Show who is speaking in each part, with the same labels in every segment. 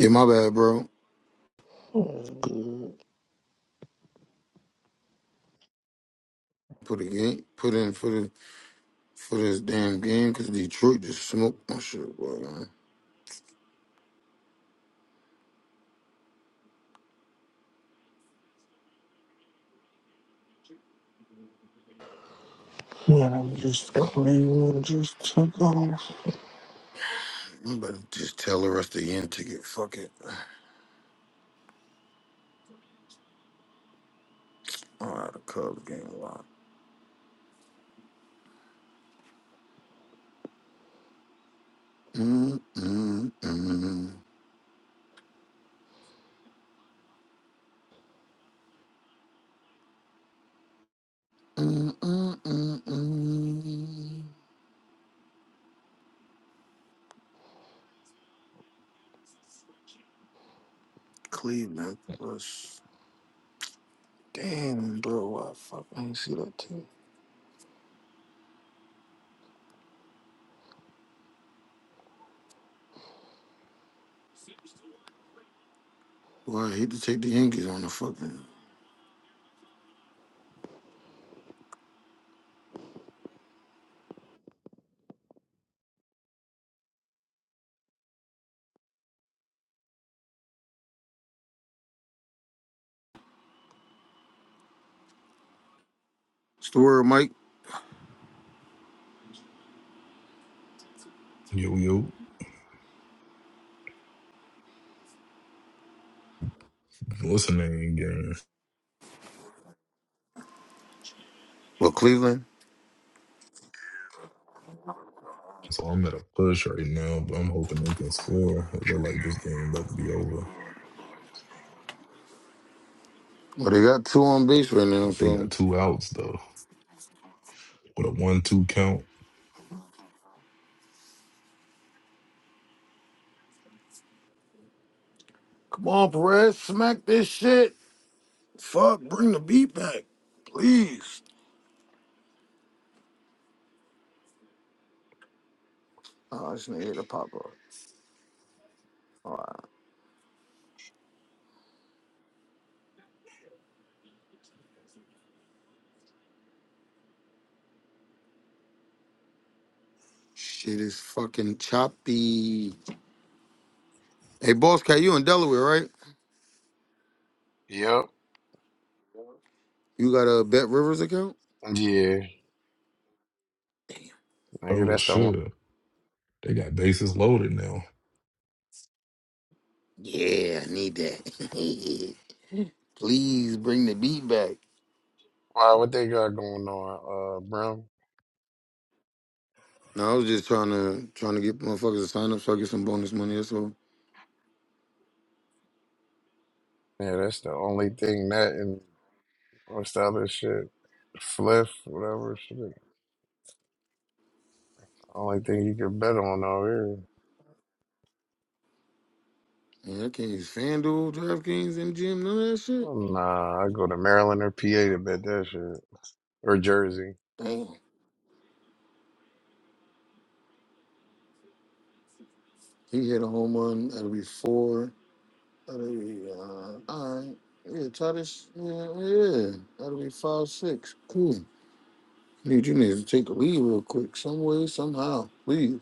Speaker 1: Yeah, my bad, bro.
Speaker 2: When
Speaker 1: Put a game, put in for the for this damn game because Detroit just smoked my shit, bro. Man.
Speaker 2: I'm just clean, just took off.
Speaker 1: I'm about to just tell the rest of the end ticket. Fuck it. All right, the Cubs game a lot. Mm, mm, mm, mm, mm, mm, mm. Cleveland plus. Damn, bro. I fuck. I didn't see that too. Boy, I hate to take the Yankees on the fucking story, Mike.
Speaker 3: Yo, yo, listening game.
Speaker 1: Well, Cleveland.
Speaker 3: So I'm at a push right now, but I'm hoping they can score. It look like this game about to be over.
Speaker 1: Well, they got two on base right now,
Speaker 3: They
Speaker 1: so.
Speaker 3: got two outs though, with a one-two count.
Speaker 1: Come on, Perez, smack this shit. Fuck, bring the beat back, please. Oh, this nigga hit a pop up. Shit is fucking choppy. Hey, Boss Cat, you in Delaware, right?
Speaker 4: Yep.
Speaker 1: You got a Bet Rivers account?
Speaker 4: Yeah.
Speaker 1: Damn.
Speaker 4: Nigga,
Speaker 3: Oh
Speaker 4: that's the one.
Speaker 3: shit, they got bases loaded now.
Speaker 1: Yeah, I need that. please bring the beat back.
Speaker 4: Why, what they got going on, uh, bro?
Speaker 1: No, I was just trying to trying to get motherfuckers to sign up so I get some bonus money. That's all.
Speaker 4: Yeah, that's the only thing that and what's the other shit? Fliff, whatever shit. Only thing you can bet on out here.
Speaker 1: Yeah, I can't use FanDuel, DraftKings, MGM, none of that shit.
Speaker 4: Nah, I go to Maryland or PA to bet that shit. Or Jersey.
Speaker 1: Damn. He hit a home run. That'll be four. Hallelujah. All right. Yeah, try this. Yeah, yeah. That'll be five, six. Cool. Need you need to take a lead real quick, some way, somehow. Please.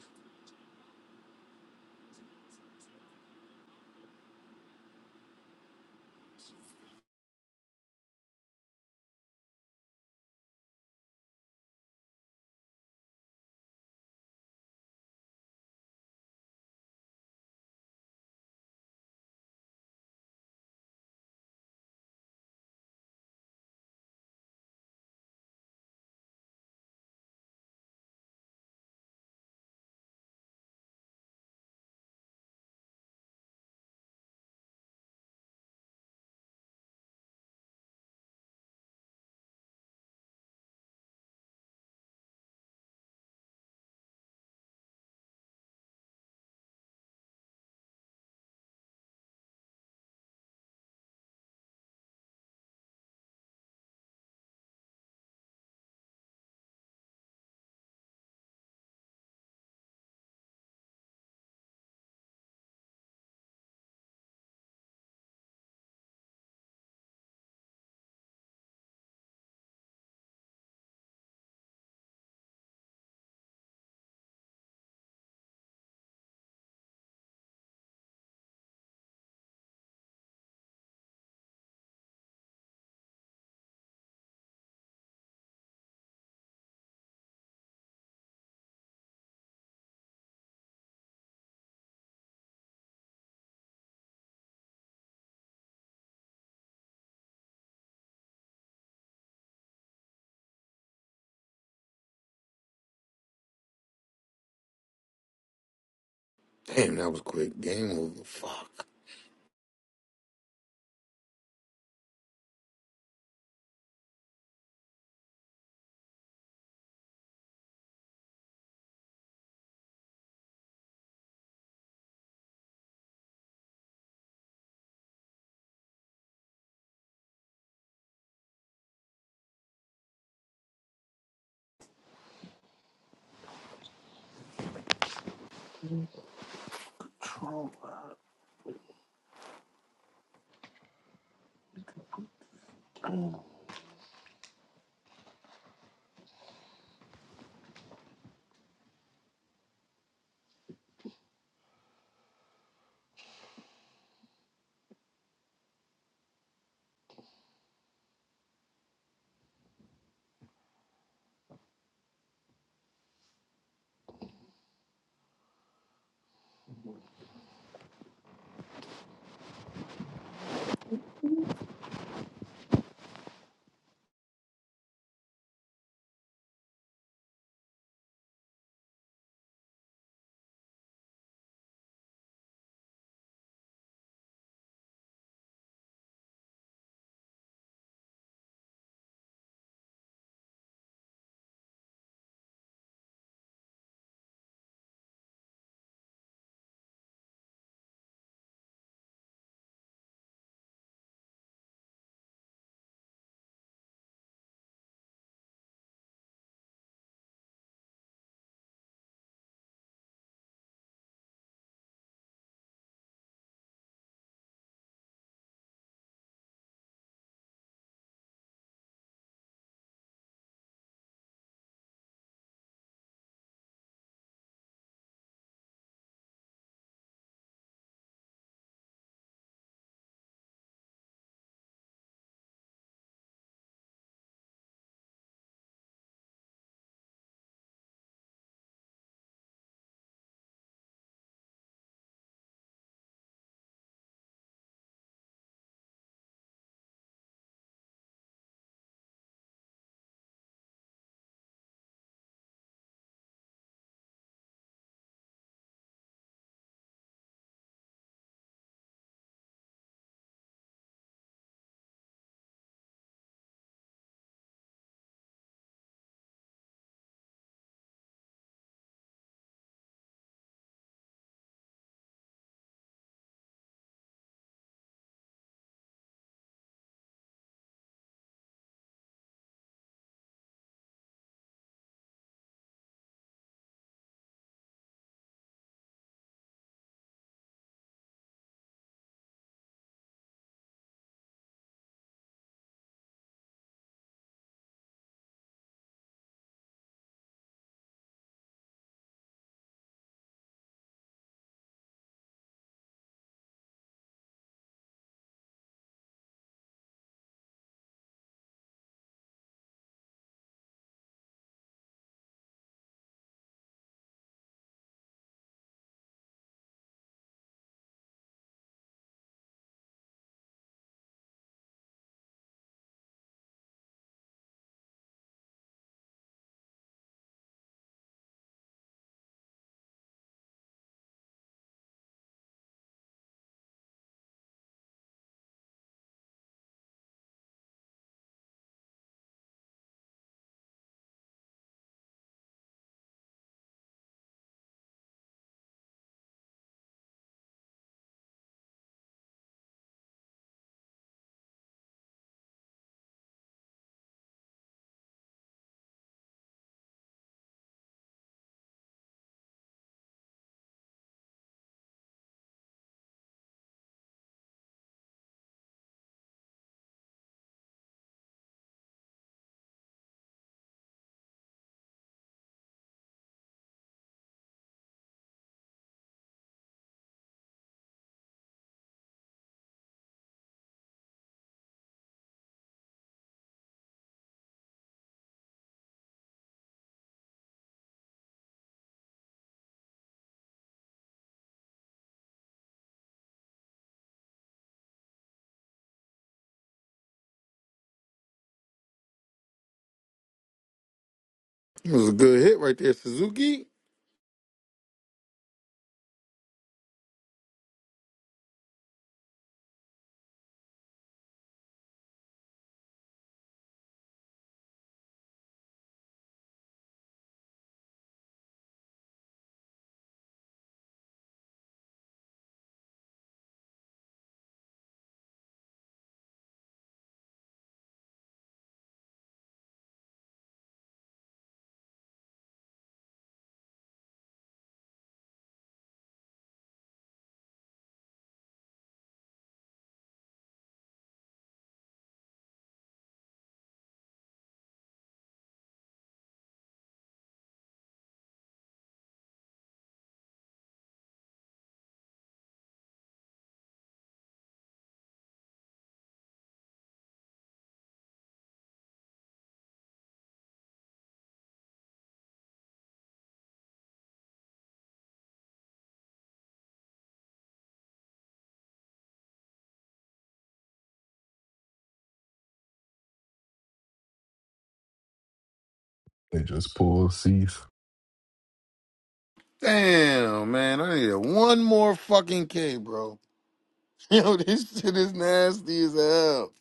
Speaker 1: Damn, that was quick. Game over. Fuck. It was a good hit right there, Suzuki.
Speaker 3: They just pulled Cease.
Speaker 1: Damn, man. I need one more fucking K, bro. Yo, this shit is nasty as hell.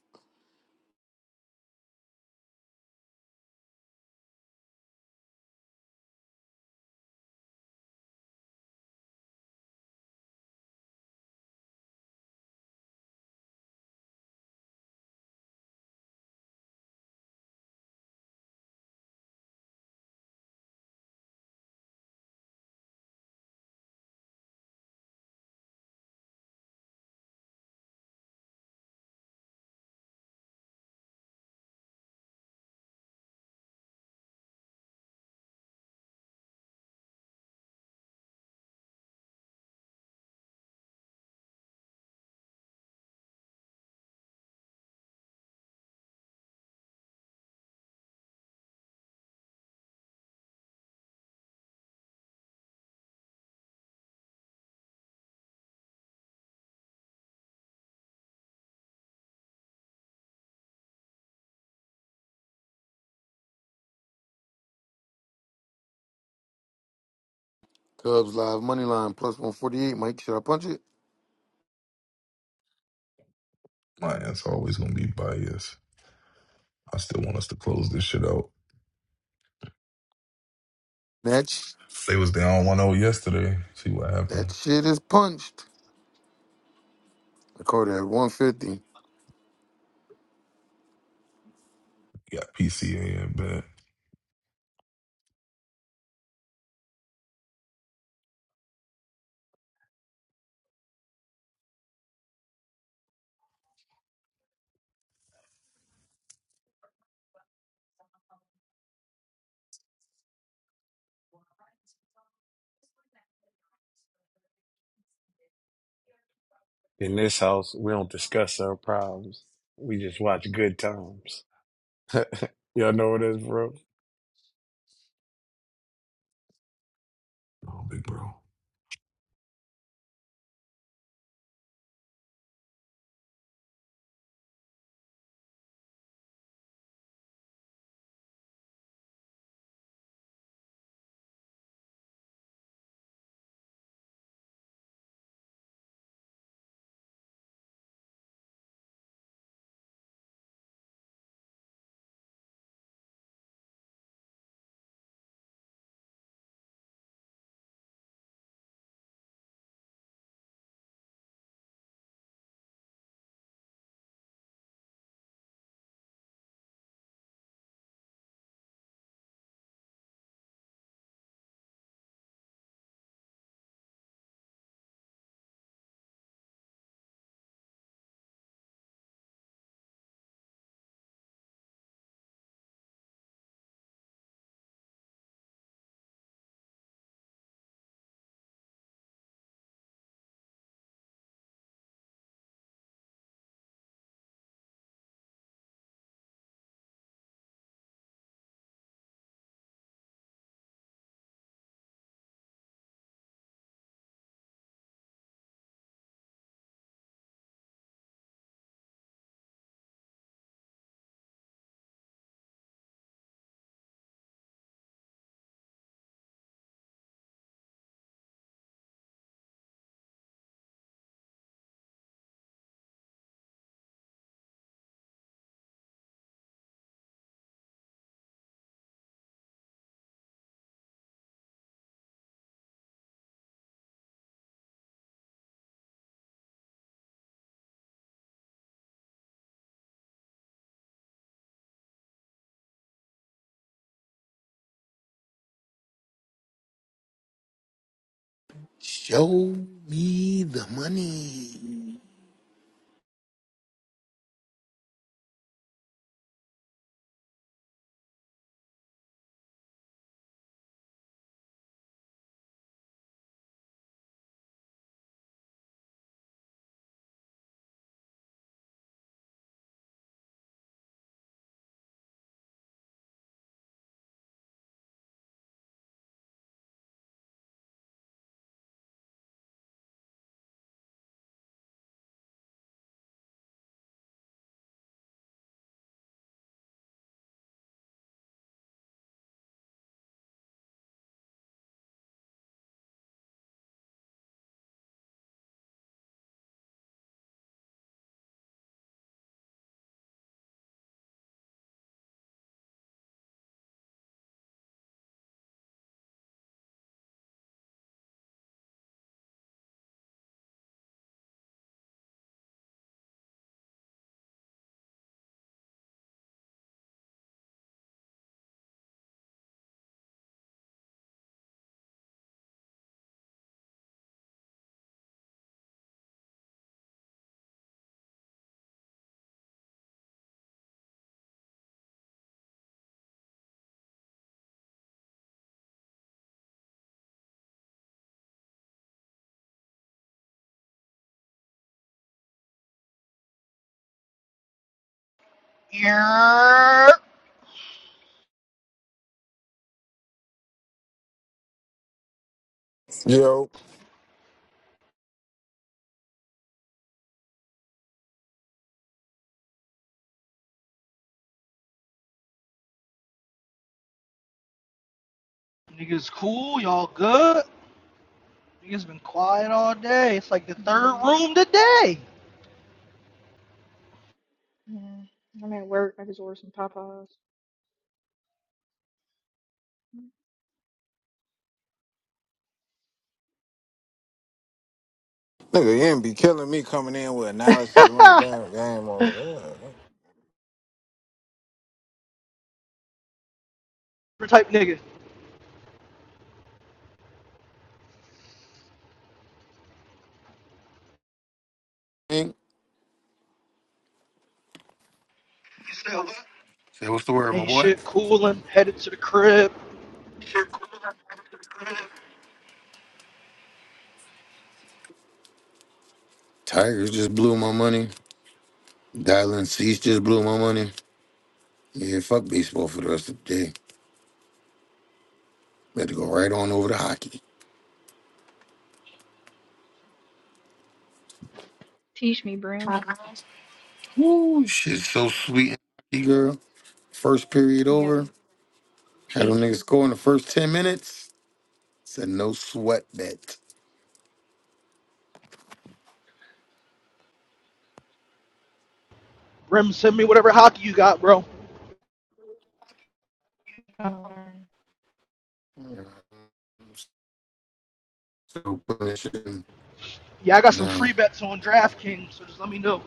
Speaker 1: Cubs live money line plus 148. Mike, should I punch it?
Speaker 3: My ass always gonna be biased. I still want us to close this shit out.
Speaker 1: That, sh-
Speaker 3: They was down 1-0 yesterday. See what happened.
Speaker 1: that shit is punched. I called it at 150.
Speaker 3: Got PCA in bat.
Speaker 4: In this house, we don't discuss our problems. We just watch good times. Y'all know what it is, bro?
Speaker 3: Oh, big bro.
Speaker 1: Show me the money.
Speaker 5: Yeah.
Speaker 6: Yo,
Speaker 5: Niggas cool, y'all good? Niggas been quiet all day. It's like the third
Speaker 7: Yeah,
Speaker 5: room today.
Speaker 7: yeah. I'm at work. I just ordered some Popeyes.
Speaker 6: nigga, you ain't be killing me coming in with analysis when the
Speaker 5: Different
Speaker 6: damn game over. Yeah.
Speaker 5: type nigga.
Speaker 1: Hey, Say what's the word, my
Speaker 5: Ain't
Speaker 1: boy?
Speaker 5: shit coolin', headed to the crib.
Speaker 1: Tigers just blew my money. Dylan Cease just blew my money. Yeah, fuck baseball for the rest of the day. Better go right on over to hockey.
Speaker 7: Teach me, Brown.
Speaker 1: Woo, shit, so sweet. Hey, girl, first period
Speaker 7: You gotta
Speaker 1: over. Had them
Speaker 7: teach me.
Speaker 1: niggas score in the first 10 minutes. It's a no sweat bet.
Speaker 5: Rim send me whatever hockey you got, bro.
Speaker 7: I don't learn.
Speaker 1: So putting this shit in
Speaker 5: Yeah, I got some
Speaker 1: now.
Speaker 5: free bets on DraftKings, so just let me know.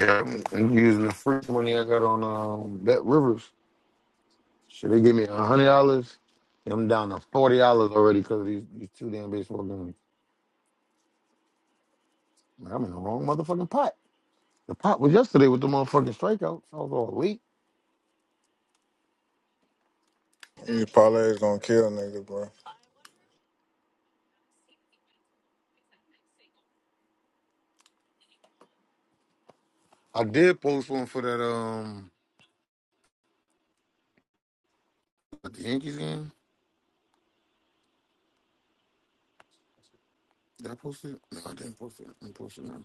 Speaker 1: Yeah, I'm using the first money I got on um, Bet Rivers. Should they give me a hundred dollars? I'm down to forty dollars already because of these, these two damn baseball games. Like, I'm in the wrong motherfucking pot. The pot was yesterday with the motherfucking strikeouts. I was all weak.
Speaker 6: These parlays gonna kill niggas, bro.
Speaker 1: I did post one for that um at the Yankees game. Did I post it? No, I didn't post it. I didn't post it now.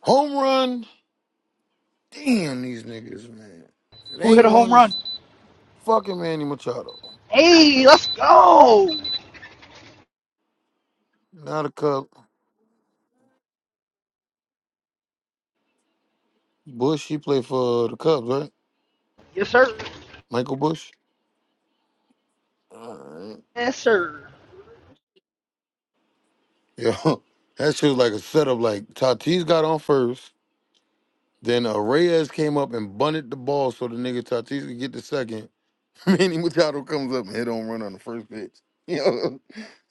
Speaker 1: Home run. Damn these niggas, man. If it
Speaker 5: Who hit
Speaker 1: ain't
Speaker 5: a home
Speaker 1: one
Speaker 5: run?
Speaker 1: this fucking Manny Machado.
Speaker 5: Hey, let's go!
Speaker 1: Now the Cub. Bush, he played for the Cubs, right?
Speaker 5: Yes, sir.
Speaker 1: Michael Bush. All right.
Speaker 5: Yes, sir.
Speaker 1: Yo, that shit was like a setup. Like Tatis got on first, then uh, Reyes came up and bunted the ball so the nigga Tatis could get the second. Manny Machado comes up and hit on run on the first pitch. Yo,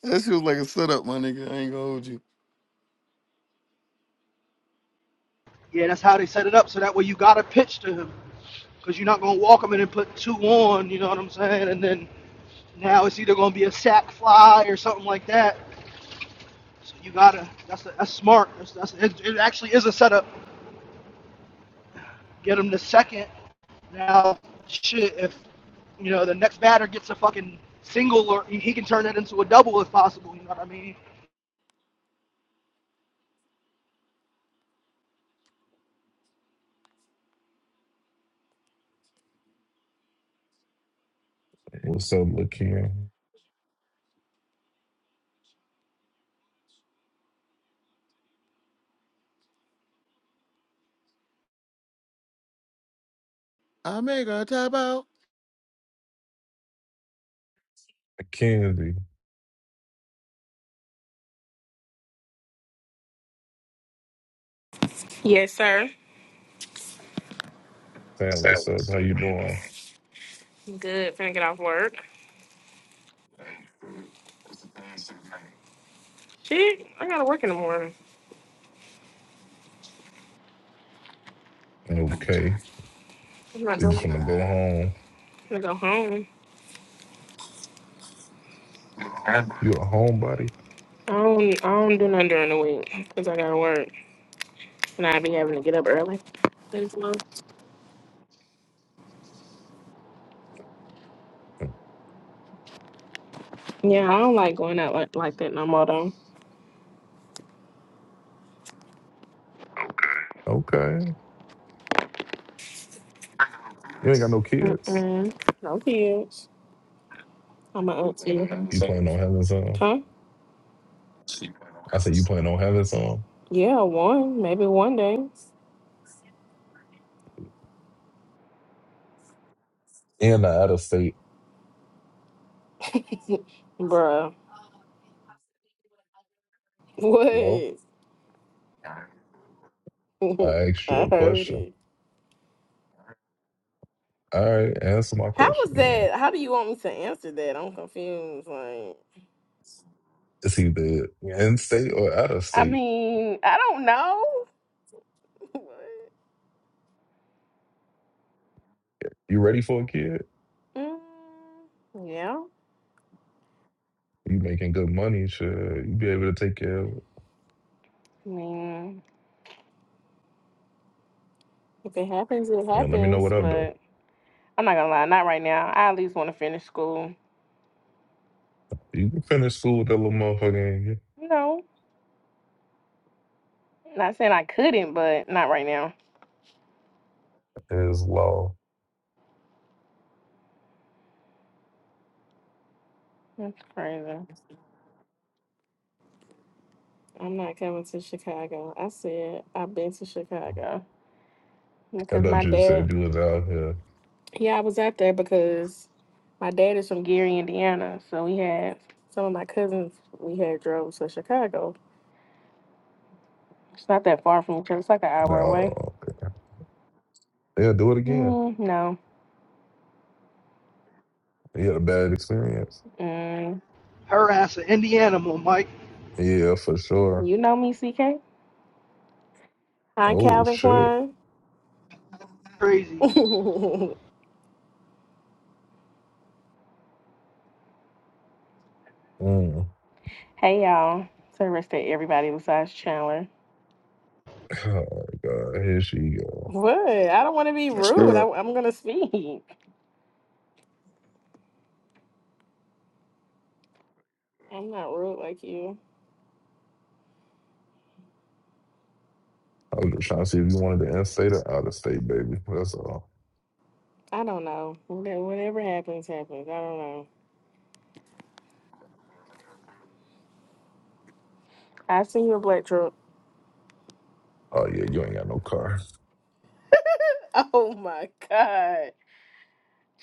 Speaker 1: that shit was like a setup, my nigga. I ain't gonna hold you.
Speaker 5: Yeah, that's how they set it up, so that way you gotta pitch to him. Cause you're not gonna walk him in and put two on, you know what I'm saying? And then Now it's either going to be a sack fly or something like that. So you gotta. That's that's smart. That's, that's it, it. Actually, is a setup. Get him to second. Now, shit. If you know the next batter gets a fucking single, or he can turn that into a double if possible. You know what I mean?
Speaker 3: What's up, LaKen?
Speaker 1: I make a tap out.
Speaker 3: Mackenzie.
Speaker 8: Yes, sir.
Speaker 3: Sam, what's up? How you doing?
Speaker 8: Good. Finna get off work. Shit, I gotta work in the morning.
Speaker 3: Okay.
Speaker 8: I'm not
Speaker 3: So you just
Speaker 8: doing.
Speaker 3: want to go
Speaker 8: I'm
Speaker 3: home.
Speaker 8: gonna go home.
Speaker 3: You a homebody?
Speaker 8: I don't. I don't do nothing during the week 'cause I gotta work, and I be having to get up early. Thanks, Mom. Yeah, I don't like going out like, like that no more though.
Speaker 3: Okay. You ain't got no kids.
Speaker 8: Mm-mm. No kids. I'm an auntie.
Speaker 3: You playing on Heaven's Song?
Speaker 8: Huh?
Speaker 3: I said you playing on Heaven's Song?
Speaker 8: Yeah, one. Maybe one day.
Speaker 3: And I out of state.
Speaker 8: Bruh. What?
Speaker 3: Hello? I asked you
Speaker 8: I
Speaker 3: a
Speaker 8: heard
Speaker 3: question.
Speaker 8: it.
Speaker 3: All right, answer my
Speaker 8: How
Speaker 3: question
Speaker 8: was
Speaker 3: then.
Speaker 8: that? How do you want me to answer that? I'm confused. Like.
Speaker 3: It's either in state or out of
Speaker 8: I
Speaker 3: state.
Speaker 8: mean, I don't know.
Speaker 3: You ready for a kid?
Speaker 8: Mm, yeah.
Speaker 3: You making good money, sure. You be able to take care of it.
Speaker 8: I mean, if it happens, it
Speaker 3: Yeah, let me know
Speaker 8: happens.
Speaker 3: what up though.
Speaker 8: But I'm not gonna lie, not right now. I at least want to finish school.
Speaker 3: You can finish school with that little motherfucker in
Speaker 8: No, not saying I couldn't, but not right now.
Speaker 3: you. law.
Speaker 8: That's crazy. I'm not coming to Chicago. I said I've been to Chicago
Speaker 3: I
Speaker 8: because
Speaker 3: thought
Speaker 8: my
Speaker 3: you said
Speaker 8: dad.
Speaker 3: you was out here.
Speaker 8: Yeah, I was out there because my dad is from Gary, Indiana. So we had some of my cousins. We had drove to Chicago It's not that far from each other. It's like an hour away.
Speaker 3: No, they'll do it again.
Speaker 8: Mm, no.
Speaker 3: You had a bad experience.
Speaker 8: Mm,
Speaker 5: Harass an Indiana, Mike.
Speaker 3: Yeah, for sure.
Speaker 8: you know me, CK. Hi,
Speaker 3: Oh
Speaker 8: Calvin
Speaker 3: shit.
Speaker 8: Klein.
Speaker 5: Crazy,
Speaker 3: Mm.
Speaker 8: hey, y'all. To the rest of everybody besides Chandler.
Speaker 3: Oh god, here she go.
Speaker 8: What? I don't want to be
Speaker 6: That's
Speaker 8: rude. I,
Speaker 6: good.
Speaker 8: am going to speak. I'm not rude like you.
Speaker 3: I was just trying to see if you wanted to in-state or out-of-state, baby. That's all.
Speaker 8: I don't know. Wha- Whatever happens, happens. I don't know. I see you a black truck.
Speaker 3: Oh yeah, you ain't got no car.
Speaker 8: Oh, my God.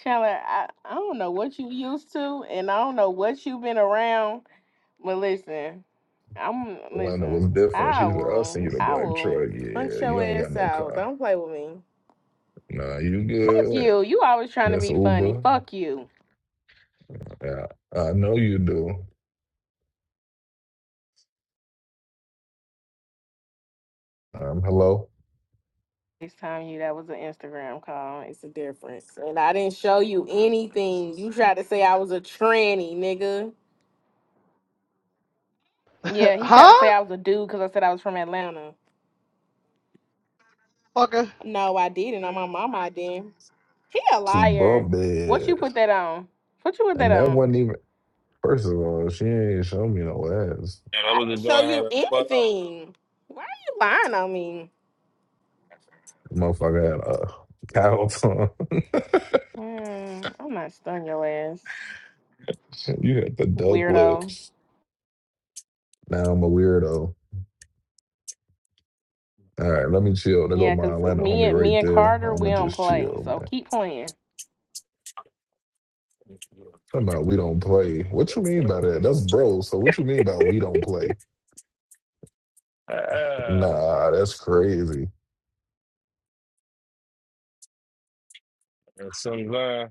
Speaker 8: Chandler, I, I don't know what you used to, and I don't know what you've been around. But listen. I'm
Speaker 3: Lana was
Speaker 8: listen.
Speaker 3: different.
Speaker 8: I
Speaker 3: She said, "I'll send
Speaker 8: will.
Speaker 3: you the
Speaker 8: I
Speaker 3: black
Speaker 8: will
Speaker 3: truck."
Speaker 8: punch
Speaker 3: Yeah, you
Speaker 8: your
Speaker 3: ain't got
Speaker 8: ass
Speaker 3: no
Speaker 8: out.
Speaker 3: car.
Speaker 8: Don't play with me.
Speaker 3: Nah, you
Speaker 8: Fuck
Speaker 3: good,
Speaker 8: you. You always trying to
Speaker 3: Miss
Speaker 8: be funny.
Speaker 3: Uber.
Speaker 8: Fuck you.
Speaker 3: Yeah, I know you do. Um, hello.
Speaker 8: This time you that was an Instagram call. It's a difference. And I didn't show you anything. You tried to say I was a tranny, nigga. Yeah, he tried to say
Speaker 5: huh?
Speaker 8: I was a dude because I said I was from Atlanta.
Speaker 5: Fucker.
Speaker 8: No, I didn't. On my mama, I didn't. He a
Speaker 3: Two
Speaker 8: liar.
Speaker 3: bump
Speaker 8: What you put
Speaker 3: beds,
Speaker 8: that on? What you put that
Speaker 3: and that
Speaker 8: on?
Speaker 3: wasn't even. First of all, she ain't show me no ass.
Speaker 9: Yeah, that
Speaker 8: I
Speaker 9: was the
Speaker 8: didn't show
Speaker 9: joint had
Speaker 8: you
Speaker 9: a butt up.
Speaker 8: anything. Why are you lying on me?
Speaker 3: Motherfucker had a cow on.
Speaker 8: Hmm, I might stun your ass,
Speaker 3: you had the duck
Speaker 8: weirdo.
Speaker 3: lips. Now I'm a weirdo. All right, let me chill. There go
Speaker 8: Yeah,
Speaker 3: my
Speaker 8: 'cause
Speaker 3: Atlanta
Speaker 8: me
Speaker 3: homie
Speaker 8: and
Speaker 3: right
Speaker 8: me and
Speaker 3: there.
Speaker 8: Carter,
Speaker 3: I'ma
Speaker 8: we don't
Speaker 3: just
Speaker 8: play.
Speaker 3: chill,
Speaker 8: So
Speaker 3: man.
Speaker 8: keep playing.
Speaker 3: Talking about we don't play. What you mean by that? That's bro. So what you mean by we don't play?
Speaker 9: Ah,
Speaker 3: Nah, that's crazy.
Speaker 9: that's so glad.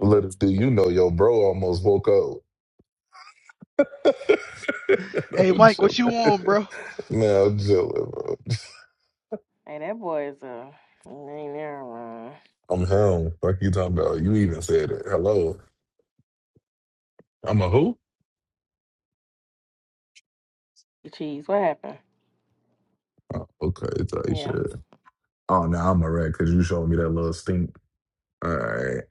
Speaker 3: Little do you know your bro almost woke up.
Speaker 5: Hey,
Speaker 3: I'm
Speaker 5: Mike, what
Speaker 3: chilling.
Speaker 5: you on, bro?
Speaker 3: Nah, I'm chilling, bro.
Speaker 8: Hey, that boy is a he ain't never wrong.
Speaker 3: I'm home. Fuck you talking about. You even said it. Hello. I'm a who?
Speaker 8: Cheese, what happened?
Speaker 3: Oh, okay, type
Speaker 8: Yeah,
Speaker 3: shit. Oh no, I'm a rat because you showed me that little stink. All right,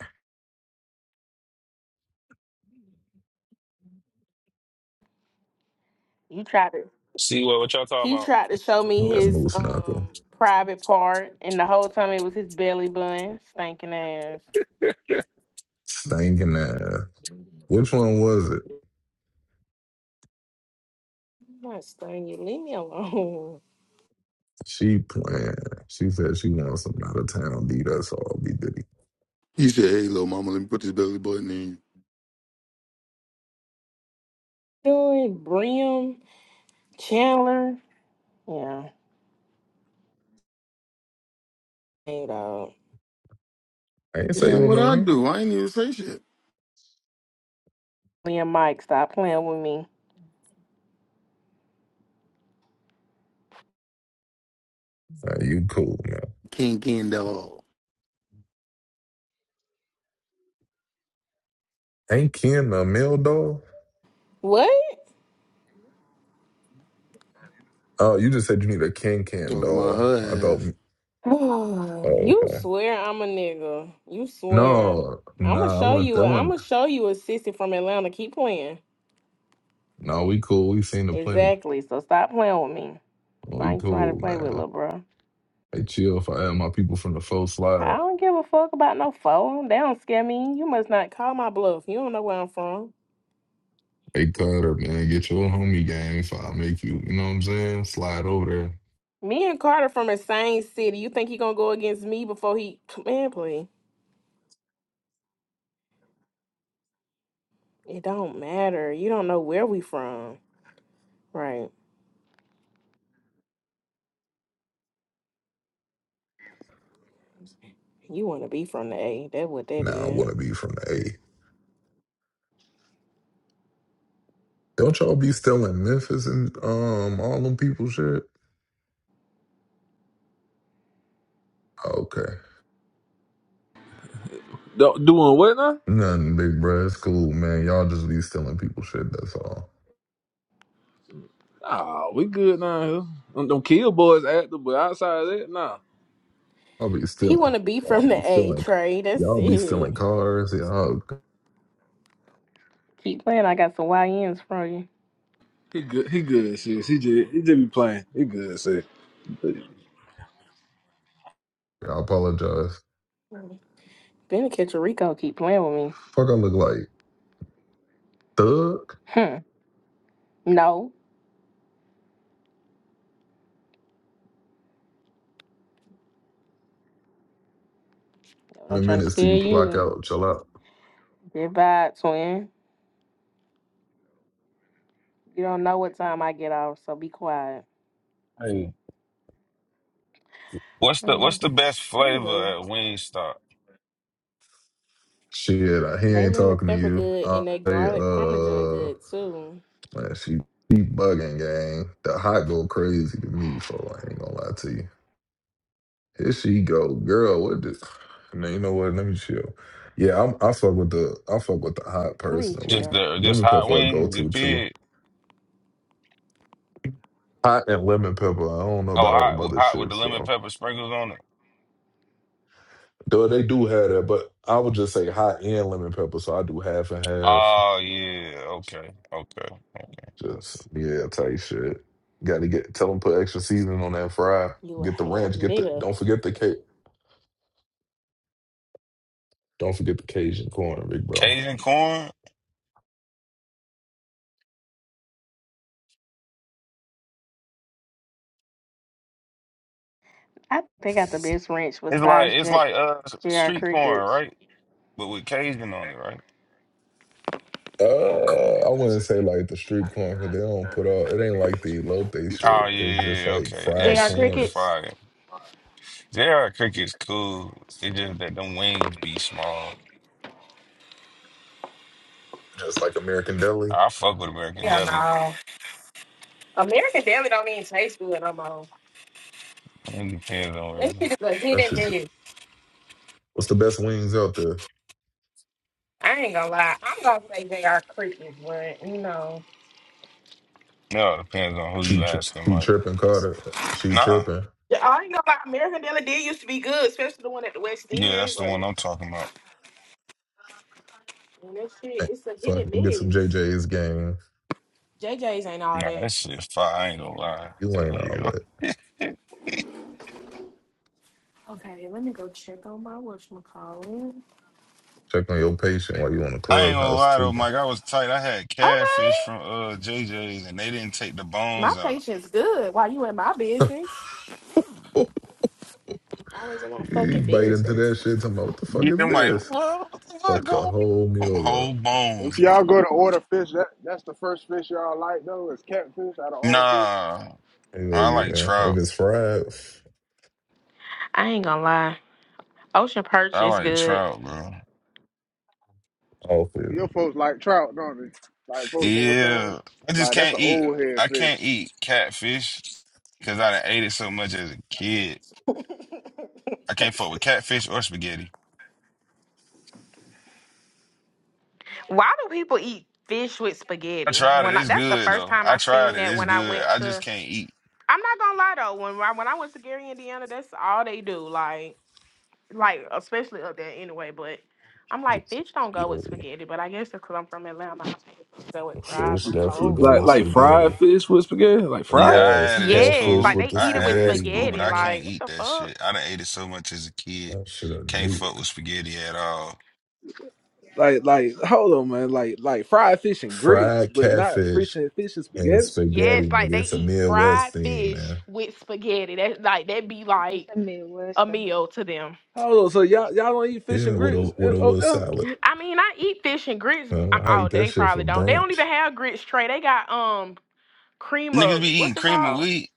Speaker 8: you tried to.
Speaker 9: See what, what y'all talking
Speaker 8: He
Speaker 9: about?
Speaker 8: tried to show me
Speaker 9: What we
Speaker 3: that
Speaker 9: talking-
Speaker 8: his
Speaker 3: moose
Speaker 8: um
Speaker 3: knuckle
Speaker 8: private part, and the whole time it was his belly button, stinking ass.
Speaker 3: stinking ass. Which one was it?
Speaker 8: I'm not stunning you. Leave me alone.
Speaker 3: She playing. She said she wants some out of town beat us all be diddy.
Speaker 1: He said, "Hey, little mama, let me put this belly button in." you."
Speaker 8: Doing Brim Chandler. Yeah, hey dog.
Speaker 3: I ain't say
Speaker 1: Damn,
Speaker 3: your
Speaker 1: what I
Speaker 3: name.
Speaker 1: do? I ain't even say shit.
Speaker 8: Me and Mike, stop playing with me.
Speaker 3: Uh, you cool man.
Speaker 1: King King dog
Speaker 3: Ain't Ken a male doll?
Speaker 8: What?
Speaker 3: Oh, you just said you need a Ken Ken
Speaker 1: talking about
Speaker 3: doll. I
Speaker 1: her
Speaker 3: thought.
Speaker 1: ass.
Speaker 8: Oh,
Speaker 3: Oh,
Speaker 8: you
Speaker 3: okay.
Speaker 8: swear I'm a nigga. You swear.
Speaker 3: No,
Speaker 8: I'ma
Speaker 3: nah, I
Speaker 8: show
Speaker 3: went.
Speaker 8: you.
Speaker 3: That
Speaker 8: A,
Speaker 3: one.
Speaker 8: I'ma show you a sissy from Atlanta. Keep playing.
Speaker 3: No, we cool. We seen the plenty.
Speaker 8: Exactly. So stop playing with me.
Speaker 3: We
Speaker 8: Find somebody to
Speaker 3: cool,
Speaker 8: play with,
Speaker 3: man.
Speaker 8: little bro.
Speaker 3: Hey, chill. If I had my people from the full slide.
Speaker 8: I don't give a fuck about no phone. They don't scare me. You must not call my bluff. You don't know where I'm from.
Speaker 3: Hey, Cutter, man, get your homie game if I make you, you know what I'm saying? Slide over there.
Speaker 8: Me and Carter from the same city. You think he gonna go against me before he man play? It don't matter. You don't know where we from, right? You wanna be from the A. That's what that
Speaker 3: Nah, I
Speaker 8: is.
Speaker 3: want to be from the A. Don't y'all be still in Memphis and um all them people shit? Okay.
Speaker 10: do Doing what now?
Speaker 3: Nothing, big bro. It's cool, man. Y'all just be stealing people shit, that's all.
Speaker 10: Nah, we good now. here. Them, them kill boys active, but outside of that, nah.
Speaker 3: I'll be
Speaker 8: He
Speaker 3: stealing.
Speaker 8: want to be
Speaker 3: Y'all
Speaker 8: from
Speaker 3: be
Speaker 8: the A
Speaker 3: stealing.
Speaker 8: trade. That's
Speaker 3: Y'all be stealing
Speaker 8: it.
Speaker 3: cars. Y'all,
Speaker 8: Keep playing. I got some YNs for you.
Speaker 10: He good. He good. Sis. He just he just be playing. He good. Sis.
Speaker 3: I apologize.
Speaker 8: Benny catch a Rico. Keep playing with me.
Speaker 3: Fuck, I look like thug.
Speaker 8: Hmm. No. That's what I'm
Speaker 3: Seven
Speaker 8: trying to
Speaker 3: minutes
Speaker 8: tell
Speaker 3: till you clock
Speaker 8: you.
Speaker 3: out. Chill out.
Speaker 8: Goodbye, twin. You don't know what time I get off, so be quiet.
Speaker 11: Hey, what's the what's
Speaker 8: Mm,
Speaker 11: the best
Speaker 8: Let me
Speaker 11: flavor
Speaker 8: go.
Speaker 11: at Wingstop?
Speaker 3: Shit, I- he
Speaker 8: They
Speaker 3: ain't
Speaker 8: lemon
Speaker 3: talking to
Speaker 8: pepper
Speaker 3: you.
Speaker 8: good
Speaker 3: I
Speaker 8: and they
Speaker 3: say,
Speaker 8: garlic parmesan
Speaker 3: uh,
Speaker 8: good too.
Speaker 3: Man, she she bugging, gang. The hot go crazy to me, for I ain't gonna lie to you. Here she go, girl. What this? Now you know what? Let me chill. Yeah, I'm, I fuck with the I fuck with the hot
Speaker 8: Please,
Speaker 3: personally.
Speaker 11: Just
Speaker 8: you.
Speaker 11: the just
Speaker 3: Lemon
Speaker 11: hot
Speaker 3: pepper a go
Speaker 11: wings, you
Speaker 3: to too.
Speaker 11: feel?
Speaker 3: Hot and lemon pepper. I don't know
Speaker 11: Oh,
Speaker 3: about all them
Speaker 11: hot
Speaker 3: other
Speaker 11: hot with the
Speaker 3: shits,
Speaker 11: lemon
Speaker 3: bro.
Speaker 11: pepper sprinkles on it.
Speaker 3: Though they do have that, but I would just say hot and lemon pepper. So I do half and half.
Speaker 11: Oh yeah, okay, okay.
Speaker 3: Just yeah, tight shit. Got to get tell them put extra seasoning on that fry.
Speaker 8: You a
Speaker 3: Get the
Speaker 8: half
Speaker 3: ranch. Get the
Speaker 8: nigga.
Speaker 3: don't forget the K Don't forget the Cajun corn, big bro.
Speaker 11: Cajun corn.
Speaker 8: I think they got the best ranch
Speaker 11: It's like
Speaker 8: besides
Speaker 11: it's
Speaker 8: J-
Speaker 11: like uh
Speaker 8: JR
Speaker 11: street corn,
Speaker 8: Crickets.
Speaker 11: right? But with Cajun on it, right?
Speaker 3: Uh, I wouldn't say like the street corn because they don't put all. It ain't like the elote
Speaker 11: Oh
Speaker 3: shit. It's just
Speaker 11: yeah,
Speaker 3: like
Speaker 11: okay. That
Speaker 3: fried
Speaker 8: JR
Speaker 11: shit
Speaker 3: corn,
Speaker 8: Crickets?
Speaker 11: fire. JR Cricket's cool. It's just that them wings be small.
Speaker 3: just like American deli.
Speaker 11: I fuck with American
Speaker 8: Yeah,
Speaker 11: Deli.
Speaker 8: no. American Deli don't even taste good no more.
Speaker 11: It depends on where
Speaker 8: That
Speaker 11: you.
Speaker 8: shit is a hit
Speaker 3: That
Speaker 8: and
Speaker 3: shit.
Speaker 8: miss.
Speaker 3: What's the best wings out there?
Speaker 8: I ain't gonna lie. I'm gonna say they are crickets, but you know.
Speaker 11: No, it depends on who
Speaker 3: She
Speaker 11: you
Speaker 3: tri-
Speaker 11: asking.
Speaker 3: she
Speaker 11: Like,
Speaker 3: tripping Carter. She
Speaker 11: nah.
Speaker 3: tripping.
Speaker 8: Yeah, I ain't gonna lie. American Deli did used to be good, especially the one at the West
Speaker 11: Yeah,
Speaker 8: End,
Speaker 11: that's the one
Speaker 8: but
Speaker 11: I'm talking about.
Speaker 8: and that shit,
Speaker 3: Eh,
Speaker 8: it's a hit
Speaker 3: Fuck,
Speaker 8: and
Speaker 3: we'll get some
Speaker 8: miss.
Speaker 3: JJ's game.
Speaker 8: JJ's ain't all
Speaker 11: Nah,
Speaker 8: that.
Speaker 11: that shit fire. I ain't gonna lie.
Speaker 3: You ain't
Speaker 11: Hey,
Speaker 3: all
Speaker 11: yo.
Speaker 3: that.
Speaker 8: Okay, let me go check on my whatchamacallit.
Speaker 3: Check on your patient while you on the
Speaker 11: I ain't gonna
Speaker 3: clubhouse
Speaker 11: lie though,
Speaker 3: tweaking.
Speaker 11: Mike. I was tight. I had catfish
Speaker 8: Okay.
Speaker 11: from uh JJ's and they didn't take the
Speaker 8: My
Speaker 11: bones out.
Speaker 8: patient's good. Why you in my business? Always in my fucking
Speaker 3: You bite into
Speaker 8: business.
Speaker 3: that shit. Talking about what the fuck
Speaker 11: Yeah,
Speaker 3: is
Speaker 11: I'm like,
Speaker 3: this?
Speaker 11: what, what the fuck
Speaker 3: Fuck the
Speaker 11: going
Speaker 3: whole
Speaker 11: on?
Speaker 3: meal up.
Speaker 11: Whole
Speaker 6: If
Speaker 11: bones.
Speaker 6: y'all go to order fish, that that's the first fish y'all like though. Is catfish out of all fish.
Speaker 11: Nah,
Speaker 3: Hell
Speaker 11: I like
Speaker 3: yeah. If
Speaker 11: trout.
Speaker 3: it's fried,
Speaker 8: I ain't gonna lie. Ocean Perch
Speaker 11: I
Speaker 8: is
Speaker 11: like
Speaker 8: good.
Speaker 11: trout, bro.
Speaker 3: off it.
Speaker 6: Your folks like trout, don't they? Like folks in your family,
Speaker 11: Yeah, I just
Speaker 6: like that's
Speaker 11: can't
Speaker 6: an
Speaker 11: eat.
Speaker 6: old head
Speaker 11: I can't
Speaker 6: fish.
Speaker 11: eat catfish because I done ate it so much as a kid. I can't fuck with catfish or spaghetti.
Speaker 8: Why do people eat fish with
Speaker 11: I
Speaker 8: spaghetti?
Speaker 11: tried it.
Speaker 8: When I,
Speaker 11: It's
Speaker 8: that's the
Speaker 11: good
Speaker 8: first
Speaker 11: though.
Speaker 8: time
Speaker 11: I
Speaker 8: I
Speaker 11: tried
Speaker 8: seen
Speaker 11: it.
Speaker 8: that
Speaker 11: It's
Speaker 8: when I
Speaker 11: good.
Speaker 8: went
Speaker 11: I just
Speaker 8: to.
Speaker 11: can't eat.
Speaker 8: I'm not gonna lie though, when I, when I went to Gary, Indiana, that's all they do. Like like especially up there anyway. But I'm like
Speaker 3: Just
Speaker 8: fish don't go with
Speaker 3: scary.
Speaker 8: spaghetti. But I guess because I'm from Atlanta, I think it go with fries
Speaker 3: Fish
Speaker 8: or
Speaker 3: definitely go
Speaker 10: Like
Speaker 3: with
Speaker 8: coleslaw.
Speaker 10: like fried
Speaker 3: spaghetti.
Speaker 10: fish with spaghetti. Like
Speaker 11: Yeah,
Speaker 10: fried.
Speaker 11: I
Speaker 3: yes,
Speaker 11: had it. It's
Speaker 8: Yes,
Speaker 3: catfish
Speaker 8: like
Speaker 11: cool.
Speaker 3: with
Speaker 8: they
Speaker 3: the
Speaker 11: I
Speaker 8: eat it with
Speaker 11: had it. It's
Speaker 3: spaghetti,
Speaker 11: cool, but
Speaker 8: spaghetti.
Speaker 11: I
Speaker 3: man.
Speaker 8: Like
Speaker 11: can't
Speaker 8: what
Speaker 11: eat
Speaker 8: the
Speaker 11: that
Speaker 8: fuck?
Speaker 11: shit. I done ate it so much as a kid.
Speaker 3: That should have
Speaker 11: Can't
Speaker 3: nuke.
Speaker 11: fuck with spaghetti at all.
Speaker 10: Like like hold on, man. Like like fried fish and grits,
Speaker 3: Fried
Speaker 10: but not fish
Speaker 3: catfish
Speaker 10: and fish and
Speaker 3: and
Speaker 10: spaghetti.
Speaker 8: N- Yes,
Speaker 3: spaghetti,
Speaker 8: like
Speaker 3: nigga.
Speaker 8: they
Speaker 3: It's a
Speaker 8: eat
Speaker 3: Midwest
Speaker 8: fried
Speaker 3: thing,
Speaker 8: fish
Speaker 3: man.
Speaker 8: with spaghetti. That like that be
Speaker 7: It's
Speaker 8: like
Speaker 7: the
Speaker 8: a
Speaker 7: Midwest thing.
Speaker 8: meal to them.
Speaker 10: Hold on. So y'all y'all don't eat fish
Speaker 3: Yeah,
Speaker 10: and
Speaker 3: with a
Speaker 10: grits
Speaker 3: with
Speaker 10: uh,
Speaker 3: a
Speaker 10: out
Speaker 3: little
Speaker 10: there? I
Speaker 3: salad.
Speaker 10: mean,
Speaker 8: I mean, I eat fish and grits. um,
Speaker 3: Uh, I
Speaker 8: Oh,
Speaker 3: eat that
Speaker 8: they
Speaker 3: shit for
Speaker 8: probably don't. They don't
Speaker 3: brunch.
Speaker 8: even have grits tray. They got um cream
Speaker 11: Niggas
Speaker 8: of
Speaker 11: be
Speaker 8: what's
Speaker 11: eating
Speaker 8: it
Speaker 11: cream of
Speaker 8: called?
Speaker 11: wheat.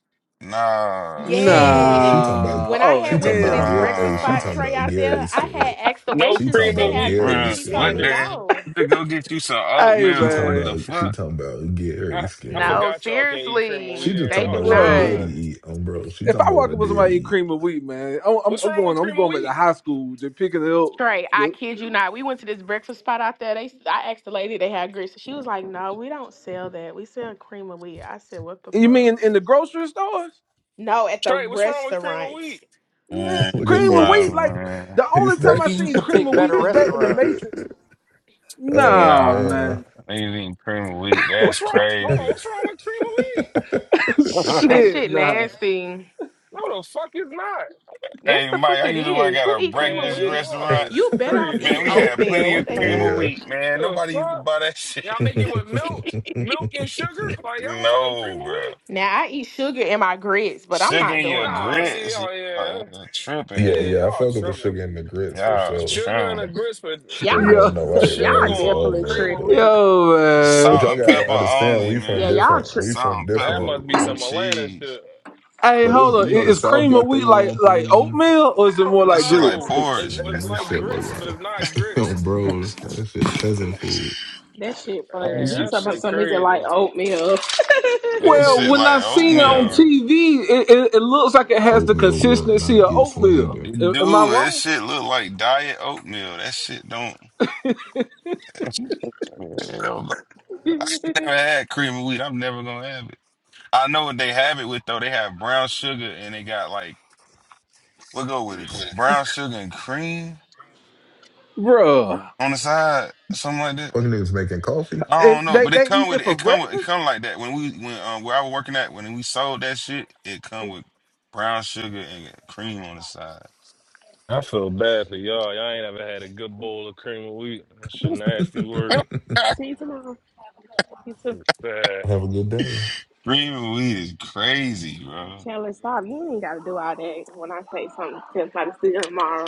Speaker 3: She
Speaker 11: Nah,
Speaker 3: don't know. She
Speaker 8: Yes.
Speaker 3: talking about
Speaker 10: nah.
Speaker 8: When I
Speaker 10: Oh
Speaker 3: she
Speaker 8: had
Speaker 3: talking
Speaker 8: went to
Speaker 3: about
Speaker 10: hell
Speaker 8: this
Speaker 3: Gary.
Speaker 10: nah.
Speaker 3: Hey,
Speaker 8: breakfast
Speaker 3: she
Speaker 8: spot
Speaker 11: nah.
Speaker 3: talking
Speaker 8: tray
Speaker 3: about
Speaker 8: out there,
Speaker 3: Gary's
Speaker 8: I
Speaker 3: good.
Speaker 8: had asked the
Speaker 9: No
Speaker 3: She
Speaker 8: waitress
Speaker 3: talking
Speaker 8: did
Speaker 9: cream
Speaker 8: they
Speaker 9: of
Speaker 3: about
Speaker 8: have
Speaker 9: wheat will be
Speaker 8: grits.
Speaker 3: Gary's
Speaker 11: Bruh,
Speaker 8: She told
Speaker 11: what
Speaker 8: me
Speaker 11: the
Speaker 3: good.
Speaker 9: slandered.
Speaker 11: hell?
Speaker 8: no.
Speaker 11: To go get you some
Speaker 10: hey
Speaker 3: She
Speaker 11: oatmeal.
Speaker 3: talking
Speaker 11: What
Speaker 10: man,
Speaker 11: the
Speaker 3: about she
Speaker 11: fuck?
Speaker 3: talking about
Speaker 9: I,
Speaker 3: Gary's
Speaker 9: I
Speaker 3: good.
Speaker 8: No,
Speaker 9: forgot y'all can't eat cream of wheat
Speaker 3: She
Speaker 9: in
Speaker 8: seriously,
Speaker 3: just
Speaker 9: here.
Speaker 8: they
Speaker 3: talking
Speaker 9: Y'all
Speaker 3: about
Speaker 8: do
Speaker 3: what her
Speaker 9: tripping.
Speaker 3: daddy
Speaker 8: not.
Speaker 10: bruh.
Speaker 3: eat, um, bro. She
Speaker 10: if
Speaker 3: talking
Speaker 10: I
Speaker 3: about what
Speaker 10: walk
Speaker 3: her
Speaker 10: up with somebody eating
Speaker 3: daddy eat.
Speaker 10: cream of wheat, man, I'm, I'm
Speaker 9: What's
Speaker 10: I'm
Speaker 9: wrong
Speaker 10: going.
Speaker 9: with
Speaker 10: I'm
Speaker 9: cream of
Speaker 10: going back to
Speaker 9: wheat?
Speaker 10: high school to picking it up.
Speaker 8: Trey, I
Speaker 10: The-
Speaker 8: kid you not. We went to this breakfast spot out there. They, I asked the lady they had grits. She was like, "No, we don't sell that. We sell cream of wheat." I said, "What the
Speaker 10: You
Speaker 8: fuck?"
Speaker 10: mean in the grocery stores?
Speaker 8: No, at the
Speaker 9: Trey, what's wrong with cream of
Speaker 8: restaurant.
Speaker 9: wheat?
Speaker 10: Nah,
Speaker 11: Man,
Speaker 3: Look
Speaker 11: you
Speaker 3: at
Speaker 10: cream of
Speaker 11: might,
Speaker 3: folks.
Speaker 10: wheat, like
Speaker 11: man.
Speaker 10: the
Speaker 3: He's
Speaker 10: only time
Speaker 3: there.
Speaker 10: I
Speaker 12: Maybe you
Speaker 10: seen
Speaker 12: should
Speaker 10: cream
Speaker 12: pick
Speaker 10: of wheat
Speaker 12: better
Speaker 10: was back when the
Speaker 12: restaurants.
Speaker 10: Matrix.
Speaker 3: oh
Speaker 10: Nah,
Speaker 3: man.
Speaker 11: Nah,
Speaker 10: man.
Speaker 11: niggas eating cream of wheat. That's
Speaker 9: What's wrong? Hold
Speaker 3: yeah.
Speaker 9: on,
Speaker 11: crazy.
Speaker 9: what's wrong with cream of wheat?
Speaker 8: That
Speaker 10: Shit,
Speaker 8: shit
Speaker 10: nah.
Speaker 8: nasty.
Speaker 9: No, the fuck is not.
Speaker 8: Yes,
Speaker 11: Hey,
Speaker 8: the
Speaker 11: Mike,
Speaker 8: fuck
Speaker 11: I
Speaker 8: it
Speaker 11: used to work
Speaker 8: is.
Speaker 11: at
Speaker 8: Who
Speaker 11: a
Speaker 8: eat cream of
Speaker 11: breakfast
Speaker 9: Man,
Speaker 8: wheat?
Speaker 9: y'all
Speaker 11: restaurant.
Speaker 9: is
Speaker 8: You better off
Speaker 9: crazy,
Speaker 11: Man,
Speaker 8: eat
Speaker 11: we
Speaker 9: man.
Speaker 11: had
Speaker 8: oatmeal.
Speaker 11: plenty
Speaker 8: What
Speaker 11: of
Speaker 8: the
Speaker 11: cream of
Speaker 8: hell?
Speaker 11: wheat, man.
Speaker 9: The
Speaker 11: Nobody used to
Speaker 9: fuck?
Speaker 11: buy that shit.
Speaker 9: Y'all make it with milk, milk and sugar? Like y'all don't fucking
Speaker 11: No,
Speaker 9: cream of
Speaker 11: bro.
Speaker 9: wheat?
Speaker 8: Now I eat sugar in my grits, but I'm
Speaker 11: Sugar
Speaker 8: not
Speaker 11: in
Speaker 8: doing
Speaker 11: your
Speaker 8: all
Speaker 9: Nah, see,
Speaker 8: this.
Speaker 11: grits.
Speaker 9: oh
Speaker 11: Y'all is
Speaker 9: yeah,
Speaker 11: tripping.
Speaker 3: yeah,
Speaker 9: yeah,
Speaker 3: yeah. I
Speaker 9: y'all
Speaker 3: fuck with the
Speaker 9: tripping.
Speaker 3: sugar and the grits for
Speaker 11: Y'all
Speaker 3: sure.
Speaker 9: Sugar and a
Speaker 11: trim.
Speaker 9: grist, but
Speaker 8: Y'all,
Speaker 3: Sugar
Speaker 10: Yo,
Speaker 3: and the white
Speaker 8: y'all
Speaker 9: sugar
Speaker 3: rice,
Speaker 9: going
Speaker 3: all
Speaker 8: definitely
Speaker 9: cream
Speaker 3: that.
Speaker 9: of
Speaker 3: But
Speaker 8: tripping.
Speaker 9: wheat.
Speaker 10: yo,
Speaker 3: but
Speaker 10: man.
Speaker 11: Salt
Speaker 3: y'all
Speaker 11: and
Speaker 3: gotta
Speaker 11: pepper
Speaker 3: understand,
Speaker 11: only,
Speaker 3: we from
Speaker 8: Yeah,
Speaker 11: man.
Speaker 8: y'all
Speaker 3: different.
Speaker 8: trip.
Speaker 3: We
Speaker 11: Salt
Speaker 3: from
Speaker 11: and
Speaker 9: That
Speaker 3: different.
Speaker 11: pepper
Speaker 9: must be
Speaker 11: with
Speaker 3: We,
Speaker 9: some Atlanta
Speaker 11: cheese.
Speaker 9: shit.
Speaker 10: Hey,
Speaker 3: but
Speaker 10: hold
Speaker 3: it's
Speaker 10: on. I-
Speaker 3: you know the
Speaker 10: Is
Speaker 3: South
Speaker 10: cream of
Speaker 3: got
Speaker 10: wheat
Speaker 3: their
Speaker 10: like
Speaker 3: own
Speaker 10: like
Speaker 3: thing.
Speaker 10: oatmeal or is it more
Speaker 11: That
Speaker 10: like
Speaker 11: shit like
Speaker 10: grits?
Speaker 9: No, it's,
Speaker 11: porridge.
Speaker 9: it's
Speaker 3: Man, that
Speaker 9: like
Speaker 3: shit look
Speaker 9: grits, but it's not grits.
Speaker 3: like, bro, that shit peasant food.
Speaker 8: That shit funny.
Speaker 11: That
Speaker 8: He
Speaker 9: Man,
Speaker 11: shit,
Speaker 9: that
Speaker 8: talking about
Speaker 9: shit
Speaker 8: something. Is it
Speaker 9: crazy.
Speaker 8: like oatmeal?
Speaker 11: that
Speaker 10: Well,
Speaker 11: shit
Speaker 10: when
Speaker 11: like
Speaker 10: I seen it on
Speaker 3: Dog,
Speaker 11: oatmeal.
Speaker 9: Man,
Speaker 10: TV, it, it, it looks like it has the
Speaker 3: oatmeal will
Speaker 10: consistency
Speaker 3: not
Speaker 10: of
Speaker 3: get
Speaker 10: oatmeal.
Speaker 3: slandered.
Speaker 11: Dude,
Speaker 10: Am, am I
Speaker 11: that
Speaker 10: wrong?
Speaker 11: shit look like diet oatmeal. That shit don't. Hell no. I ain't never had cream of wheat. I'm never gonna have it. I know what they have it with though. They have brown sugar and they got like what go with it? Brown sugar and cream
Speaker 10: bro?
Speaker 11: on the side, something like that.
Speaker 3: Fucking niggas making coffee.
Speaker 11: I
Speaker 10: And
Speaker 11: don't know,
Speaker 10: they,
Speaker 11: but it
Speaker 10: they eat
Speaker 11: come with
Speaker 10: it
Speaker 11: it.
Speaker 10: for
Speaker 11: It come with it
Speaker 10: breakfast?
Speaker 11: come like that. When we when um where I was working at when we sold that shit, it come with brown sugar and cream on the side.
Speaker 9: I feel bad for y'all. Y'all ain't ever had a good bowl of cream of wheat. That shit nasty work.
Speaker 8: See you tomorrow. You too.
Speaker 9: It's bad.
Speaker 3: Have a good day.
Speaker 11: cream of wheat is crazy, bro.
Speaker 8: Chandler, stop. You ain't gotta do all that. When I say something, to somebody to see you tomorrow.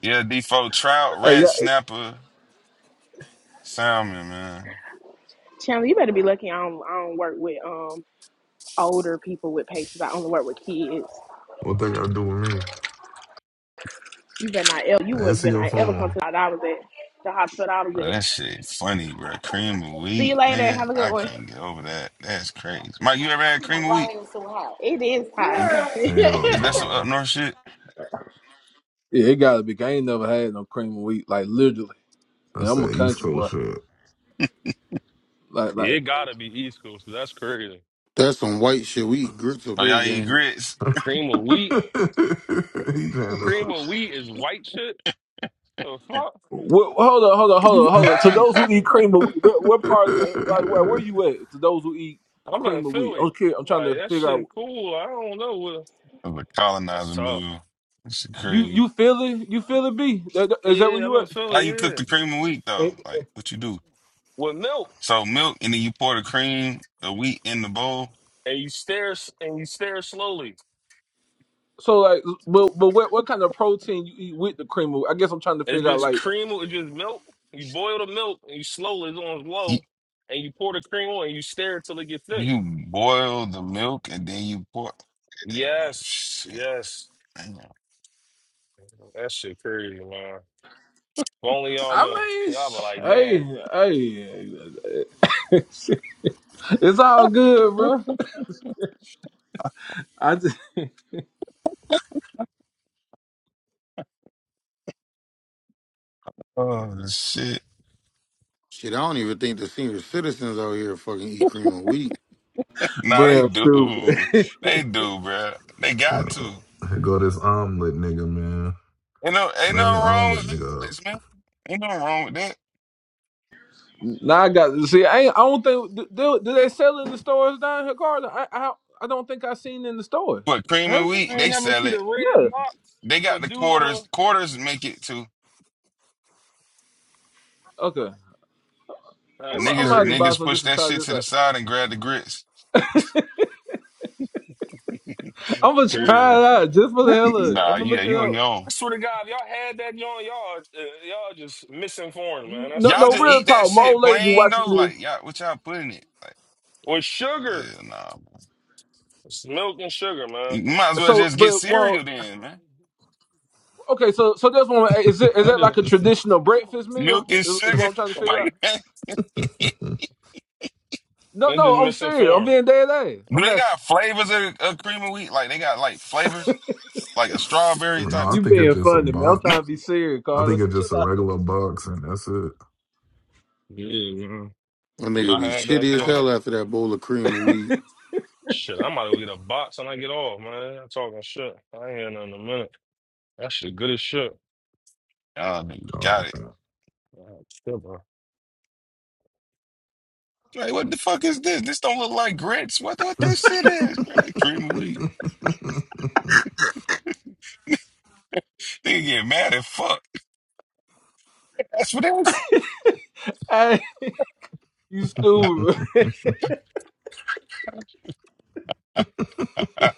Speaker 11: Yeah, default trout,
Speaker 10: Hey,
Speaker 11: red
Speaker 10: yeah,
Speaker 11: snapper, salmon, man.
Speaker 8: Chandler, you better be lucky. I don't. I don't work with um older people with patients. I only work with kids.
Speaker 3: What they gotta do with me?
Speaker 8: You better not ever. You would
Speaker 3: Answer
Speaker 8: better
Speaker 3: your
Speaker 8: not ever come
Speaker 3: phone.
Speaker 8: to I was at the hospital. I was
Speaker 11: Bro,
Speaker 8: at.
Speaker 11: that shit funny, bro. Cream of
Speaker 8: See you
Speaker 11: wheat,
Speaker 8: later.
Speaker 11: nigga.
Speaker 8: Have a good
Speaker 11: I
Speaker 8: one.
Speaker 11: can't get over that. That's crazy. Mike, you ever had cream of wheat?
Speaker 8: It is
Speaker 11: Is,
Speaker 8: hot.
Speaker 3: Hell
Speaker 11: is that some up
Speaker 3: no.
Speaker 11: north shit?
Speaker 10: yeah, it gotta be. be. I ain't never had no cream and wheat, like literally. And
Speaker 3: That's
Speaker 10: I'm a
Speaker 3: that East
Speaker 10: country boy.
Speaker 3: Coast shit.
Speaker 10: Like, like,
Speaker 9: It gotta be East Coast. That's crazy.
Speaker 1: That's some white shit. We eat grits up
Speaker 11: Oh,
Speaker 1: here,
Speaker 11: y'all eat
Speaker 1: gang.
Speaker 11: grits?
Speaker 9: Cream of wheat.
Speaker 3: he trying
Speaker 9: Cream of wheat is white shit. The fuck?
Speaker 10: wh- hold on, hold on, hold on, hold on. To
Speaker 1: We
Speaker 10: those who eat cream and wheat, where, where part of the like, where, where
Speaker 3: to.
Speaker 10: you at? To those who eat
Speaker 9: I'm in
Speaker 10: cream and wheat,
Speaker 9: Philly.
Speaker 10: okay. I'm
Speaker 9: I'm
Speaker 10: trying
Speaker 9: like
Speaker 10: to
Speaker 9: that
Speaker 10: figure out.
Speaker 9: shit cool. I don't know. What,
Speaker 11: That's a
Speaker 9: that's
Speaker 11: colonizer
Speaker 9: tough.
Speaker 11: meal. That shit
Speaker 10: You,
Speaker 11: crazy.
Speaker 10: you feel it? You feel it? B? That- that- Is that where
Speaker 9: Yeah, I'm
Speaker 10: you
Speaker 9: in
Speaker 10: at?
Speaker 11: How
Speaker 9: Philly.
Speaker 11: you cook
Speaker 9: Yeah,
Speaker 11: the cream of wheat though?
Speaker 10: And-
Speaker 11: Like what you do?
Speaker 9: with milk
Speaker 11: So milk, and then you pour the cream, the wheat in the bowl.
Speaker 9: and you stare s- and you stare slowly.
Speaker 10: So like, but but what what kind of protein you eat with the cream? Of, I guess I'm trying to
Speaker 9: It's
Speaker 10: figure out.
Speaker 9: just
Speaker 10: Like,
Speaker 9: cream. It's just milk. You boil the milk and you slowly it's on
Speaker 11: You,
Speaker 9: low, and you pour the cream on and you stare until it gets thick.
Speaker 11: you boil the milk, and then you pour. Oh
Speaker 9: Yes,
Speaker 11: shit!
Speaker 9: yes.
Speaker 11: Damn.
Speaker 9: That shit crazy, man. If only y'all knew.
Speaker 10: I mean,
Speaker 9: Y'all be
Speaker 10: sh-
Speaker 9: like, damn,
Speaker 10: hey, hey, It's all good, bro. I just,
Speaker 11: Oh shit!
Speaker 1: shit. I don't even think the senior citizens out here fucking eat cream of wheat.
Speaker 11: Nah, they
Speaker 10: bro,
Speaker 11: do.
Speaker 10: stupid.
Speaker 11: They do, bruh. They got
Speaker 3: Uh,
Speaker 11: to.
Speaker 3: here go this omelet nigga, man.
Speaker 11: Ain't no, ain't nothing
Speaker 3: Bring the
Speaker 11: wrong
Speaker 3: omelet
Speaker 11: with
Speaker 3: nigga
Speaker 11: omelets, man. Ain't nothing wrong with that.
Speaker 10: Now I got see. I, ain't, I don't think do, do do they sell in the stores down here, Carter. I, I I don't think I seen in the stores.
Speaker 11: But cream
Speaker 10: Have
Speaker 11: and
Speaker 10: you?
Speaker 11: wheat,
Speaker 9: I ain't
Speaker 11: they
Speaker 9: never
Speaker 11: sell
Speaker 9: see the
Speaker 11: it.
Speaker 10: Yeah.
Speaker 9: red box
Speaker 11: They got
Speaker 9: with
Speaker 11: the
Speaker 9: dude on
Speaker 11: quarters. Quarters make it too.
Speaker 10: Okay.
Speaker 9: the.
Speaker 10: I'm, gonna-
Speaker 9: That's
Speaker 10: I'm gonna
Speaker 11: Niggas,
Speaker 10: have to
Speaker 9: crazy.
Speaker 10: buy
Speaker 11: niggas
Speaker 10: some
Speaker 11: push
Speaker 10: just to
Speaker 11: that
Speaker 10: try
Speaker 11: shit
Speaker 10: this
Speaker 11: to the
Speaker 10: out.
Speaker 11: side and grab the grits.
Speaker 10: I'm gonna
Speaker 9: Crazy.
Speaker 10: try it out just for the hell of it.
Speaker 11: Nah,
Speaker 10: I'm gonna
Speaker 11: yeah,
Speaker 10: look it
Speaker 11: you on
Speaker 10: up.
Speaker 11: your own.
Speaker 9: I swear to God, if y'all had that on y'all, uh, y'all just misinformed, man. That's
Speaker 10: No,
Speaker 11: Y'all
Speaker 9: all
Speaker 10: no,
Speaker 9: it
Speaker 11: just
Speaker 10: real
Speaker 11: eat
Speaker 9: is.
Speaker 11: that
Speaker 10: talk. My
Speaker 11: shit
Speaker 10: old lady be
Speaker 11: plain
Speaker 10: watching
Speaker 11: though. Like
Speaker 10: this.
Speaker 11: y'all, what y'all put in it?
Speaker 9: With sugar,
Speaker 11: Yeah, nah.
Speaker 9: it's milk and sugar, man.
Speaker 11: You might as well
Speaker 10: So,
Speaker 11: just get
Speaker 10: but well,
Speaker 11: cereal then, man.
Speaker 10: okay. So, so that's one. Is it is
Speaker 9: I
Speaker 10: that like
Speaker 9: just,
Speaker 10: a
Speaker 3: up.
Speaker 10: traditional breakfast
Speaker 11: Milk
Speaker 10: meal?
Speaker 11: and
Speaker 10: Is, is what
Speaker 11: sugar.
Speaker 10: I'm trying to figure out.
Speaker 11: Like,
Speaker 9: I'm
Speaker 11: do they
Speaker 10: No, no,
Speaker 9: just
Speaker 10: I'm serious. I'm
Speaker 9: misinformed.
Speaker 10: being dead ass. I'm asking.
Speaker 11: got flavors of, of cream of wheat? Like they got like flavors, like a strawberry
Speaker 3: no,
Speaker 11: type.
Speaker 3: I
Speaker 10: You
Speaker 3: think it's
Speaker 10: being
Speaker 3: just a
Speaker 10: funny, man. I'm
Speaker 3: box.
Speaker 10: trying
Speaker 11: Of...
Speaker 10: to be serious,
Speaker 3: I
Speaker 10: Carter.
Speaker 3: think it's
Speaker 10: Chill
Speaker 3: just a
Speaker 10: out.
Speaker 3: regular box, and that's it.
Speaker 9: Yeah, man.
Speaker 1: That nigga
Speaker 9: Y'all
Speaker 1: be
Speaker 9: had that
Speaker 1: shitty as
Speaker 11: No.
Speaker 9: shit.
Speaker 1: hell after that bowl of cream of wheat.
Speaker 9: Shit, I might go get a box when I get off, man. I'm talking shit. I ain't had nothing in a minute. That shit good as shit.
Speaker 11: Oh, man,
Speaker 3: Oh
Speaker 11: got it.
Speaker 9: Oh, shit, bro.
Speaker 11: Like, what the fuck is this? This don't look like grits. What what
Speaker 3: man.
Speaker 11: this shit is, bro? They cream of wheat. They get mad at fuck. That's what they was.
Speaker 10: Hey, you stupid.
Speaker 11: Uh,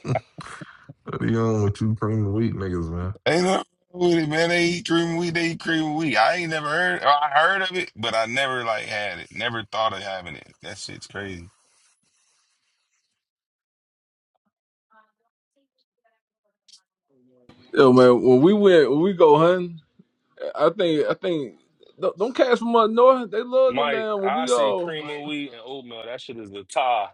Speaker 3: What are you on with two cream of wheat niggas, man?
Speaker 11: ain't nothing wrong with it, man. They eat cream of wheat. They eat cream of wheat. I ain't never heard. Or I heard of it, but I never like had it. Never thought of having it. That shit's crazy.
Speaker 10: Yo, man. When we went, when we go hunting, I think, I think, don't, don't cats from up north. They love them
Speaker 9: Mike,
Speaker 10: down when
Speaker 9: I
Speaker 10: we
Speaker 9: see
Speaker 10: all.
Speaker 9: cream of wheat and oatmeal. That shit is the tie.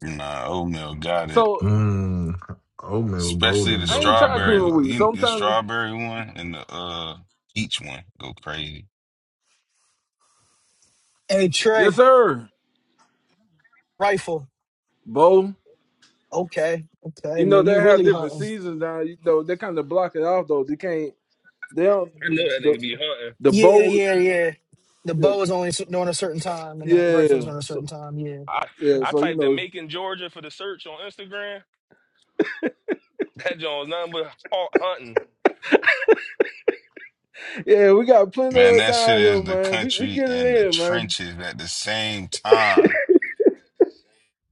Speaker 11: Nah, oatmeal got it.
Speaker 10: So
Speaker 3: Mmm. Oatmeal
Speaker 11: Especially the
Speaker 3: golden
Speaker 10: I
Speaker 3: though.
Speaker 10: ain't
Speaker 3: I
Speaker 10: trying
Speaker 3: ain't
Speaker 10: cream
Speaker 3: gonna
Speaker 10: of
Speaker 11: strawberry,
Speaker 3: lie
Speaker 10: wheat.
Speaker 3: to
Speaker 11: you,
Speaker 10: So
Speaker 3: you.
Speaker 10: I'm
Speaker 11: the
Speaker 10: trying. to-
Speaker 11: strawberry one and the uh peach one go crazy.
Speaker 5: Hey,
Speaker 10: Yes, sir, Bo.
Speaker 5: okay, okay.
Speaker 10: You know they have different seasons now. You know they kind of block it off though. They can't. They don't.
Speaker 9: I know that
Speaker 10: The
Speaker 9: nigga be hunting.
Speaker 10: the bow.
Speaker 5: Yeah, the
Speaker 10: Yeah. yeah. So
Speaker 5: Yeah.
Speaker 9: I,
Speaker 10: yeah.
Speaker 9: I
Speaker 10: So you
Speaker 9: typed in
Speaker 10: know.
Speaker 9: Macon, Georgia for the search on Instagram. That joint was nothing but haunt- hunting.
Speaker 10: Yeah, we got plenty of
Speaker 11: Man,
Speaker 10: it
Speaker 11: that shit
Speaker 10: down here,
Speaker 11: is the
Speaker 10: man. We we
Speaker 11: country
Speaker 10: get
Speaker 11: and the
Speaker 10: it in, man.
Speaker 11: trenches at the same time.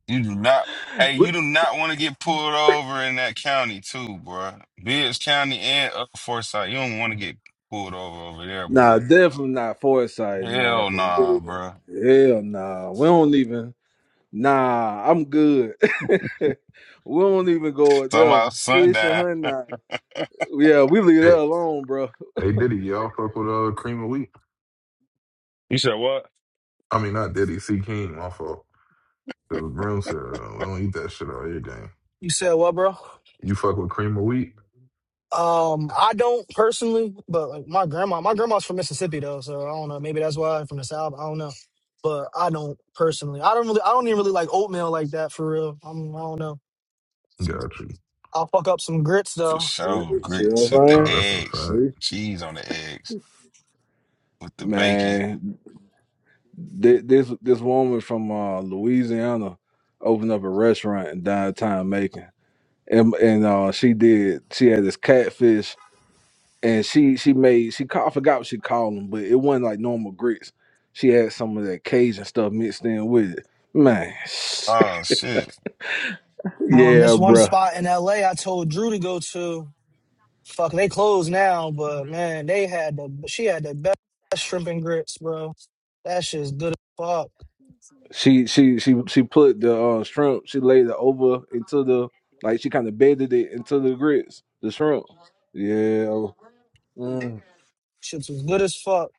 Speaker 11: You do not. Hey, you do not want to get pulled over in that county too, bro. Bibbs County and up Forsyth. You don't want to get pulled over over there,
Speaker 10: Nah,
Speaker 11: boy.
Speaker 10: definitely not foresight, man.
Speaker 11: Hell
Speaker 10: For
Speaker 11: nah,
Speaker 10: real.
Speaker 11: bro.
Speaker 10: Hell nah. We don't even nah, I'm good. we don't even go out
Speaker 11: Talking
Speaker 10: there.
Speaker 11: about
Speaker 10: Fish and
Speaker 11: sundown
Speaker 10: hunting. Nah. Yeah, we leave that
Speaker 3: Hey,
Speaker 10: alone, bro.
Speaker 3: hey Diddy, y'all fuck with uh cream of wheat?
Speaker 9: You said what?
Speaker 3: I mean not Diddy, C King, my fault. Cause Brim said uh, we don't eat that shit out here, gang.
Speaker 5: you said what, bro?
Speaker 3: You fuck with cream of wheat?
Speaker 5: Um, I don't personally, but like my grandma, my grandma's from Mississippi though, so I don't know. Maybe that's why from the South. I don't know, but I don't personally. I don't really. I don't even really like oatmeal like that for real. I'm, I don't know.
Speaker 3: Got you.
Speaker 5: I'll fuck up some grits
Speaker 11: for
Speaker 5: though.
Speaker 10: See,
Speaker 11: sure.
Speaker 10: see what I'm
Speaker 11: Grits with the
Speaker 3: Oh,
Speaker 10: saying?
Speaker 3: that's a
Speaker 11: eggs,
Speaker 3: fact.
Speaker 10: See?
Speaker 11: cheese on the eggs with the bacon.
Speaker 10: Man, thi- this this woman from uh, Louisiana opened up a restaurant in downtown Macon. And and uh, she did she had this catfish and she she made she call, I forgot what she called them, but it wasn't like normal grits. She had some of that Cajun stuff mixed in with it. Man,
Speaker 11: Oh shit,
Speaker 5: Um,
Speaker 10: yeah,
Speaker 5: this one
Speaker 10: bruh.
Speaker 5: spot in L.A. I told Drew to go to. Fuck, they closed now, but man, they had the. She had the best shrimp and grits, bro. That shit's good as fuck.
Speaker 10: She she she she put the uh, shrimp. She laid it over into the like she kind of bedded it into the grits, the shrimp. Yeah, mm.
Speaker 5: Shit's was good as fuck.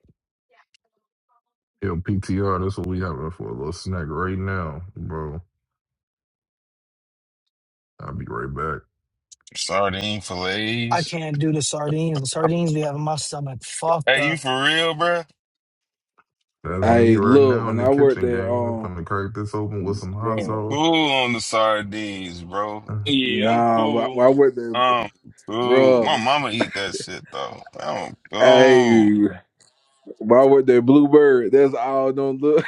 Speaker 3: Yo, PTR, that's what we having for a little snack right now, bro. I'll be right back.
Speaker 11: sardine fillets. Hey,
Speaker 5: Dog.
Speaker 11: you for real, bro?
Speaker 3: That's me
Speaker 10: Hey,
Speaker 3: right
Speaker 10: look,
Speaker 3: now in
Speaker 10: when
Speaker 3: the
Speaker 10: I worked
Speaker 3: kitchen,
Speaker 10: there,
Speaker 3: gang. I'm
Speaker 10: um,
Speaker 3: finna crack this open with some hot
Speaker 10: bro.
Speaker 3: sauce.
Speaker 11: Cool on the sardines, bro.
Speaker 3: Matter
Speaker 9: Yeah, I'm
Speaker 10: nah, when I
Speaker 9: cool.
Speaker 10: when I worked there,
Speaker 11: Um, cool. My
Speaker 10: bro.
Speaker 11: mama eat that shit though. I'm cool.
Speaker 10: hey, when I worked there, Bluebird, that's all. Don't look.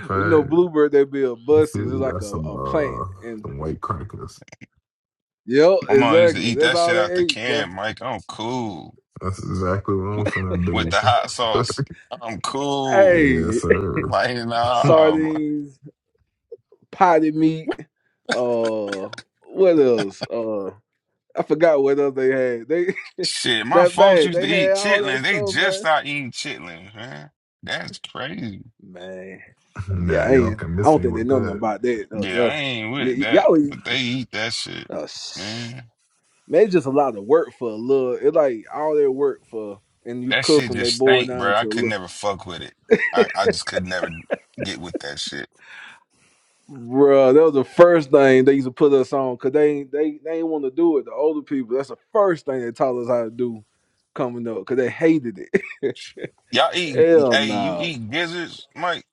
Speaker 3: of
Speaker 10: You know,
Speaker 3: fact,
Speaker 10: bluebird they build
Speaker 3: let's see,
Speaker 10: buses. It's
Speaker 3: we
Speaker 10: like
Speaker 3: got
Speaker 10: a,
Speaker 3: some
Speaker 10: a plant.
Speaker 3: uh
Speaker 10: And
Speaker 3: some white crackers.
Speaker 10: yep,
Speaker 11: My mom used to
Speaker 10: exactly.
Speaker 11: eat
Speaker 10: That's
Speaker 11: that
Speaker 10: all
Speaker 11: shit
Speaker 10: they
Speaker 11: out the
Speaker 10: ate. But
Speaker 11: can, Mike. I'm cool.
Speaker 3: That's exactly what I'm
Speaker 11: With
Speaker 3: finna
Speaker 11: with
Speaker 3: do.
Speaker 11: the hot sauce, I'm cool.
Speaker 3: yes,
Speaker 10: hey,
Speaker 3: sir.
Speaker 11: Like, nah, um,
Speaker 10: sardines, potted meat. Uh, what else? Uh, I forgot what else they had. They
Speaker 11: shit. My
Speaker 10: that
Speaker 11: folks
Speaker 10: bad.
Speaker 11: used
Speaker 10: They
Speaker 11: to
Speaker 10: had
Speaker 11: eat
Speaker 10: all that
Speaker 11: chitlins. They
Speaker 10: stuff,
Speaker 11: just
Speaker 10: man.
Speaker 11: stopped eating chitlins, man. That's crazy.
Speaker 10: Man, yeah,
Speaker 3: now
Speaker 10: I
Speaker 3: y'all
Speaker 10: ain't.
Speaker 3: can
Speaker 10: I
Speaker 3: miss
Speaker 10: don't
Speaker 3: me
Speaker 10: think they
Speaker 3: with
Speaker 10: know nothing
Speaker 3: that.
Speaker 10: about that though.
Speaker 11: Yeah, I
Speaker 10: though.
Speaker 11: ain't with
Speaker 10: y-
Speaker 11: that,
Speaker 10: y'all, eat-
Speaker 11: but they eat that shit,
Speaker 10: oh, sh-
Speaker 11: man.
Speaker 10: man, it's just a lot of work for a little. It's like all their work for, and you
Speaker 11: That
Speaker 10: cook
Speaker 11: shit
Speaker 10: when they
Speaker 11: just
Speaker 10: boil
Speaker 11: stink,
Speaker 10: down
Speaker 11: bro.
Speaker 10: to
Speaker 11: I
Speaker 10: a
Speaker 11: could
Speaker 10: little.
Speaker 11: never fuck with it. I, I just could never get with that shit.
Speaker 10: Bruh, that was the first thing they used to put us on because they ain't- they they not want to do it. The older people, that's the first thing they taught us how to do coming up because they hated it.
Speaker 11: Y'all eat,
Speaker 10: Hell
Speaker 11: hey, you
Speaker 10: no,
Speaker 11: eat gizzards, Mike?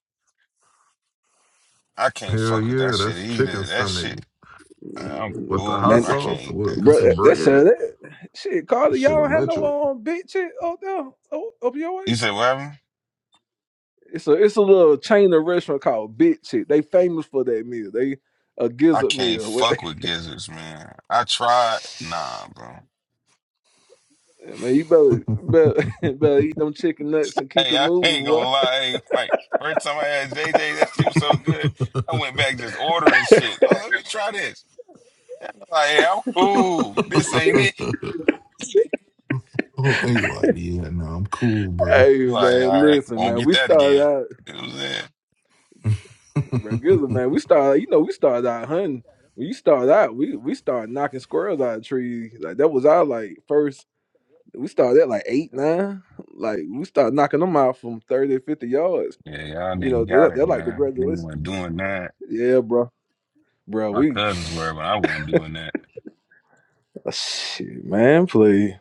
Speaker 11: I can't
Speaker 3: Hell
Speaker 11: fuck with that
Speaker 3: yeah,
Speaker 11: shit
Speaker 3: that's chicken
Speaker 11: either. That
Speaker 3: stomach
Speaker 11: shit. I'm
Speaker 10: Mm,
Speaker 3: with the
Speaker 11: ooh,
Speaker 3: hot
Speaker 10: man,
Speaker 11: I can't
Speaker 3: sauce
Speaker 11: eat
Speaker 3: with
Speaker 11: that.
Speaker 10: bro,
Speaker 3: some
Speaker 10: that
Speaker 3: bread.
Speaker 10: shit, that shit,
Speaker 3: That
Speaker 10: Carly, y'all
Speaker 3: shit
Speaker 10: don't have
Speaker 3: electric.
Speaker 10: no um bitch shit up there o- up your way.
Speaker 11: You said what happened?
Speaker 10: It's a it's a little chain of restaurant called Bitch Shit. They famous for that meal. They a
Speaker 11: I
Speaker 10: gizzard
Speaker 11: can't
Speaker 10: meal. What? They,
Speaker 11: fuck with gizzards, man. I tried. Nah, bro.
Speaker 10: man, you better
Speaker 3: oh,
Speaker 10: better better eat them chicken nuts and keep it
Speaker 11: Hey, I
Speaker 10: moving,
Speaker 11: ain't gonna
Speaker 10: boy.
Speaker 11: lie. Hey, like first time I had JJ, that shit was so good. I went back just ordering shit. I was like, let me try this. Like, yeah, I'm cool. This ain't it.
Speaker 3: he like, yeah, no, I'm cool, bruh.
Speaker 10: Hey
Speaker 11: I'm like,
Speaker 10: man,
Speaker 11: all right,
Speaker 10: listen,
Speaker 11: won't
Speaker 10: man.
Speaker 11: get
Speaker 10: We
Speaker 11: that
Speaker 10: started
Speaker 11: again.
Speaker 10: out
Speaker 11: It was it.
Speaker 10: regular, man. We started, you know, we started out hunting. When you start out, we we started knocking squirrels out of trees. Like that was our like first. We started at like eight, nine. Like we started knocking them out from 30 50 yards.
Speaker 11: Yeah, y'all
Speaker 10: You know,
Speaker 11: niggas
Speaker 10: they're,
Speaker 11: got it,
Speaker 10: they're like the
Speaker 11: man. Niggas
Speaker 10: graduates.
Speaker 11: wasn't doing that.
Speaker 10: Yeah, bro, bro.
Speaker 11: My
Speaker 10: We
Speaker 11: cousins were, but I wasn't doing that.
Speaker 10: shit, man. Please,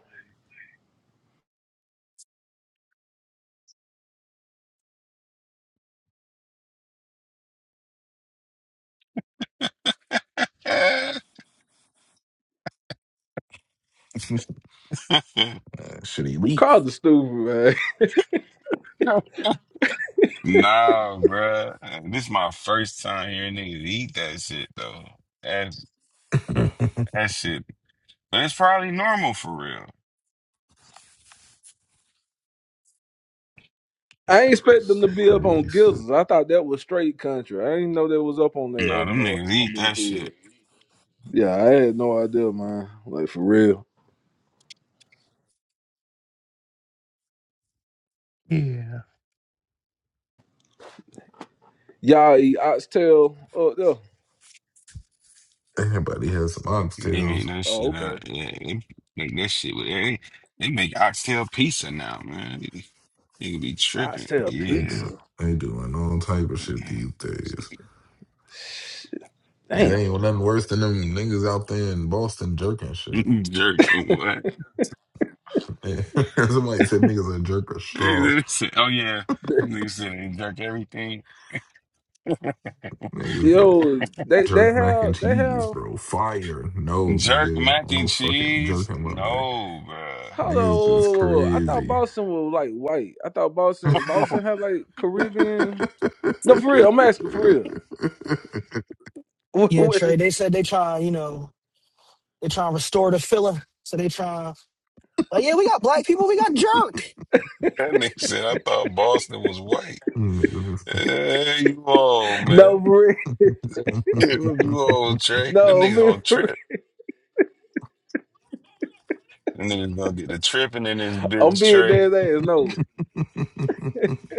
Speaker 3: Man,
Speaker 11: Yeah.
Speaker 3: shit elite.
Speaker 10: Carl the stupid man.
Speaker 11: Nah, bruh. This is my first time hearing niggas eat that shit though. That's that shit. That's probably normal for real.
Speaker 10: I ain't expect them
Speaker 3: It's
Speaker 10: to
Speaker 3: so
Speaker 10: be up
Speaker 3: crazy
Speaker 10: on
Speaker 3: shit.
Speaker 10: gizzards. I thought that was straight country. I didn't know that was up on that
Speaker 11: Nah,
Speaker 10: up
Speaker 11: them
Speaker 10: north.
Speaker 11: niggas
Speaker 10: If I'm
Speaker 11: eat
Speaker 10: being
Speaker 11: that
Speaker 10: for
Speaker 11: shit.
Speaker 10: real. Yeah, I had no idea, man. Like for real. Y'all eat oxtail up there?
Speaker 3: Everybody has some
Speaker 11: They make
Speaker 3: oxtails.
Speaker 11: that
Speaker 10: Oh,
Speaker 11: shit
Speaker 10: okay.
Speaker 11: out. Yeah, they make that shit with they, they make oxtail pizza now, man. Nigga be tripping.
Speaker 10: Oxtail
Speaker 3: They
Speaker 11: Yeah.
Speaker 3: doing
Speaker 10: pizza.
Speaker 3: they doing all type of shit these days.
Speaker 10: Shit,
Speaker 3: It
Speaker 10: damn.
Speaker 3: ain't nothing worse than them niggas out there in Boston jerking shit.
Speaker 11: Jerking what?
Speaker 3: Somebody said niggas a jerk a straw.
Speaker 11: Nigga said- Oh yeah. Nigga said they jerk everything.
Speaker 3: Niggas said
Speaker 10: Yo, they they
Speaker 3: jerk mac and
Speaker 10: have they
Speaker 3: cheese,
Speaker 10: have.
Speaker 3: bro. Fire. No,
Speaker 11: Jerk
Speaker 3: nigga. I
Speaker 11: mac
Speaker 3: do no
Speaker 11: and
Speaker 3: fucking
Speaker 11: cheese?
Speaker 3: jerking my mac.
Speaker 11: No,
Speaker 10: Hold
Speaker 3: Niggas just
Speaker 10: on. I thought
Speaker 3: crazy.
Speaker 10: Boston was like white. I thought Boston
Speaker 11: bruh.
Speaker 10: Boston had like Caribbean. No, for real. I'm asking for real. no,
Speaker 5: Yeah, Trey. They said they trying, you know, they trying to restore the feeling. So they trying. Like, yeah, we out
Speaker 11: That nigga said, I thought Boston was white.
Speaker 3: Niggas just
Speaker 11: Hey, you all, man.
Speaker 10: for real.
Speaker 11: Yeah, What you all, Trey? Them
Speaker 10: No, I'm
Speaker 11: niggas
Speaker 10: being
Speaker 11: on
Speaker 10: for
Speaker 11: trip.
Speaker 10: real.
Speaker 11: Them niggas gonna get the tripping in this
Speaker 10: I'm
Speaker 11: bitch,
Speaker 10: being
Speaker 11: Trey.
Speaker 10: dead ass. No,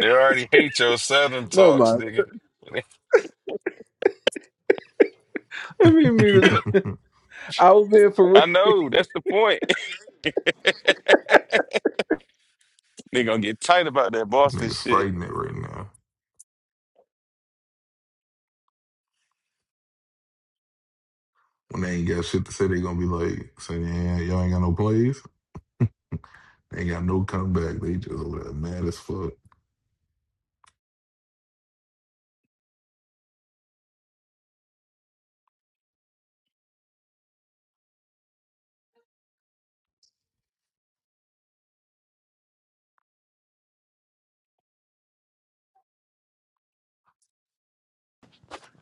Speaker 11: They already hate your Southern
Speaker 10: never
Speaker 11: talks,
Speaker 10: mind.
Speaker 11: nigga.
Speaker 10: I mean, me- I was being for real.
Speaker 11: I know, that's the point. They gonna get tight about that Boston
Speaker 3: Niggas
Speaker 11: shit.
Speaker 3: fighting it right now. When they ain't got shit to say, they gonna be like, saying, yeah, y'all ain't got no plays. They ain't got no comeback. They just over there mad as fuck.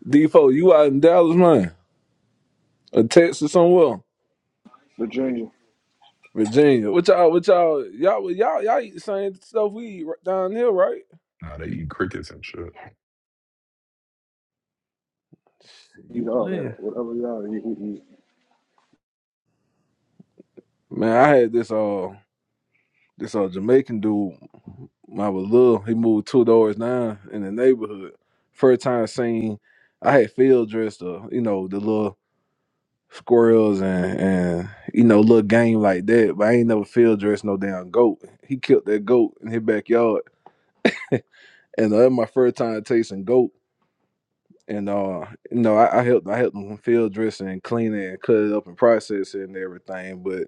Speaker 10: D4, you out in Dallas, man, or Texas somewhere?
Speaker 6: Virginia
Speaker 10: Virginia. What y'all? What y'all? Y'all? Y'all? Y'all eat the same stuff we eat right down here, right?
Speaker 3: Nah, they eat crickets and shit.
Speaker 10: You
Speaker 6: eat all that,
Speaker 10: playing?
Speaker 6: whatever y'all eat, we eat.
Speaker 10: Man, I had this uh this uh Jamaican dude. When I was little, he moved two doors down in the neighborhood. First time seen, I had field dressed up. You know the little squirrels and and you know little game like that. But I ain't never field dressed no damn goat. He killed that goat in his backyard, and that was my first time tasting goat. And uh, you know, I, I helped I helped them field dressing and cleaning and cut it up and process it and everything. But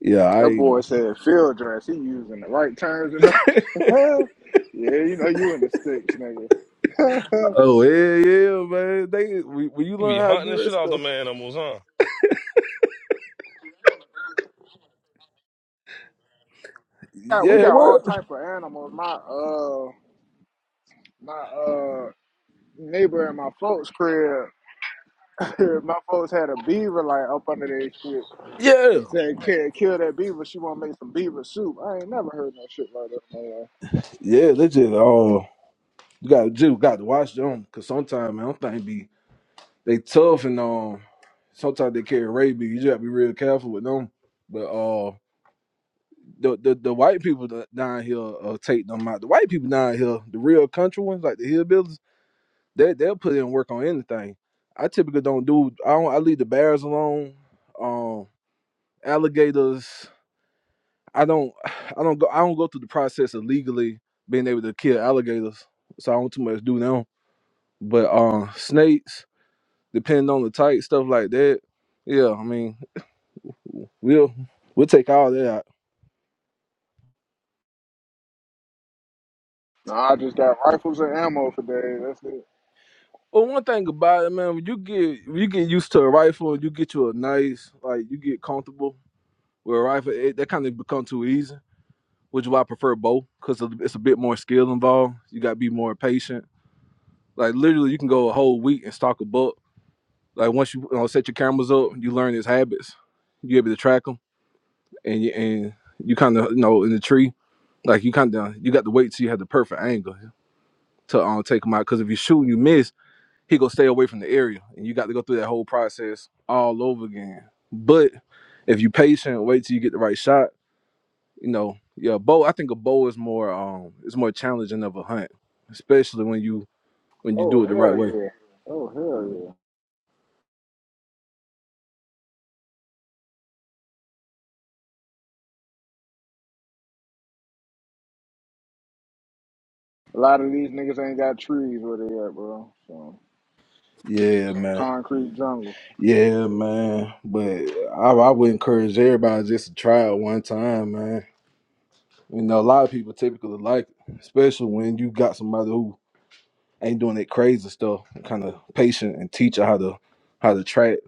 Speaker 10: yeah,
Speaker 6: That
Speaker 10: I
Speaker 6: boy said field dress. He using the right terms and all. yeah, you know you in the sticks, nigga.
Speaker 10: oh yeah yeah man, they when when you
Speaker 9: You be
Speaker 10: learn how to
Speaker 9: hunting the
Speaker 10: do that
Speaker 9: shit out the
Speaker 10: stuff,
Speaker 9: man animals, huh?
Speaker 6: got we
Speaker 10: yeah
Speaker 6: got all
Speaker 10: well
Speaker 6: type of animals. My uh my uh neighbor in my folks' crib, my folks had a beaver like up under their shit. They
Speaker 10: yeah
Speaker 6: said not kill that beaver. She want to make some beaver soup. I ain't never heard no shit like that. Man.
Speaker 10: yeah they just all you got to do got to watch them because sometimes man, them things be they tough and um sometimes they carry rabies. You just gotta be real careful with them. But uh, the the, the white people that down here uh, take them out. The white people down here, the real country ones, like the hillbillies They they'll put in work on anything. I typically don't do. I don't. I leave the bears alone. Um, alligators. I don't. I don't go. I don't go through the process of legally being able to kill alligators. So I don't too much do now. But uh, snakes, depending on the type, stuff like that. Yeah, I mean, we'll we'll take all that out.
Speaker 6: No, I just got rifles and ammo for days. That's it.
Speaker 10: Well, one thing about it, man, when you get when you get used to a rifle, you get you a nice, like you get comfortable with a rifle. It, that kind of become too easy. which is why I prefer both because it's a bit more skill involved. You got to be more patient. Like literally, you can go a whole week and stalk a buck. Like once you, you know, set your cameras up, you learn his habits. You able to track him, and you, and you kind of you know in the tree, like you kind of you got to wait till you have the perfect angle to um, take him out. Because if you shoot and you miss, he gonna stay away from the area, and you got to go through that whole process all over again. But if you patient, wait till you get the right shot you know, yeah, bow. I think a bow is more um, it's more challenging of a hunt, especially when you when you
Speaker 6: Oh
Speaker 10: do it the right
Speaker 6: hell
Speaker 10: way.
Speaker 6: yeah. Oh hell yeah. A lot of these niggas ain't got trees where they at, bro. So
Speaker 10: Yeah, man.
Speaker 6: concrete jungles.
Speaker 10: Yeah, man. But I, I would encourage everybody just to try it one time, man. You know, a lot of people typically like it, especially when you got somebody who ain't doing that crazy stuff, kind of patient and teach her how to how to track,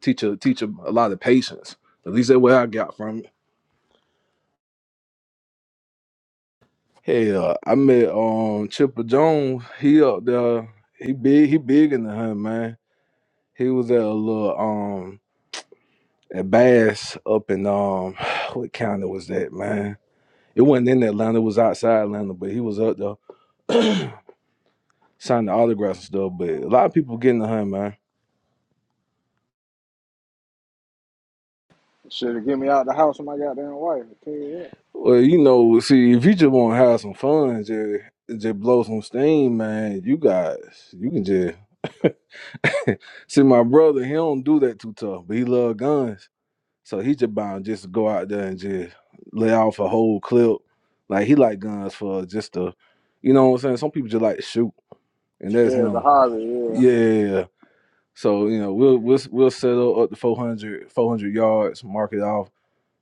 Speaker 10: teach her teach her a lot of patience. At least that's what I got from it. Hell, I met um Chipper Jones. He up there. He big. He big in the hunt, man. He was at a little um at Bass up in um what county was that, man? It wasn't in Atlanta. It was outside Atlanta, but he was up there signing autographs and stuff. But a lot of people get in the hunt, man.
Speaker 6: Shit'll get me out the house with my goddamn wife. I tell you that.
Speaker 10: Well, you know, see, if you just want to have some fun, just just blow some steam, man. You guys, you can just see my brother. He don't do that too tough, but he love guns. So he just bound just to go out there and just lay off a whole clip. Like he like guns for just a, you know what I'm saying. Some people just like to shoot, and that's
Speaker 6: Yeah, it's a
Speaker 10: him.
Speaker 6: hobby. Yeah.
Speaker 10: Yeah. So you know we'll we'll we'll settle up to 400 400 yards, mark it off,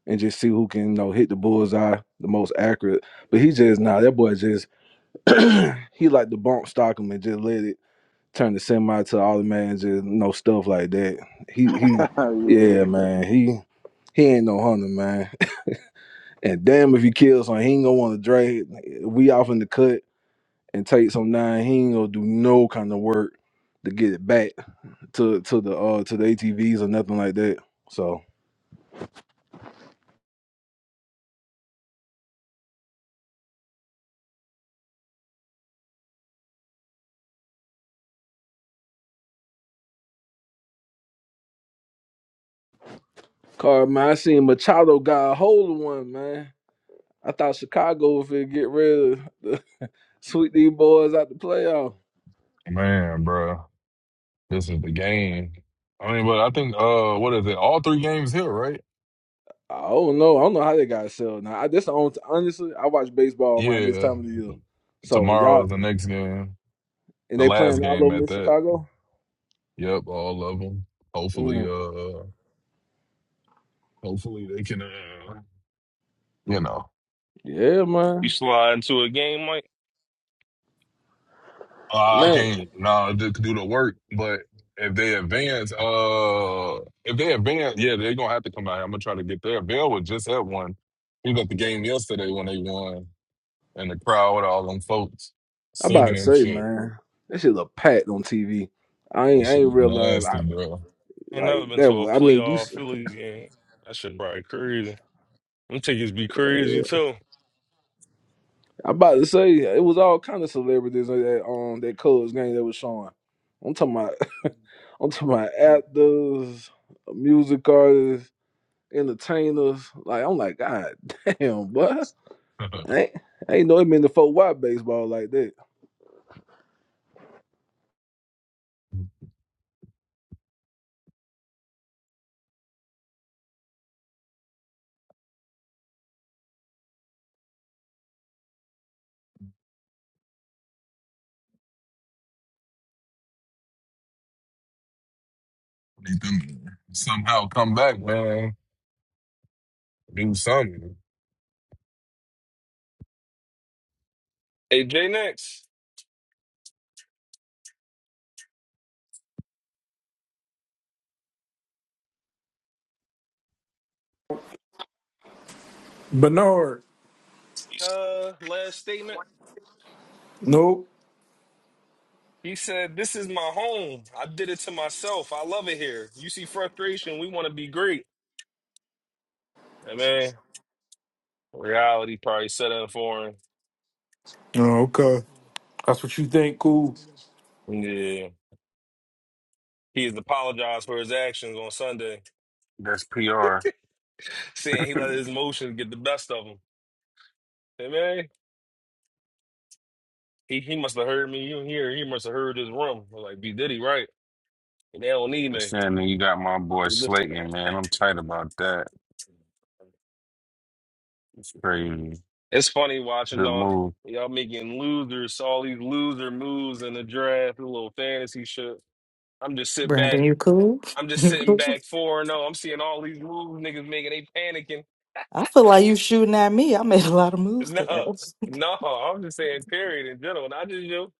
Speaker 10: and just see who can you know hit the bullseye the most accurate. But he just nah, that boy just he like to bump stock him and just let it turn the semi to all the man just you know stuff like that. He he yeah
Speaker 6: yeah.
Speaker 10: man he he ain't no hunter, man. And damn if he kills him, he ain't gonna want to drag. We off in the cut and take some nine. He ain't gonna do no kind of work to get it back to to the uh to the ATVs or nothing like that. So, car man, I seen Machado got a hold of one man. I thought Chicago was finna get rid of sweep these boys out the playoff.
Speaker 3: Man, bro, this is the game. I mean, but I think uh, what is it? All three games here, right?
Speaker 10: I don't know. I don't know how they got sold. Now I, this the only honestly, I watch baseball around this
Speaker 3: Yeah.
Speaker 10: time of the year. So
Speaker 3: Tomorrow
Speaker 10: y'all
Speaker 3: is the next game,
Speaker 10: and
Speaker 3: the
Speaker 10: they
Speaker 3: last
Speaker 10: playing all
Speaker 3: game
Speaker 10: over
Speaker 3: at
Speaker 10: in
Speaker 3: that.
Speaker 10: Chicago.
Speaker 3: Yep, all of them. Hopefully,
Speaker 10: Mm.
Speaker 3: uh, hopefully they can, uh, you know,
Speaker 10: Yeah,
Speaker 9: You
Speaker 10: man,
Speaker 9: slide into a game, Mike?
Speaker 3: uh, I
Speaker 10: man.
Speaker 3: can't nah, do, do the work, but if they advance, uh, if they advance, yeah, they're gonna have to come out. here. I'm gonna try to get there. Bill was just at one. He was at the game yesterday when they won, and the crowd, all them folks
Speaker 10: I
Speaker 3: singing
Speaker 10: about to
Speaker 3: and
Speaker 10: say,
Speaker 3: shit.
Speaker 10: man, that shit look packed on TV. I
Speaker 3: That
Speaker 10: ain't, I
Speaker 3: shit
Speaker 10: ain't
Speaker 3: be
Speaker 10: realize, I,
Speaker 3: nasty, bro.
Speaker 9: Ain't never
Speaker 10: like
Speaker 9: been
Speaker 10: that.
Speaker 9: to a
Speaker 10: Was, I mean, you.
Speaker 9: playoff
Speaker 10: s-
Speaker 9: Phillies game. That shit probably crazy. Them tickets be
Speaker 10: yeah.
Speaker 9: crazy too.
Speaker 10: I about to say it was all kind of celebrities on that um that Cubs game that was showing. I'm talking about, I'm talking about actors, music artists, entertainers. Like I'm like, God damn, boy. I ain't, I ain't know it in the four wide baseball like that.
Speaker 3: Need them to somehow come back, man. Do something.
Speaker 9: Hey, J Next,
Speaker 13: Bernard.
Speaker 9: uh, last statement.
Speaker 13: Nope.
Speaker 9: He said, This is my home. I did it to myself. I love it here. You see frustration. We want to be great. And man, reality probably set in for him.
Speaker 13: Oh, okay. That's what you think, cool.
Speaker 9: Yeah. He has apologized for his actions on Sunday,
Speaker 11: That's PR.
Speaker 9: saying he let his emotions get the best of him. Hey, man, he, he must have heard me. You here? He must have heard his room. I was like, B Diddy, right? they don't need me.
Speaker 11: Saying, Shannon, you got my boy
Speaker 9: He lives to
Speaker 11: Slayton,
Speaker 9: that.
Speaker 11: man. I'm tight about that. It's crazy.
Speaker 9: It's funny watching
Speaker 11: Good
Speaker 9: all
Speaker 11: move.
Speaker 9: y'all making losers, all these loser moves in the draft, the little fantasy shit. I'm just sit back.
Speaker 14: Brandon, you cool?
Speaker 9: I'm just
Speaker 14: You
Speaker 9: sitting
Speaker 14: cool?
Speaker 9: back four and oh, I'm seeing all these moves niggas making. They panicking.
Speaker 14: I feel like you shooting at me. I made a lot of moves today.
Speaker 9: No, no. I'm just saying, period in general. Not just you.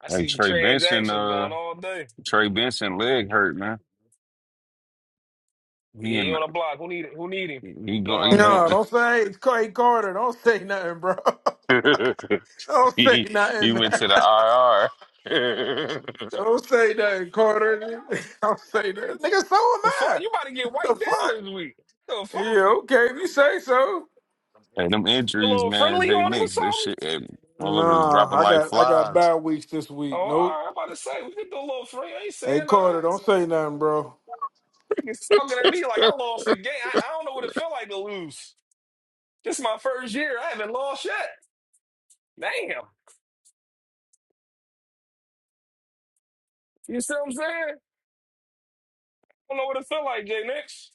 Speaker 9: I
Speaker 11: Hey,
Speaker 9: see
Speaker 11: Trey Benson,
Speaker 9: transactions going
Speaker 11: uh,
Speaker 9: all day.
Speaker 11: Trey Benson leg hurt, man.
Speaker 9: Yeah,
Speaker 11: He
Speaker 9: he
Speaker 11: and
Speaker 9: on a block. Who need who need him?
Speaker 11: he
Speaker 9: He on
Speaker 11: go
Speaker 9: my
Speaker 11: he go
Speaker 13: No,
Speaker 9: bench.
Speaker 13: don't say it's Clay Carter. Don't say nothing, bro. Don't say
Speaker 11: he, he
Speaker 13: nothing. man.
Speaker 11: went to the IR.
Speaker 13: Don't say nothing, Carter. Don't say nothing. Nigga, so am
Speaker 9: The fuck,
Speaker 13: I.
Speaker 9: you about to get
Speaker 13: The
Speaker 9: wiped down
Speaker 13: fuck?
Speaker 9: this week? The fuck,
Speaker 13: Yeah, okay, if you say so.
Speaker 11: hey, them
Speaker 9: put a
Speaker 11: injuries,
Speaker 9: little
Speaker 11: man.
Speaker 9: friendly
Speaker 11: They
Speaker 9: on him or
Speaker 11: Knicks, this
Speaker 9: something?
Speaker 11: shit, hey, motherfuckers
Speaker 13: Nah,
Speaker 11: dropping
Speaker 13: I
Speaker 11: like
Speaker 13: got I got
Speaker 11: flies.
Speaker 13: bad weeks this
Speaker 9: Oh, all
Speaker 13: week. Nope.
Speaker 9: right, I'm about to say we could do a little free. I ain't
Speaker 13: Hey
Speaker 9: saying
Speaker 13: Carter,
Speaker 9: uh
Speaker 13: don't say nothing, bro.
Speaker 9: It's
Speaker 11: hey,
Speaker 9: talking at me like I lost a game. I, I don't know what it felt like to lose. This is my first year. I haven't lost yet. Damn. You see what I'm saying? I don't know what it felt like, Jay Nix.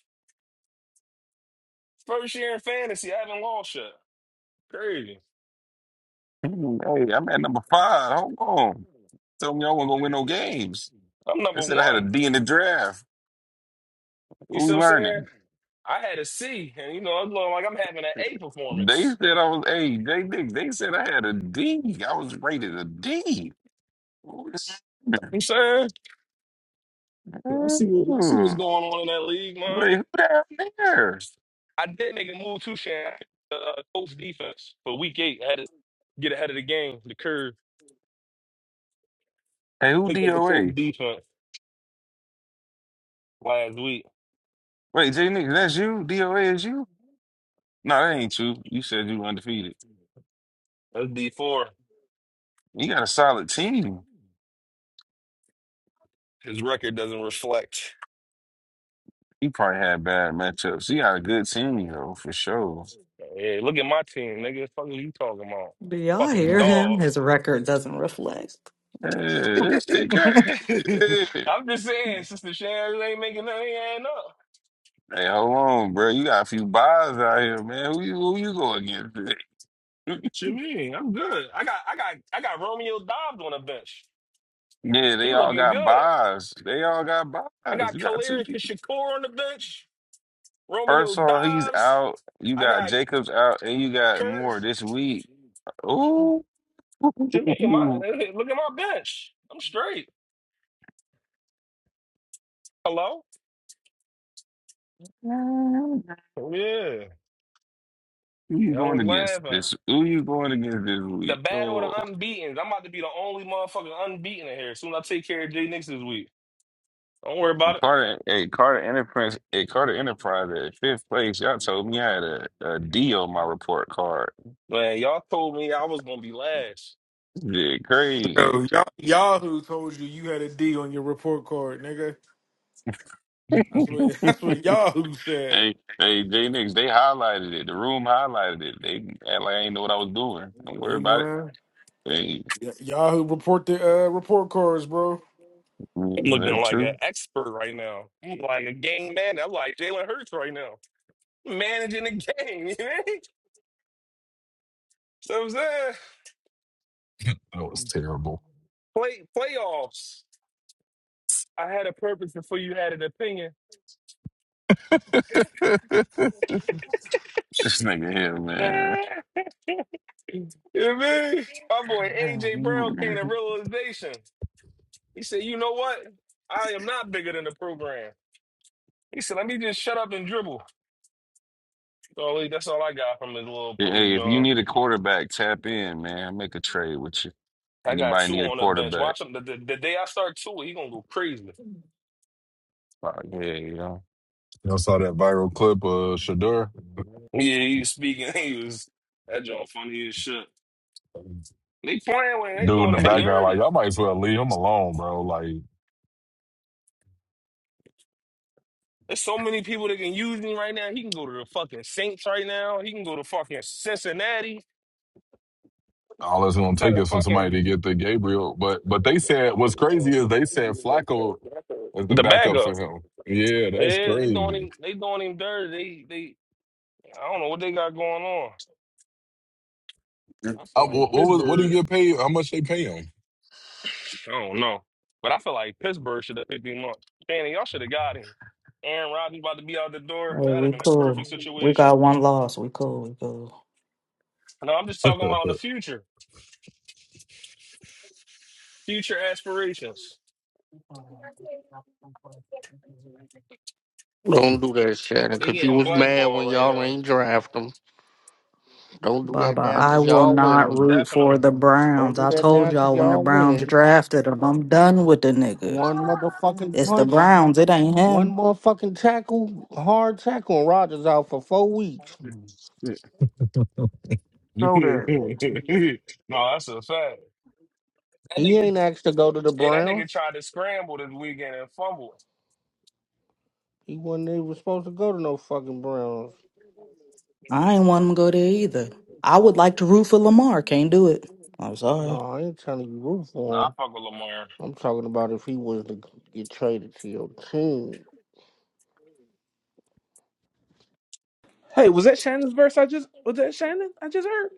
Speaker 9: First year in fantasy, I haven't lost yet. Crazy.
Speaker 11: I'm at number five. Hold on. Tell me y'all wasn't gonna win no games.
Speaker 9: I'm
Speaker 11: They
Speaker 9: number
Speaker 11: said I had a
Speaker 9: one.
Speaker 11: D in the draft.
Speaker 9: You
Speaker 11: What
Speaker 9: see
Speaker 11: we
Speaker 9: what I'm saying?
Speaker 11: learning?
Speaker 9: I had a C, and you know, it's looking like I'm having an A
Speaker 11: They
Speaker 9: performance.
Speaker 11: said I was hey, they they, they said I had a D.
Speaker 9: You
Speaker 11: I was rated a D. Who is-
Speaker 9: know what I'm saying? Y'all see what y'all see what's
Speaker 11: Mm.
Speaker 9: going on in that league, man.
Speaker 11: Wait, who down there?
Speaker 9: I did make a move too, Shan. The uh, coach defense for week eight had to get ahead of the game. The curve
Speaker 11: Hey, who
Speaker 9: picked up the coach
Speaker 11: DOA?
Speaker 9: defense last week.
Speaker 11: Wait, J Nick, that's you? DOA is you? No, that ain't you. You said you undefeated.
Speaker 9: That's D four.
Speaker 11: You got a solid team.
Speaker 9: His record doesn't reflect.
Speaker 11: You probably had bad matchups. You got a good team though, for sure.
Speaker 9: Hey, look at my team, nigga. The fuck are you talking about?
Speaker 14: Do y'all
Speaker 9: Fucking
Speaker 14: hear
Speaker 11: Nah.
Speaker 14: him?
Speaker 9: dogs.
Speaker 14: His record doesn't reflect.
Speaker 11: Hey, this shit
Speaker 14: hey,
Speaker 11: great.
Speaker 9: I'm just saying, Sister Shan really ain't making nothing up.
Speaker 11: Hey, hold on, bro. You got a few buys out here, man. Who you who you go against?
Speaker 9: What you mean? I'm good. I got I got I got Romeo Dobbs on the bench.
Speaker 11: Yeah, they
Speaker 9: He
Speaker 11: all
Speaker 9: looking
Speaker 11: got
Speaker 9: good.
Speaker 11: buys. They all got
Speaker 9: I
Speaker 11: buys.
Speaker 9: got
Speaker 11: You got two
Speaker 9: Khalil
Speaker 11: people.
Speaker 9: Shakur on the bench. Romeo
Speaker 11: Persson, he's
Speaker 9: Dobbs.
Speaker 11: out. You
Speaker 9: I
Speaker 11: got
Speaker 9: got
Speaker 11: Jacobs out, and you got
Speaker 9: Kurt.
Speaker 11: Moore this week. Ooh,
Speaker 9: Jamaican, my
Speaker 11: who
Speaker 9: look at my bench. I'm straight. Hello? Yeah.
Speaker 11: you
Speaker 9: Yeah, I
Speaker 11: going
Speaker 9: was
Speaker 11: against
Speaker 9: laughing.
Speaker 11: this? Who you going against this
Speaker 9: The
Speaker 11: week?
Speaker 9: battle of
Speaker 11: Oh,
Speaker 9: the unbeaten. I'm about to be the only motherfucker unbeaten in here as soon as I take care of Jay Nix this week. Don't worry about it.
Speaker 11: Carter, hey, Carter Enterprise, hey, Carter Enterprise at fifth place. Y'all told me I had a, a D on my report card.
Speaker 9: Man, y'all told me I was gonna be last.
Speaker 11: Yeah, crazy.
Speaker 13: Yo, Yah- Yahoo told you you had a D on your report card, nigga. That's what that's what Yahoo said.
Speaker 11: Hey, hey, J Nix, they highlighted it. The room highlighted it. They act like I ain't know what I was doing. Don't worry
Speaker 13: Hey
Speaker 11: about it.
Speaker 13: man.
Speaker 11: Hey,
Speaker 13: Y- you report the uh, report cards, bro.
Speaker 11: Yeah,
Speaker 9: I'm looking
Speaker 11: that's
Speaker 9: like an
Speaker 11: true.
Speaker 9: expert right now. I'm like a game man. I'm like Jalen Hurts right now. Managing the game, you know? So I'm saying
Speaker 3: That was terrible.
Speaker 9: play playoffs. I had a purpose before you had an opinion.
Speaker 11: This nigga here,
Speaker 9: you
Speaker 11: man.
Speaker 9: know what I mean? My boy AJ Brown came to realization. He said, you know what? I am not bigger than the program. He said, let me just shut up and dribble. So that's all I got from his little poop,
Speaker 11: Hey, if you
Speaker 9: John.
Speaker 11: need a quarterback, tap in, man. I'll Make a trade with you.
Speaker 9: I got
Speaker 11: Anybody
Speaker 9: two
Speaker 11: need a
Speaker 9: on the bench.
Speaker 11: quarterback?
Speaker 9: Watch him. The, the, the day I start two, he gonna go crazy.
Speaker 11: Fuck, yeah, you know.
Speaker 3: Y'all saw that viral clip of Shador?
Speaker 9: Yeah, he was speaking. He was that joint funny as shit. They playing with him. They
Speaker 3: dude in the
Speaker 9: doing him
Speaker 11: Hey,
Speaker 3: background, like
Speaker 9: dirty.
Speaker 3: y'all might as well leave him alone, bro. Like
Speaker 9: There's so many people that can use him right now. He can go to the fucking Saints right now. He can go to fucking Cincinnati
Speaker 3: all it's gonna
Speaker 9: instead
Speaker 3: take
Speaker 9: of
Speaker 3: is for somebody
Speaker 9: fucking
Speaker 3: to get to Gabriel. But but they said what's crazy is they said Flacco is the
Speaker 9: the
Speaker 3: backup
Speaker 9: backup.
Speaker 3: for him. Yeah, that's
Speaker 9: Yeah, they doing
Speaker 3: crazy.
Speaker 9: him. They doing him dirty. They they. I don't know what they got going on. I feel
Speaker 3: Uh,
Speaker 9: like
Speaker 3: what, what was what did he
Speaker 9: Pittsburgh.
Speaker 3: get paid? How much they pay him?
Speaker 9: I don't know. But I feel like Pittsburgh should have picked him up. Danny, y'all should have got him. Aaron Rodgers about to be out the door. That'd have
Speaker 14: we
Speaker 9: been a perfect
Speaker 14: cool. We
Speaker 9: situation.
Speaker 14: got one loss. We cool. We cool.
Speaker 9: No, I'm just talking about in the future. Future aspirations.
Speaker 2: Don't do that, Shannon,
Speaker 9: He
Speaker 2: because you
Speaker 9: getting
Speaker 2: was mad
Speaker 9: blackballed
Speaker 2: when
Speaker 9: right
Speaker 2: y'all
Speaker 9: now.
Speaker 2: ain't draft them. Don't do that
Speaker 14: Baba,
Speaker 2: now
Speaker 14: I
Speaker 2: because
Speaker 14: will
Speaker 2: y'all
Speaker 14: not
Speaker 2: winning.
Speaker 14: root for
Speaker 9: Definitely.
Speaker 14: the
Speaker 2: Don't
Speaker 14: Browns.
Speaker 2: do
Speaker 14: I
Speaker 2: that
Speaker 14: told
Speaker 2: now because
Speaker 14: y'all when the
Speaker 2: y'all
Speaker 14: Browns
Speaker 2: winning.
Speaker 14: drafted him, I'm done with the nigga.
Speaker 2: One motherfucking
Speaker 14: It's the
Speaker 2: punch,
Speaker 14: Browns. It ain't
Speaker 2: one
Speaker 14: him.
Speaker 2: motherfucking tackle, hard tackle, and Rogers out for four weeks. Know that.
Speaker 9: no, that's a fact. That
Speaker 2: He ain't
Speaker 9: nigga,
Speaker 2: asked to go to the
Speaker 9: hey, that nigga
Speaker 2: Browns.
Speaker 9: tried to scramble this weekend and fumble.
Speaker 2: He wasn't even supposed to go to no fucking Browns.
Speaker 14: I ain't want him to go there either. I would like to root for Lamar. Can't do it. I'm sorry.
Speaker 2: No, I ain't telling you root
Speaker 9: No,
Speaker 2: for
Speaker 9: I
Speaker 2: him.
Speaker 9: fuck with Lamar.
Speaker 2: I'm talking about if he was to get traded to your team,
Speaker 10: Hey, was that Shannon's verse? I just was that Shannon? I just heard.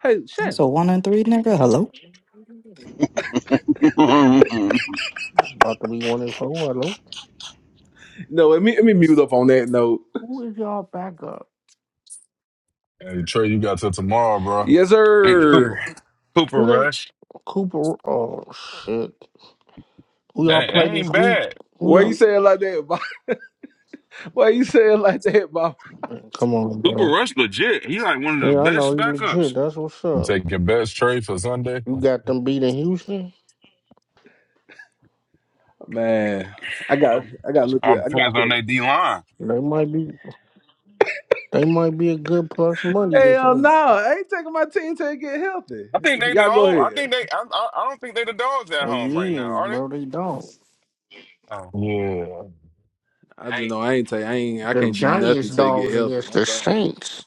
Speaker 10: Hey,
Speaker 14: That's a
Speaker 10: Shannon.
Speaker 14: one and three nigga. Hello.
Speaker 11: Cooper
Speaker 2: about to be one and four. Hello,
Speaker 10: No, let me let me mute up on that note.
Speaker 2: who is y'all backup?
Speaker 3: hey Trey, you got till tomorrow, bro.
Speaker 10: Yes,
Speaker 11: hey, Cooper,
Speaker 10: sir.
Speaker 11: Cooper
Speaker 2: Who they?
Speaker 11: Rush.
Speaker 2: Cooper. Oh shit. Who y'all
Speaker 11: That,
Speaker 2: play
Speaker 11: that
Speaker 2: this
Speaker 11: ain't
Speaker 2: week?
Speaker 11: bad.
Speaker 2: Who
Speaker 10: Why you
Speaker 2: y'all?
Speaker 10: saying like that? Bob? Why you saying like that, Bob?
Speaker 2: Man, come on,
Speaker 11: Cooper
Speaker 2: bro.
Speaker 11: Rush, legit. He like one of the
Speaker 2: Yeah, I know
Speaker 11: best
Speaker 2: you
Speaker 11: backups.
Speaker 2: legit. That's what's
Speaker 3: You
Speaker 2: up.
Speaker 3: taking your best Trey for Sunday?
Speaker 2: You got them beating Houston.
Speaker 10: Man, I got I got to look
Speaker 11: All
Speaker 10: at I got
Speaker 11: depends on
Speaker 10: feeling.
Speaker 11: their D line.
Speaker 2: They might be. They might be a good plus money this
Speaker 10: Hell no,
Speaker 2: week.
Speaker 10: I ain't taking my team till it get healthy.
Speaker 11: I think they
Speaker 10: Y'all
Speaker 11: the
Speaker 10: go
Speaker 11: home. I
Speaker 10: ahead.
Speaker 11: think they. I, I, I don't think they the dogs at
Speaker 2: They
Speaker 11: home right now,
Speaker 2: is,
Speaker 11: are they?
Speaker 2: bro. They don't.
Speaker 11: Oh,
Speaker 3: Yeah.
Speaker 10: I just know I ain't take I ain't I
Speaker 2: The
Speaker 10: can't do
Speaker 2: Giants
Speaker 10: nothing till it get
Speaker 2: dogs
Speaker 10: healthy.
Speaker 2: against
Speaker 10: I'm
Speaker 2: the
Speaker 10: sorry.
Speaker 2: Saints.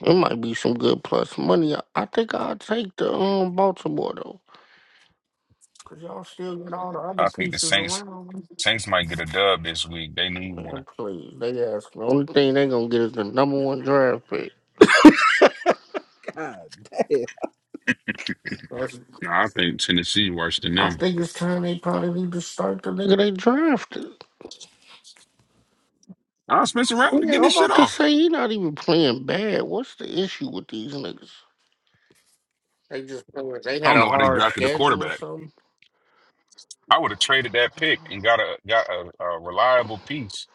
Speaker 2: It might be some good plus money. I I think I'll take the um Baltimore though. Cause y'all still get all the other
Speaker 11: I think the
Speaker 2: pieces
Speaker 11: Saints.
Speaker 2: around.
Speaker 11: Saints might get a dub this week. They need one.
Speaker 2: Man, please. They ask the only thing they gonna get is the number one draft pick.
Speaker 10: God damn,
Speaker 2: That's,
Speaker 11: No, I think Tennessee worse than
Speaker 2: I
Speaker 11: them.
Speaker 2: think it's time they probably need to start the nigga they drafted.
Speaker 11: Ah, Spencer Rattler
Speaker 2: Yeah,
Speaker 11: getting
Speaker 2: I'm
Speaker 11: his shit
Speaker 2: about to
Speaker 11: off.
Speaker 2: say he not even playing bad. What's the issue with these niggas? They just they
Speaker 11: I
Speaker 2: had
Speaker 11: don't
Speaker 2: a
Speaker 11: know why they
Speaker 2: hard
Speaker 11: drafted a
Speaker 2: schedule or
Speaker 11: quarterback.
Speaker 2: something.
Speaker 11: I would have traded that pick and got a got a, a reliable piece.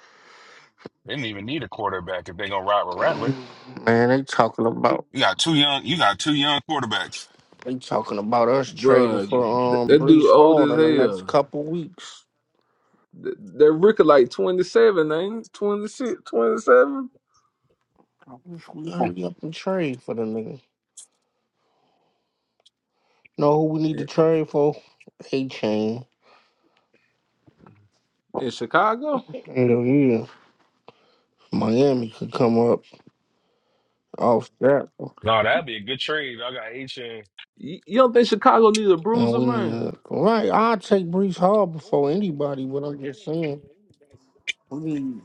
Speaker 11: They didn't even need a quarterback if they gonna ride with Rattler.
Speaker 2: Man, they talking about
Speaker 11: You got two young. You got two young quarterbacks.
Speaker 2: They talking about us trading
Speaker 10: Bruh,
Speaker 2: for
Speaker 10: th-
Speaker 2: um
Speaker 10: That dude
Speaker 2: Brees
Speaker 10: old
Speaker 2: Hall
Speaker 10: as
Speaker 2: in the next
Speaker 10: hell.
Speaker 2: couple weeks.
Speaker 10: Th- That Ricker like 27, ain't it? 26, twenty-seven
Speaker 2: I wish we hurry up and trade for the nigga. Know who we need to
Speaker 10: in
Speaker 2: trade for? A chain.
Speaker 10: in Chicago.
Speaker 2: Hell yeah. Miami could come up off that.
Speaker 9: No, that'd be a good trade. I got H in.
Speaker 10: You you don't think Chicago needs a
Speaker 2: And
Speaker 10: bruiser,
Speaker 2: we need
Speaker 10: man?
Speaker 2: a right. I'll take Brees Hall before anybody, but I'm just saying. We need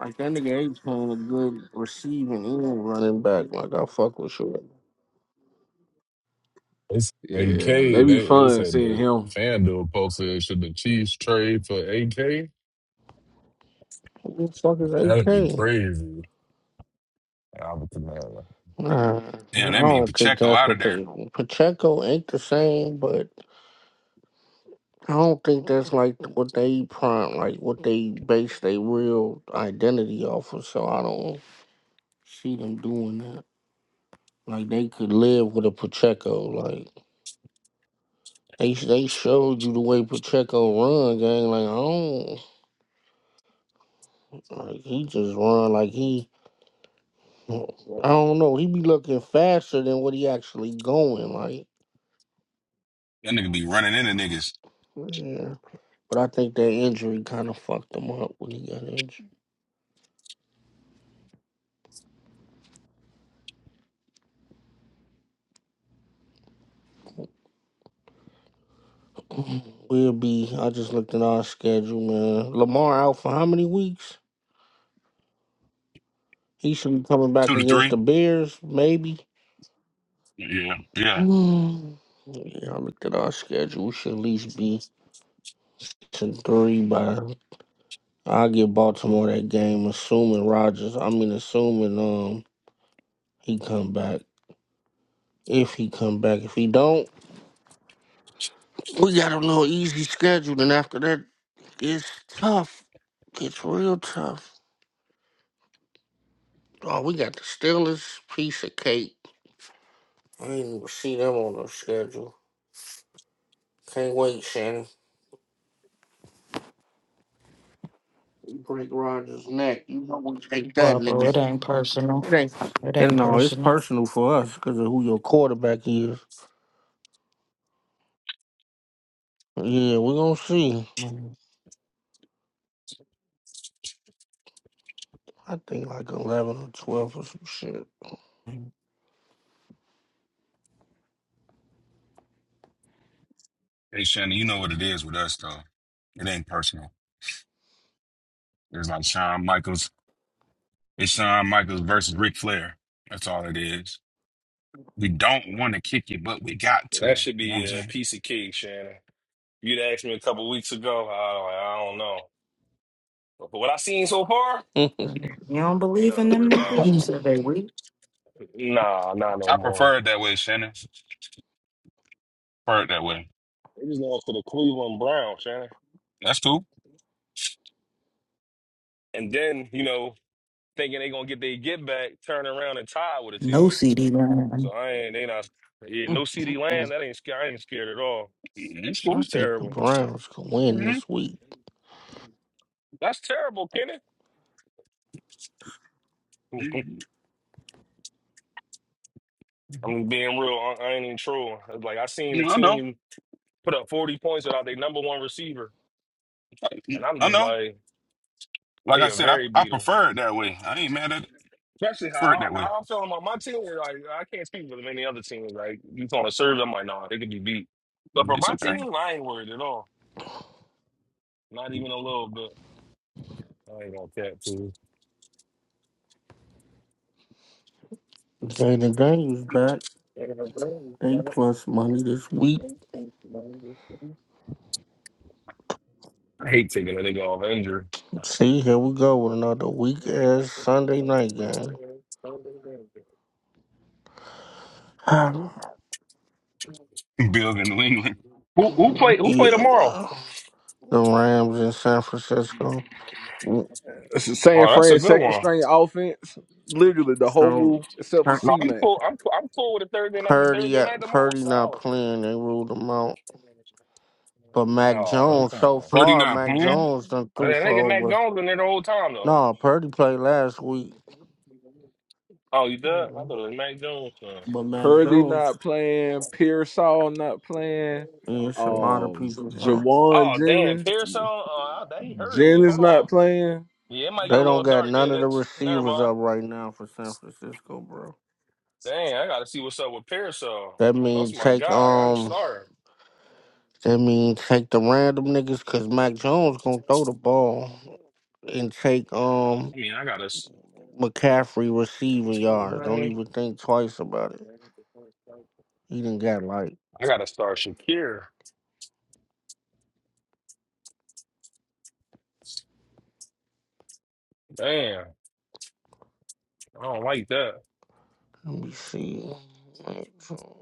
Speaker 2: like that nigga A chain a good receiving and running back. Like I fuck with you.
Speaker 3: They s- AK,
Speaker 10: Yeah, they
Speaker 3: they
Speaker 10: be
Speaker 3: they
Speaker 10: fun
Speaker 3: said
Speaker 10: seeing
Speaker 3: the
Speaker 10: him
Speaker 3: FanDuel posted should the Chiefs trade for AK?
Speaker 2: Who the fuck is
Speaker 3: That'd be
Speaker 2: AK?
Speaker 3: crazy. I'm
Speaker 2: Uh,
Speaker 11: Damn,
Speaker 2: I
Speaker 11: that mean
Speaker 2: don't think
Speaker 11: Pacheco
Speaker 2: that's
Speaker 11: out of
Speaker 2: what
Speaker 11: there.
Speaker 2: they. Pacheco ain't the same, but I don't think that's like what they prime, like what they base their real identity off of. So I don't see them doing that. Like they could live with a Pacheco. Like they they showed you the way Pacheco run, gang. Like I don't like he just run like he. I don't know. He be looking faster than what he actually going. Like.
Speaker 11: That nigga be running into niggas
Speaker 2: yeah. But I think that injury kind of fucked him up when he got injured. We'll be. I just looked at our schedule, man. Lamar out for how many weeks? He should be coming
Speaker 11: two
Speaker 2: back
Speaker 11: to
Speaker 2: against
Speaker 11: three.
Speaker 2: the Bears, maybe.
Speaker 11: Yeah, yeah.
Speaker 2: Mm. Yeah, I looked at our schedule. We should at least be six and three by. I'll give Baltimore that game, assuming Rogers. I mean, assuming um he come back. If he come back, if he don't, we got a little easy schedule. And after that, it's tough. It's real tough. Oh, we got the Steelers piece of cake. I didn't even see them on the schedule. Can't wait, Shannon. You break Rogers' neck. You know we take that,
Speaker 14: Baba,
Speaker 2: nigga.
Speaker 14: it ain't personal.
Speaker 2: It ain't.
Speaker 14: It
Speaker 2: And
Speaker 14: ain't
Speaker 2: no, it's
Speaker 14: personal.
Speaker 2: personal for us because of who your quarterback is. Yeah, we're going to see.
Speaker 14: You
Speaker 2: I think like 11 or 12 or some shit.
Speaker 11: Hey, Shannon, you know what it is with us, though. It ain't personal. It's like Shawn Michaels. It's Shawn Michaels versus Ric Flair. That's all it is. We don't want to kick it, but we got to.
Speaker 9: That should
Speaker 11: You know what I'm
Speaker 9: be a
Speaker 11: saying?
Speaker 9: piece of cake, Shannon. You'd asked me a couple weeks ago. I, I don't know. But for what I seen so far,
Speaker 14: don't
Speaker 9: ain't
Speaker 14: believe
Speaker 9: nothing
Speaker 14: in
Speaker 9: to worry
Speaker 14: them
Speaker 9: about.
Speaker 14: niggas? You said they weak.
Speaker 9: Nah, nah, no
Speaker 11: I
Speaker 9: more.
Speaker 11: prefer it that way, Shannon. Prefer it that way.
Speaker 9: They just lost to the Cleveland Browns, Shannon.
Speaker 11: That's cool.
Speaker 9: And then, you know, thinking they gonna get their get back, turn around and tie with a
Speaker 14: No
Speaker 9: team.
Speaker 14: CD line.
Speaker 9: So I ain't they not yeah, no CD land, that ain't scared I ain't scared at all.
Speaker 11: That's
Speaker 9: Shit
Speaker 2: I
Speaker 11: cool.
Speaker 9: was
Speaker 2: think the
Speaker 9: terrible.
Speaker 2: Browns can win
Speaker 11: hmm
Speaker 2: this week.
Speaker 9: That's terrible, Kenny. I'm being real, I, I ain't even trolling. It's Like I seen
Speaker 11: You
Speaker 9: the
Speaker 11: know, I know.
Speaker 9: team put up 40 points without their number one receiver. And I'm
Speaker 11: I
Speaker 9: just
Speaker 11: know.
Speaker 9: like,
Speaker 11: Like I
Speaker 9: they are
Speaker 11: said, I,
Speaker 9: very
Speaker 11: I
Speaker 9: beatable.
Speaker 11: prefer it that way. I ain't mad at it.
Speaker 9: Especially
Speaker 11: Prefer it
Speaker 9: how,
Speaker 11: that
Speaker 9: I-
Speaker 11: way.
Speaker 9: how I'm feeling about my team. Like I can't speak for many other teams. Like you trying to serve, I'm like, nah, they could be beat. But for
Speaker 11: It's
Speaker 9: my
Speaker 11: okay.
Speaker 9: team, I ain't worried at all. Not even a little bit. I ain't gonna cap too.
Speaker 2: Jaden Daniels back. They plus money this week.
Speaker 9: I hate taking a nigga off injury.
Speaker 2: See, here we go with another weak ass Sunday night game. Um,
Speaker 11: Bills in New England.
Speaker 9: Who who play who play
Speaker 2: yeah,
Speaker 9: tomorrow?
Speaker 2: bro. The Rams in San Francisco.
Speaker 10: San
Speaker 9: Oh, that's a
Speaker 10: Fran
Speaker 9: good
Speaker 10: second
Speaker 9: one.
Speaker 10: string offense, literally the
Speaker 2: So
Speaker 10: whole except for
Speaker 2: Pur-
Speaker 9: No,
Speaker 10: C
Speaker 9: I'm
Speaker 10: Mac.
Speaker 9: cool. I'm cool. I'm cool with a Thursday night for
Speaker 2: Purdy,
Speaker 9: Thursday
Speaker 2: uh,
Speaker 9: night tomorrow. That's
Speaker 2: Purdy not
Speaker 9: solid.
Speaker 2: playing. They ruled him out. But Mac
Speaker 9: Oh,
Speaker 2: Jones,
Speaker 9: come
Speaker 2: so
Speaker 9: on.
Speaker 11: Purdy
Speaker 2: far,
Speaker 11: not
Speaker 2: Mac
Speaker 11: playing.
Speaker 2: Jones done
Speaker 9: I
Speaker 2: threw
Speaker 9: mean,
Speaker 2: for
Speaker 9: they get Mac
Speaker 2: over.
Speaker 9: Jones in there the whole time though.
Speaker 2: No, Purdy played last week.
Speaker 9: Oh, you did? I thought
Speaker 2: But
Speaker 9: it was Mac Jones. son.
Speaker 2: Mac
Speaker 10: Purdy
Speaker 2: Jones,
Speaker 10: not playing, Pearsall not playing,
Speaker 2: yeah, it's a lot of
Speaker 10: um,
Speaker 2: people out.
Speaker 10: Jawan
Speaker 9: Oh damn,
Speaker 10: Jennings,
Speaker 9: Pearson. Oh, that he hurt me.
Speaker 10: Jennings
Speaker 9: Hold on.
Speaker 10: not playing.
Speaker 9: Yeah, it might get
Speaker 2: They
Speaker 9: a
Speaker 2: don't
Speaker 9: little
Speaker 2: got
Speaker 9: dark,
Speaker 2: none
Speaker 9: J
Speaker 2: of the
Speaker 9: Nix. Never
Speaker 2: receivers
Speaker 9: mind.
Speaker 2: up right now for San Francisco, bro.
Speaker 9: Dang, I gotta see what's up with Parasol.
Speaker 2: That
Speaker 9: Lost
Speaker 2: means
Speaker 9: my guy.
Speaker 2: take
Speaker 9: I, I'm
Speaker 2: um
Speaker 9: sorry.
Speaker 2: That means take the random niggas cause Mac Jones gonna throw the ball and take um
Speaker 9: I mean, I gotta. s-
Speaker 2: McCaffrey receiving yards. Don't
Speaker 9: I
Speaker 2: even think twice about it. He didn't got like
Speaker 9: gotta start Shakir. Damn, I don't like that.
Speaker 2: let me see. Mac Jones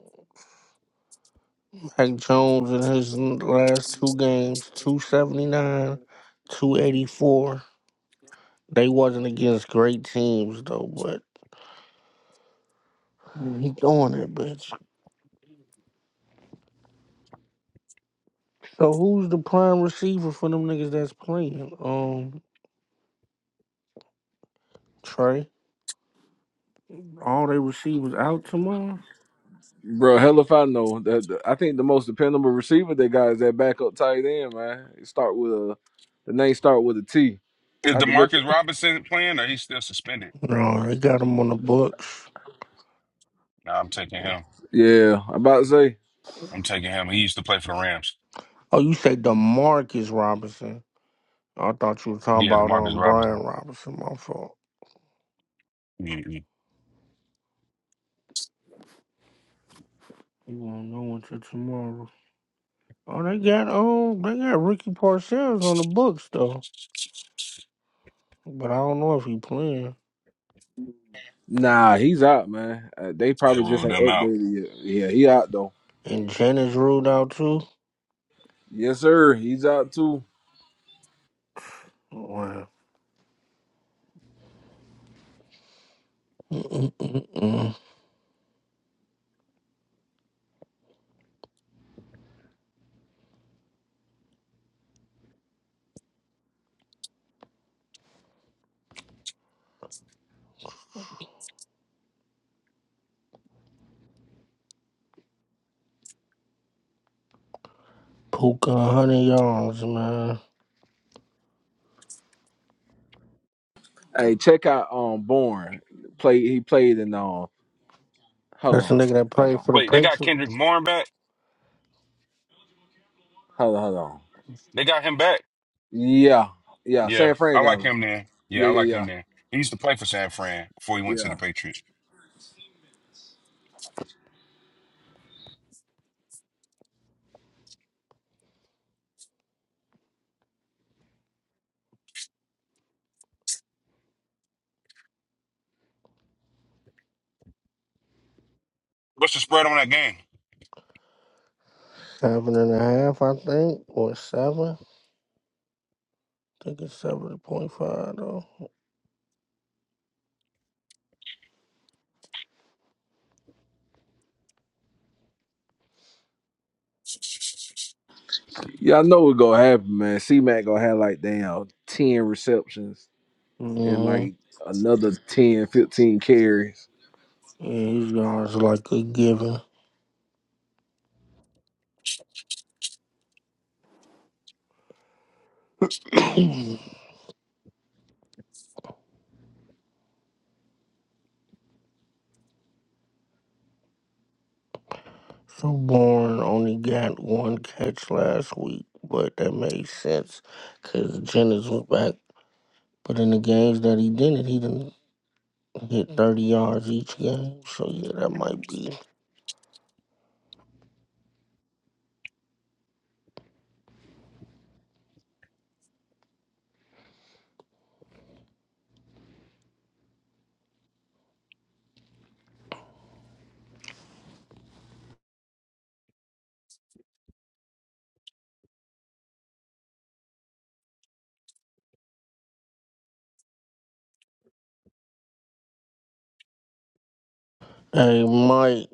Speaker 2: Mac Jones in his last two games, two seventy nine, two eighty four. They wasn't against great teams though, but he throwing that bitch. So who's the prime receiver for them niggas that's playing? Um, Trey. All they receivers out tomorrow?
Speaker 10: Bro, hell if I know. That that- I think the most dependable receiver they got is that backup tight end, man. It start with a the name start with a T.
Speaker 11: Is
Speaker 10: I had to look.
Speaker 11: Demarcus Robinson playing or he's still suspended?
Speaker 2: No, they got him on the books.
Speaker 11: Nah, I'm taking him.
Speaker 10: Yeah, I'm about to say.
Speaker 11: I'm taking him. He used to play for the Rams.
Speaker 2: Oh, you say Demarcus Robinson? I thought you were talking
Speaker 11: Yeah,
Speaker 2: about
Speaker 11: Demarcus
Speaker 2: um Brian
Speaker 11: Robinson.
Speaker 2: Robinson. My fault.
Speaker 11: Mm-mm.
Speaker 2: You won't know until tomorrow. Oh, they got um they got Ricky Parcells on the books though, but I don't know if he playing.
Speaker 10: Nah, he's out, man. Uh, they
Speaker 11: They
Speaker 10: probably just
Speaker 11: ruled
Speaker 10: ain't
Speaker 11: them out.
Speaker 10: updated yet. Yeah, he out though.
Speaker 2: And Jennings ruled out too.
Speaker 10: Yes, sir. He's out too.
Speaker 2: Wow. Mm-mm-mm. Puka one hundred yards, man.
Speaker 10: Hey, check out um Born. Play he played in um hold
Speaker 2: That's a
Speaker 10: on.
Speaker 2: nigga that
Speaker 10: Hold
Speaker 2: played
Speaker 10: on.
Speaker 2: for the
Speaker 11: Wait, they got Kendrick
Speaker 2: Patriots.
Speaker 11: Bourne back.
Speaker 10: Hold on, hold on.
Speaker 11: They got him back.
Speaker 10: Yeah. Yeah,
Speaker 11: Yeah,
Speaker 10: San Fran
Speaker 11: I
Speaker 10: got
Speaker 11: like
Speaker 10: him.
Speaker 11: him there. Yeah,
Speaker 10: Yeah,
Speaker 11: I
Speaker 10: yeah,
Speaker 11: like him
Speaker 10: yeah.
Speaker 11: there. He used to play for San Fran before he went to
Speaker 10: Yeah.
Speaker 11: the Patriots. What's the spread on that game?
Speaker 2: Seven and a half, I think, or seven. think it's seven point five though.
Speaker 10: Yeah, I know what's gonna happen, man. C Mac gonna have like damn ten receptions and
Speaker 2: hmm
Speaker 10: like another 10, 15 carries.
Speaker 2: Yeah, his yards like a given. so Bourne only got one catch last week, but that made sense because Jennings was back. But in the games that he didn't, he didn't hit thirty yards each game. So yeah, that might be. Hey, Mike,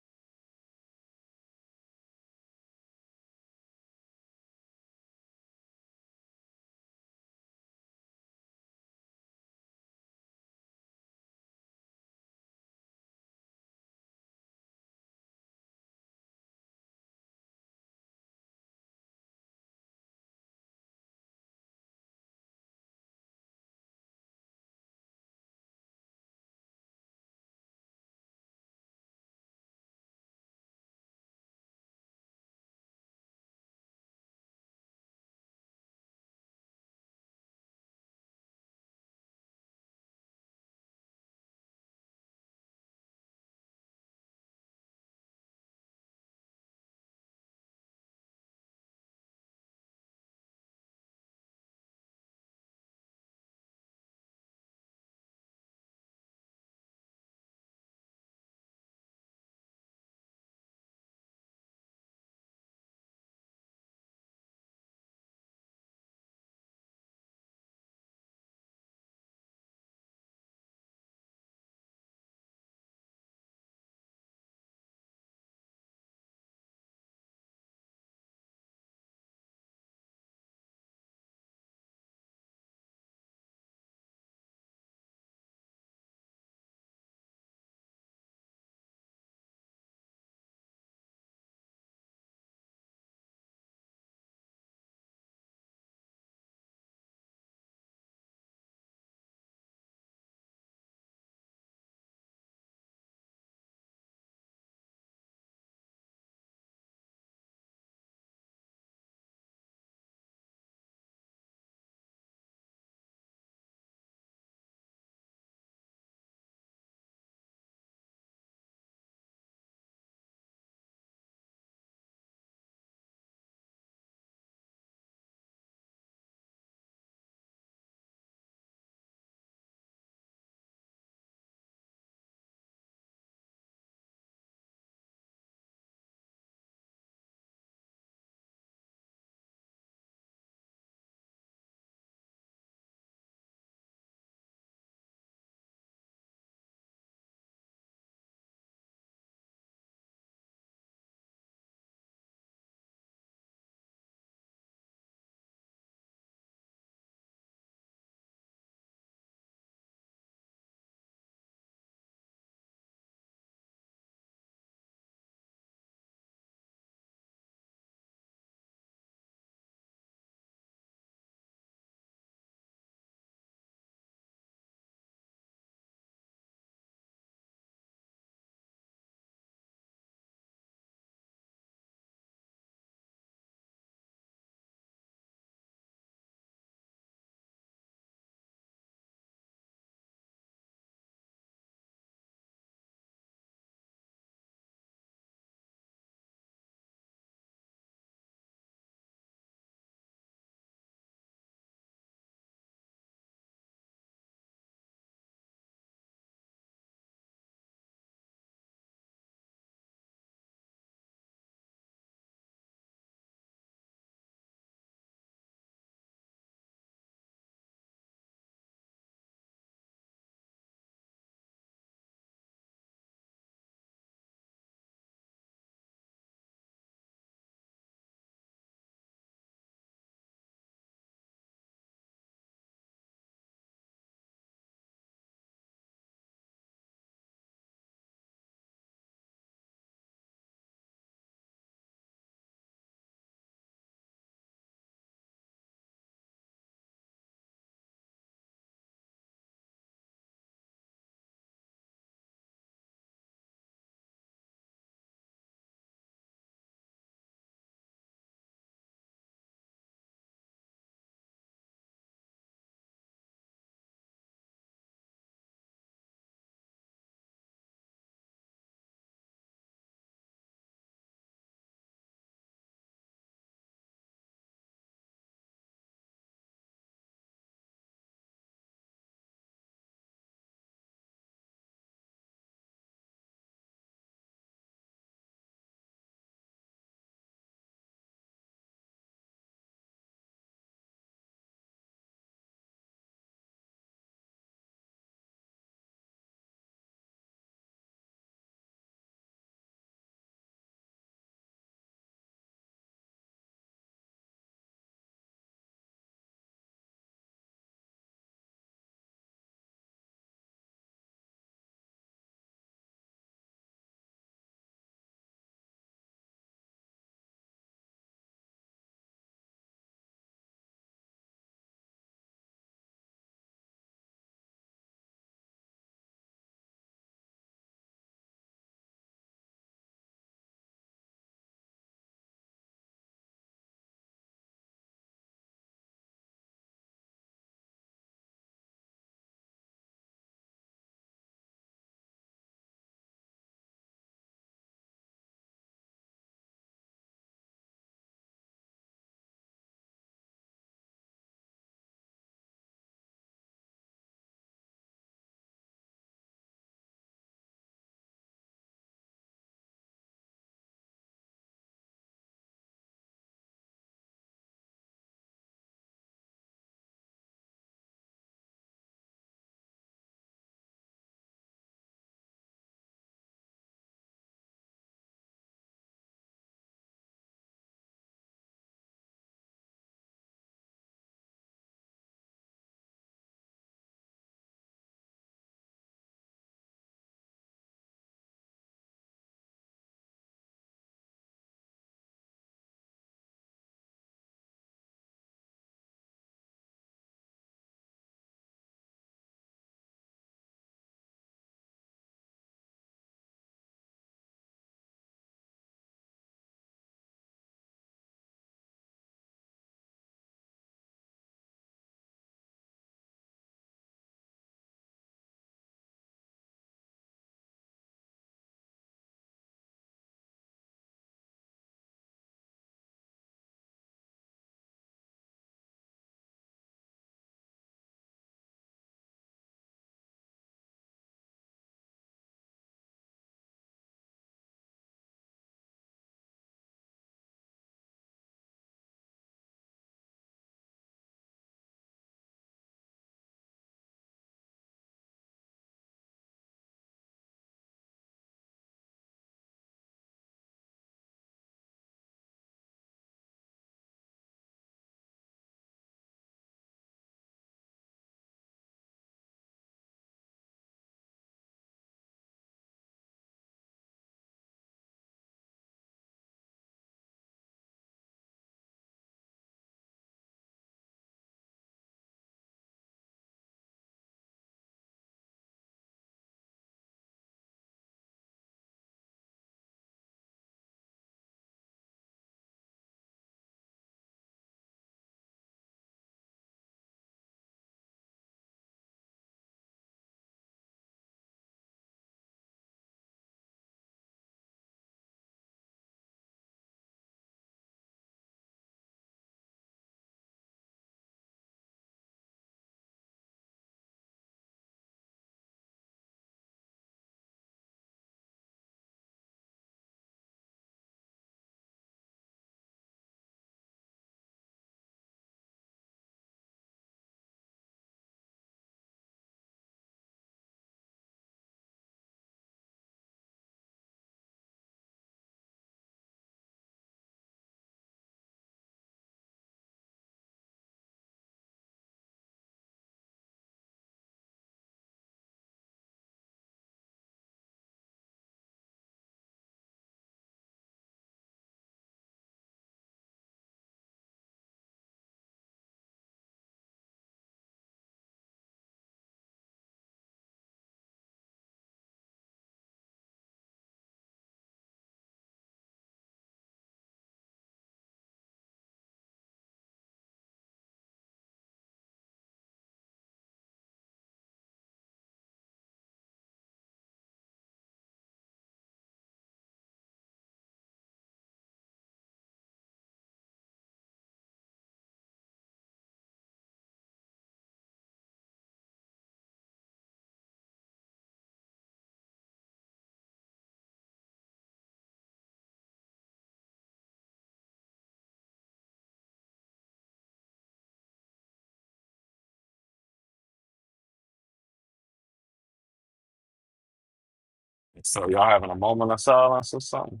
Speaker 15: So y'all having a moment of silence or something?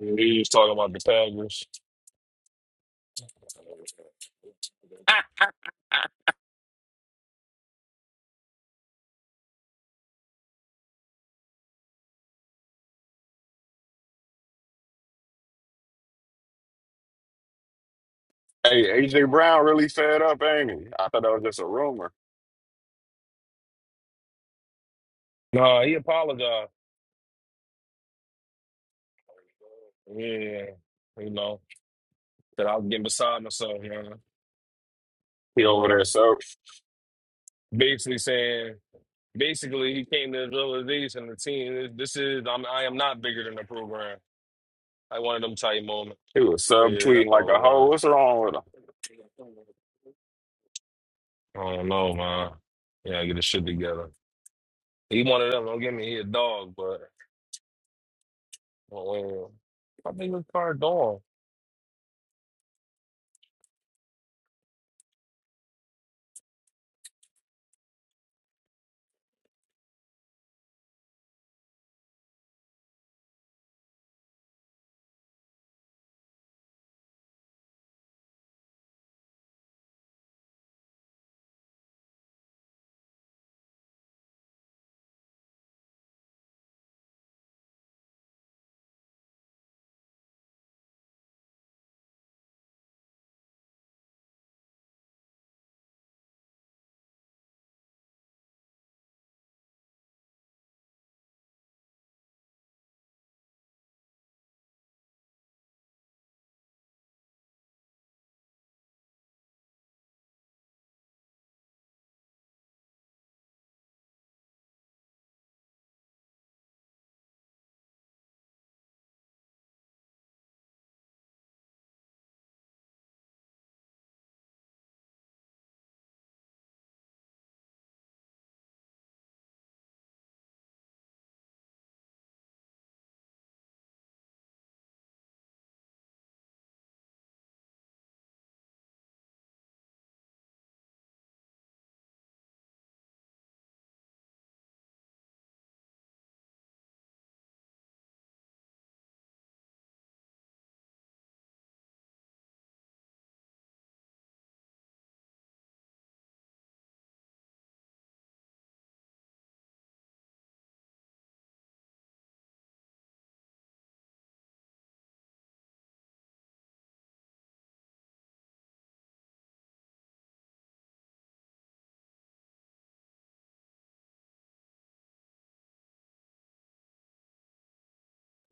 Speaker 9: Yeah, He was talking about the Packers.
Speaker 15: Hey, AJ Brown really fed up, ain't he? I thought that was just a rumor.
Speaker 9: No, he apologized. Yeah, you know that I was getting beside myself, man.
Speaker 15: He
Speaker 9: And,
Speaker 15: over
Speaker 9: uh,
Speaker 15: there sub
Speaker 9: basically saying, basically, he came to the realization and the team. This is I'm, I am not bigger than the program. I wanted them tight moments.
Speaker 15: he was
Speaker 9: Yeah,
Speaker 15: subtweeting
Speaker 9: that's
Speaker 15: like
Speaker 9: all it
Speaker 15: a hoe.
Speaker 9: was.
Speaker 15: What's wrong with him?
Speaker 9: I don't know, man. Yeah, get the shit together. He one of them. Don't get me he a dog, but well, well, I think it's car dog.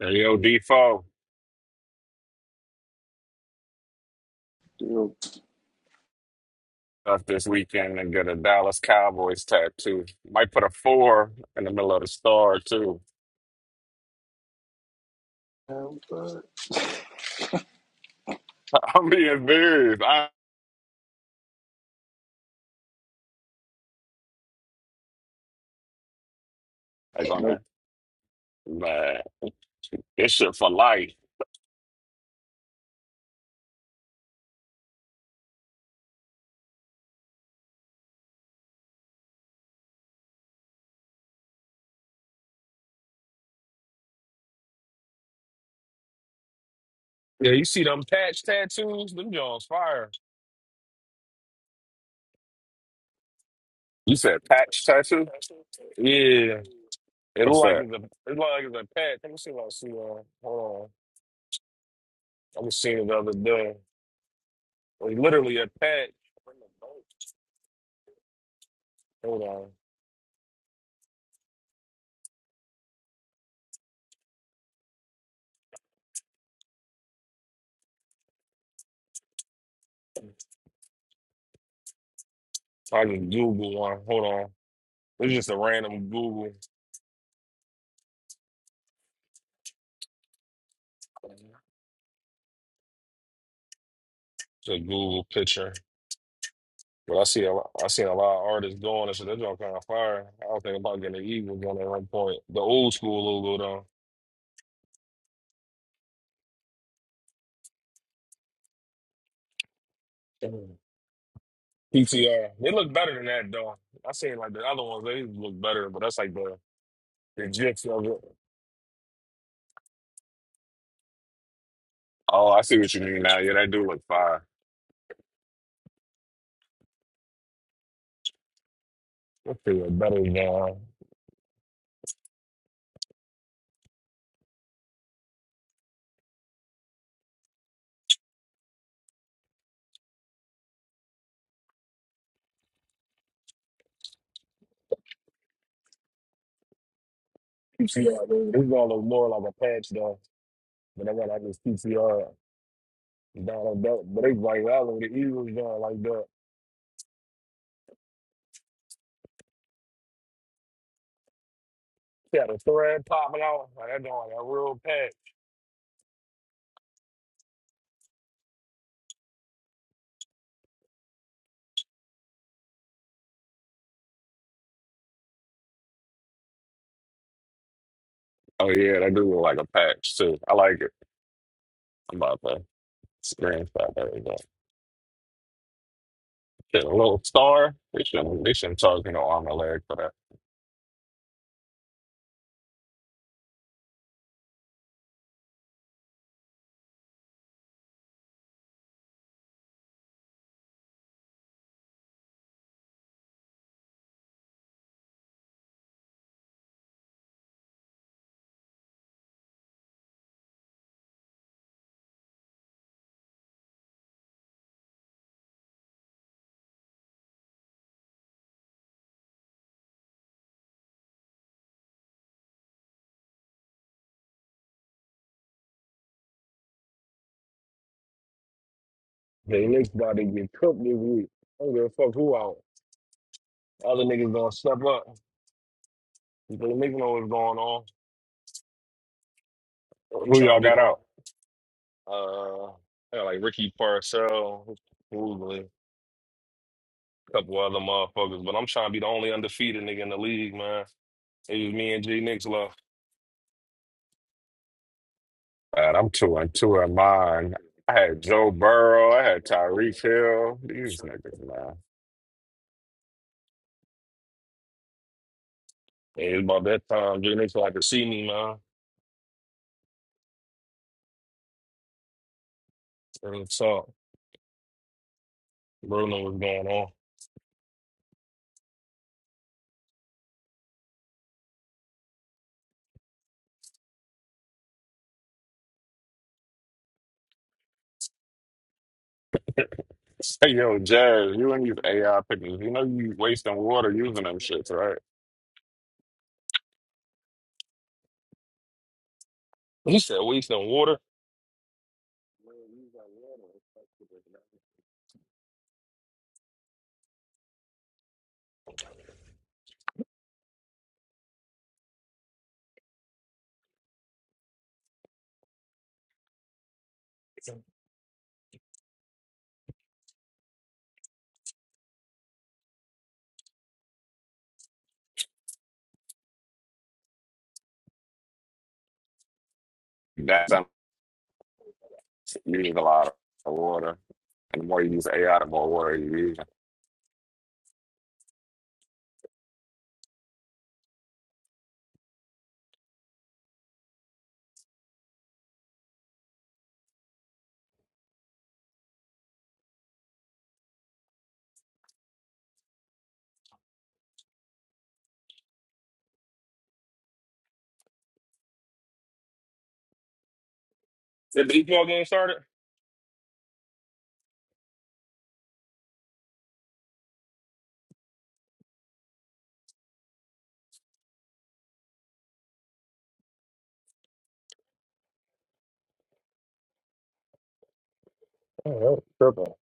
Speaker 15: Hey, Yo, Defoe
Speaker 6: Still
Speaker 15: left this weekend and get a Dallas Cowboys tattoo. Might put a four in the middle of the star too.
Speaker 6: But
Speaker 15: I'm being serious. I ain't
Speaker 6: no,
Speaker 15: gonna man. This shit for life.
Speaker 9: Yeah, you see them patch tattoos? Them Jones fire.
Speaker 15: You said patch tattoo?
Speaker 9: Yeah, it look
Speaker 15: What's
Speaker 9: like
Speaker 15: that?
Speaker 9: it's a it look like it's a patch. Let me see if I can see one. Hold on, I was seeing it the other day. Like literally a patch. Hold on, I can Google one. Hold on, it's just a random Google. It's a Google picture. But I see a lot, I seen a lot of artists going and shit. That joint kind of fire. I was thinking about getting the Eagles on at one point. The old school logo though. Mm. PTR. They look better than that though. I seen like the other ones, they look better, but that's like the the gifs of it.
Speaker 15: Oh, I see what you mean
Speaker 9: That
Speaker 15: now. Yeah, that do look fire.
Speaker 9: shit look better than uh, PTR. This is all look more like a patch though. But I got like this PTR down on that. But they like that with the Eagles doing like that. Yeah, the thread popping out. Like that joint. like a real patch.
Speaker 15: Oh yeah, that do look like a patch too. I like it. about to screenshot that. we go. Get a little star. They shouldn't, they shouldn't charge me no arm and leg for that.
Speaker 9: They lick's about to get cooked this week. I don't give a fuck who out. Other niggas gonna step up. People in know what's going on. I'm
Speaker 15: Who
Speaker 9: trying to
Speaker 15: y'all
Speaker 9: be the
Speaker 15: got
Speaker 9: one.
Speaker 15: out?
Speaker 9: Uh, I got like Ricky Parcell, probably a couple other motherfuckers, but I'm trying to be the only undefeated nigga in the league, man. It was me and G Nix left.
Speaker 15: Man, I'm two and two in mine. I had Joe Burrow. I had Tyreek Hill. These niggas, man.
Speaker 9: It was about that time. G Nix like to see me, man. And so, bro, know what's going on.
Speaker 15: Say, yo, Jazz, you and these AI pictures, you know you wasting water using them shits, right?
Speaker 9: He said, wasting water.
Speaker 15: That's how you use a lot of water. And the more you use AI, the more water you use.
Speaker 9: the baseball game started? Oh, that was triple.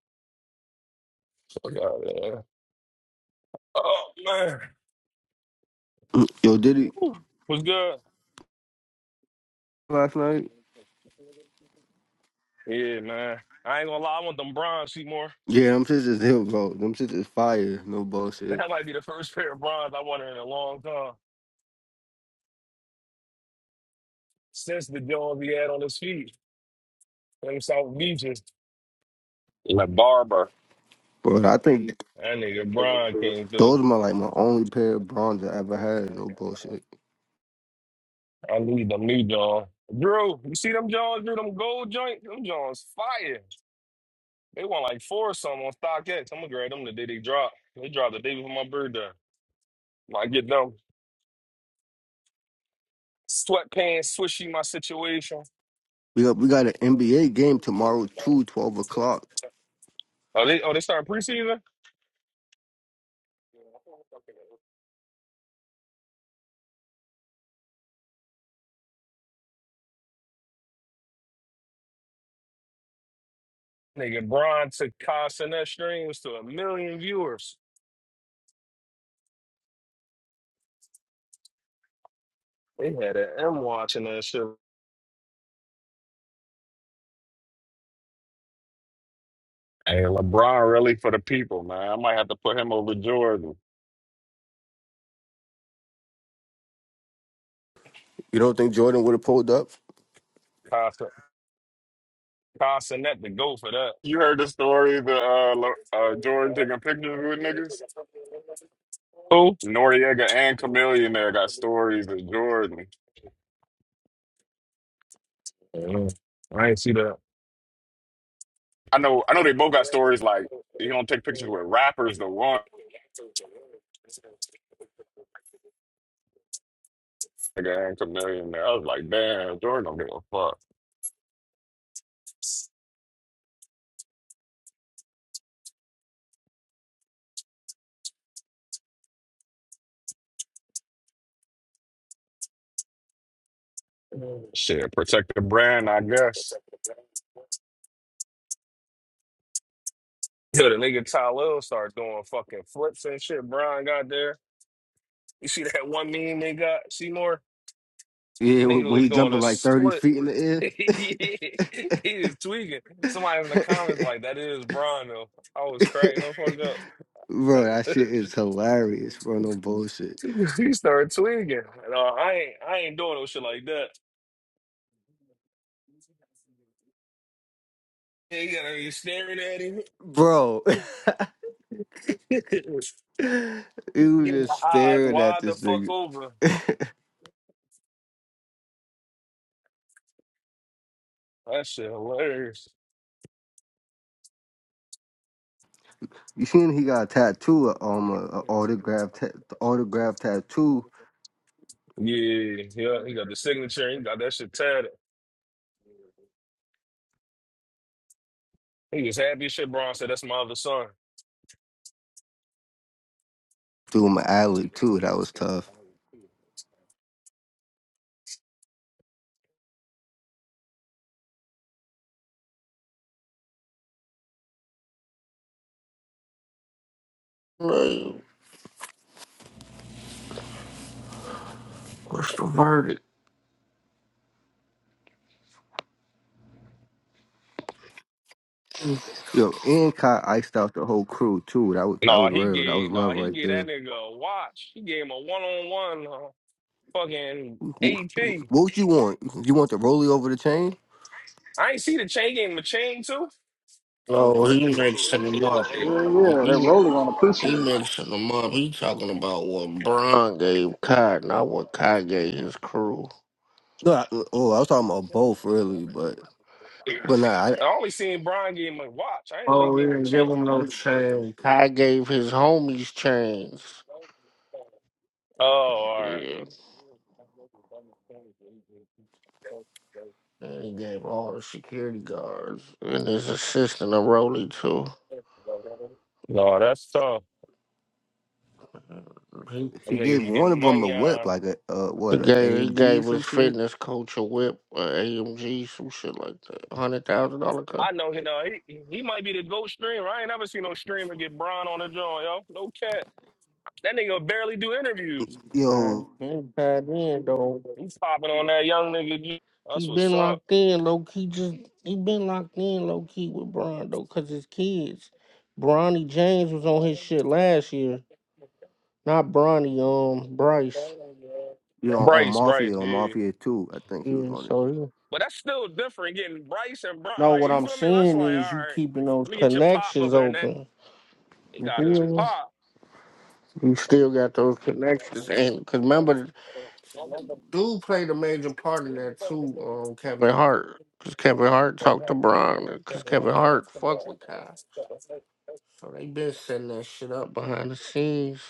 Speaker 9: Fuck out of there. Oh man,
Speaker 16: Yo, did he
Speaker 9: Whew. was good.
Speaker 16: last night?
Speaker 9: Yeah, man. I ain't gonna lie, I want them bronze Seymour.
Speaker 16: Yeah, them shits is him, bro. Them shits is fire. No bullshit,
Speaker 9: That might be the first pair of bronze I wanted in a long time since the Jones he had on his feet. Them South Beaches.
Speaker 15: Le Barber.
Speaker 16: bro. I think
Speaker 9: That nigga Bron came through.
Speaker 16: those are like my only pair of bronze I ever had. No bullshit.
Speaker 9: I need them new John. Drew, you see them Johns, Drew, them gold joint? Them Johns fire. They want like four or something on StockX. I'm gonna grab them the day they drop. They drop the day before my birthday. I get them sweatpants, swishy my situation.
Speaker 16: We got we got an NBA game tomorrow, two twelve o'clock.
Speaker 9: Oh, they oh they start preseason? Nigga, Brian took Costa and that streams to a million viewers. They had an M watching that shit.
Speaker 15: Hey, LeBron really for the people, man. I might have to put him over Jordan.
Speaker 16: You don't think Jordan would have pulled up?
Speaker 9: Costa, Costa net to go for that.
Speaker 15: You heard the story the uh, Lo- uh Jordan taking pictures with niggas?
Speaker 9: Who?
Speaker 15: Noriega and Chameleon there got stories of Jordan.
Speaker 9: I, don't know. I ain't see that.
Speaker 15: I know I know they both got stories like he don't take pictures with rappers the one nigga and Chameleon there. I was like, damn, Jordan don't give a fuck. Shit, protect the brand, I guess.
Speaker 9: Yo, the nigga Tylell starts doing fucking flips and shit. Brian got there. You see that one meme they got? Seymour?
Speaker 16: Yeah,
Speaker 9: Nigga
Speaker 16: when when
Speaker 9: was
Speaker 16: he
Speaker 9: doing
Speaker 16: jumping
Speaker 9: a
Speaker 16: like thirty
Speaker 9: split.
Speaker 16: feet in the air.
Speaker 9: he is tweaking. Somebody in the comments like, that is Brian though. I was cracking the fuck
Speaker 16: bro, that
Speaker 9: up.
Speaker 16: shit is hilarious, bro. No bullshit,
Speaker 9: he started tweaking. No, I ain't I ain't doing no shit like that. He got you gotta be staring at him.
Speaker 16: bro. he was
Speaker 9: Get
Speaker 16: just
Speaker 9: my eyes
Speaker 16: staring at
Speaker 9: wide the
Speaker 16: this
Speaker 9: fuck
Speaker 16: nigga.
Speaker 9: over. That shit hilarious.
Speaker 16: You seen he got a tattoo, um, a, a autograph, ta- autograph tattoo
Speaker 9: Yeah, yeah, he got the signature. He got that shit tatted. He was happy as shit. Braun said, "That's my other son."
Speaker 16: through my alley too. That was tough.
Speaker 2: like, what's the verdict?
Speaker 16: Yo, and Kai iced out the whole crew too. That was that
Speaker 9: No,
Speaker 16: was
Speaker 9: he
Speaker 16: real. That was
Speaker 9: gave no,
Speaker 16: love
Speaker 9: he
Speaker 16: right
Speaker 9: gave that
Speaker 16: there.
Speaker 9: nigga a watch. He gave him a one on one fucking
Speaker 16: Wh-
Speaker 9: AP.
Speaker 16: What you want? You want the rollie over the chain?
Speaker 9: I ain't see the chain. He gave him a chain too.
Speaker 2: No, he makes seven yards.
Speaker 6: yeah, yeah, that
Speaker 2: He
Speaker 6: rolling on the appreciate.
Speaker 2: He mixing them up. He talking about what Bron gave Kai, not what Kai gave his crew.
Speaker 16: No, I, oh, I was talking about both really, but but nah, I,
Speaker 9: I only seen Brian gave him a watch. I didn't know he
Speaker 2: Oh, he
Speaker 9: gave him a
Speaker 2: didn't give
Speaker 9: chain.
Speaker 2: him no chain. Kai gave his homies chains.
Speaker 9: Oh, all right.
Speaker 2: Yeah. And he gave all the security guards and his assistant a rollie too.
Speaker 9: No, that's tough.
Speaker 2: He,
Speaker 9: Them
Speaker 16: she gave
Speaker 9: niggas
Speaker 16: one
Speaker 9: getting
Speaker 16: of them a
Speaker 9: money
Speaker 16: whip,
Speaker 9: on.
Speaker 16: like a uh, what
Speaker 2: he
Speaker 16: a
Speaker 2: gave he
Speaker 16: AMG or
Speaker 2: gave
Speaker 16: some
Speaker 2: his
Speaker 16: shit.
Speaker 2: fitness coach a whip, a AMG, some shit like that. Hundred thousand dollar car.
Speaker 9: I know he know he, he might be the GOAT streamer. I ain't never seen no streamer get Bron on the joint, yo. No cat. That nigga barely do interviews.
Speaker 2: Kai,
Speaker 16: Yo,
Speaker 2: Kai did though.
Speaker 9: He's popping on that young nigga.
Speaker 2: He
Speaker 9: That's what's
Speaker 2: been
Speaker 9: up.
Speaker 2: locked in low key. Just he been locked in low key with Bron though, cause his kids. Bronny James was on his shit last year. Not Bronny, um, Bryce.
Speaker 16: you know, on
Speaker 9: Bryce, Bryce,
Speaker 16: Mafia, on
Speaker 9: yeah.
Speaker 16: Mafia two, I think he was
Speaker 2: Yeah,
Speaker 16: on it.
Speaker 2: so he-
Speaker 9: But that's still different getting Bryce and Bron.
Speaker 2: no,
Speaker 9: Like,
Speaker 2: what
Speaker 9: you
Speaker 2: I'm
Speaker 9: feel me? That's like,
Speaker 2: saying
Speaker 9: all
Speaker 2: is you
Speaker 9: right,
Speaker 2: keeping those
Speaker 9: let me get your pop up
Speaker 2: connections
Speaker 9: here. And that
Speaker 2: open.
Speaker 9: he
Speaker 2: You
Speaker 9: got
Speaker 2: feel
Speaker 9: his
Speaker 2: me?
Speaker 9: pop.
Speaker 2: You still got those connections, and cause remember, dude played a major part in that too. Um, Kevin Hart, cause Kevin Hart talked to Bron, cause Kevin Hart fuck with Kai. So they been setting that shit up behind the scenes.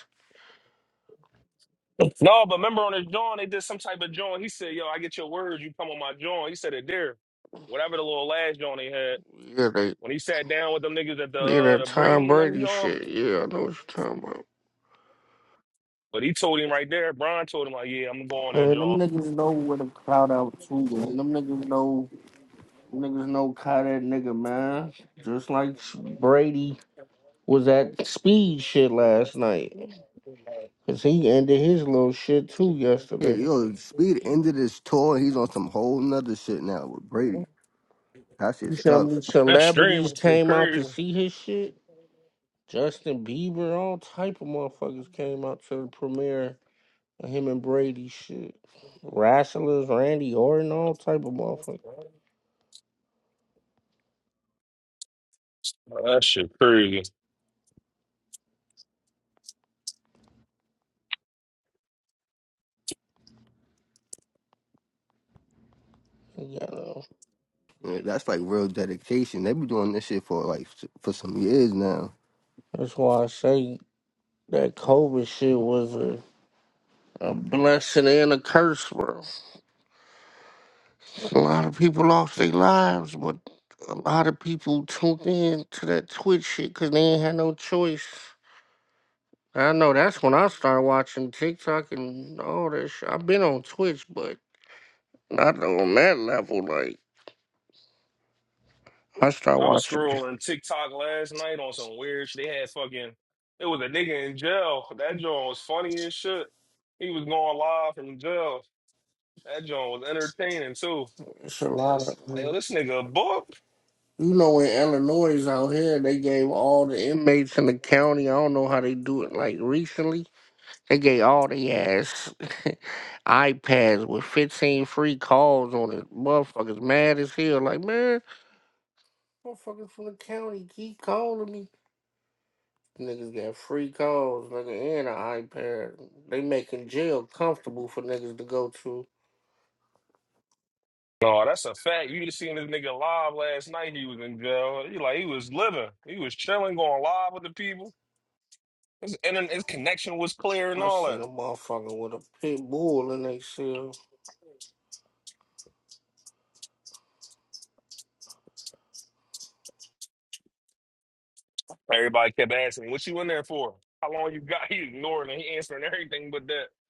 Speaker 9: No, but remember on his joint, they did some type of joint. He said, yo, I get your words, you come on my joint. He said it there. Whatever the little last joint he had.
Speaker 2: Yeah, they
Speaker 9: When he sat down with them niggas at the
Speaker 2: yeah
Speaker 9: uh,
Speaker 2: that
Speaker 9: the
Speaker 2: Tom
Speaker 9: Brady and them
Speaker 2: Brady
Speaker 9: joint.
Speaker 2: shit. Yeah, I know what you're talking about.
Speaker 9: But he told him right there, Brian told him, like, yeah, I'm going to go on that,
Speaker 2: Man, them
Speaker 9: John.
Speaker 2: niggas know where the cloud out to. Man. Them niggas know niggas know how that nigga man. Just like Brady was at speed shit last night. Cause he ended his little shit too
Speaker 16: Yeah,
Speaker 2: yesterday.
Speaker 16: yo, Speed ended his tour. And He's on some whole nother shit now with Brady.
Speaker 2: You
Speaker 16: That shit's
Speaker 2: see how many
Speaker 16: tough.
Speaker 9: That stream
Speaker 2: celebrities
Speaker 9: is shit
Speaker 2: came out
Speaker 9: crazy.
Speaker 2: to see his shit? Justin Bieber, all type of motherfuckers came out to the premiere Him and Brady shit. Wrestlers, Randy Orton, all type of motherfuckers.
Speaker 9: Oh, that shit crazy.
Speaker 2: You know.
Speaker 16: Yeah, that's like real dedication. They been doing this shit for like s- for some years now.
Speaker 2: That's why I say that COVID shit was a, a blessing and a curse, bro. A lot of people lost their lives, but a lot of people tuned in to that Twitch shit because they ain't had no choice. I know that's when I started watching TikTok and all that shit. I've been on Twitch, but not on that level. Like, I started
Speaker 9: I was
Speaker 2: watching.
Speaker 9: scrolling TikTok last night on some weird shit. They had fucking, it was a nigga in jail. That John was funny as shit. He was going live from jail. That John was entertaining too.
Speaker 2: It's a lot
Speaker 9: Like,
Speaker 2: of.
Speaker 9: yo, this nigga a book.
Speaker 2: You know, in Illinois out here, they gave all the inmates in the county. I don't know how they do it. Like recently, they gave all the ass iPads with fifteen free calls on it. Motherfuckers mad as hell. Like man, motherfuckers from the county keep calling me. Niggas got free calls, nigga, and an iPad. They making jail comfortable for niggas to go to.
Speaker 9: No, that's a fact. You just seen this nigga live last night. He was in jail. He like he was living. He was chilling, going live with the people. His internet, his connection was clear and
Speaker 2: I
Speaker 9: all that.
Speaker 2: seen a motherfucker with a pit bull in they cell.
Speaker 9: Everybody kept asking me, what you in there for? How long you got? He ignoring it. He answering everything but that.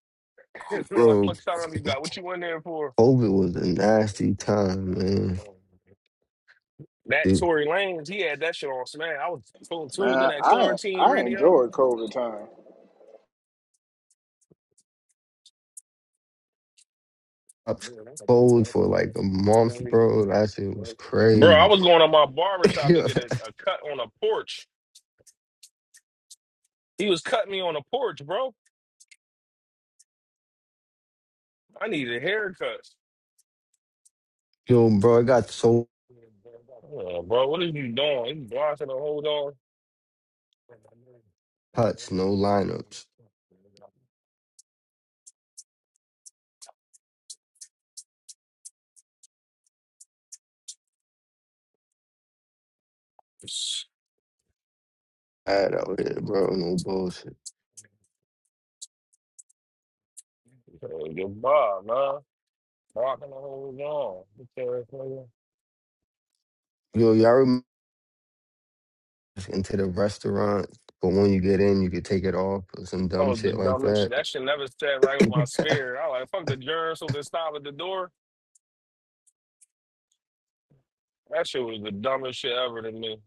Speaker 9: Man, like, how
Speaker 16: Bro,
Speaker 9: much time you got? What you in there for?
Speaker 16: COVID was a nasty time, man.
Speaker 9: That
Speaker 16: It
Speaker 9: Tory Lanez, he had that shit on smash. I was full
Speaker 6: Man,
Speaker 9: tuned in that
Speaker 6: I
Speaker 9: quarantine
Speaker 6: I
Speaker 9: radio.
Speaker 6: enjoyed COVID time.
Speaker 16: was cold for like a month, bro. That shit was
Speaker 9: Bro, I
Speaker 16: crazy.
Speaker 9: was going to my barber shop to get a, a cut on a porch. He was cutting me on a porch, bro. I needed haircuts.
Speaker 16: yo, bro, I got so
Speaker 9: Uh, bro, what are you doing? You blocking the whole dog?
Speaker 16: cuts, no lineups. Bad out here, bro. No bullshit.
Speaker 9: Uh, Goodbye, man. Walking the whole wall. Okay, nigga.
Speaker 16: Yo, y'all remember? into the restaurant, but when you get in, you could take it off or some
Speaker 9: That
Speaker 16: dumb
Speaker 9: was the
Speaker 16: shit like
Speaker 9: dumbest.
Speaker 16: that.
Speaker 9: That shit never sat right with my spirit. I like fuck the germs who just stop at the door. That shit was the dumbest shit ever to me.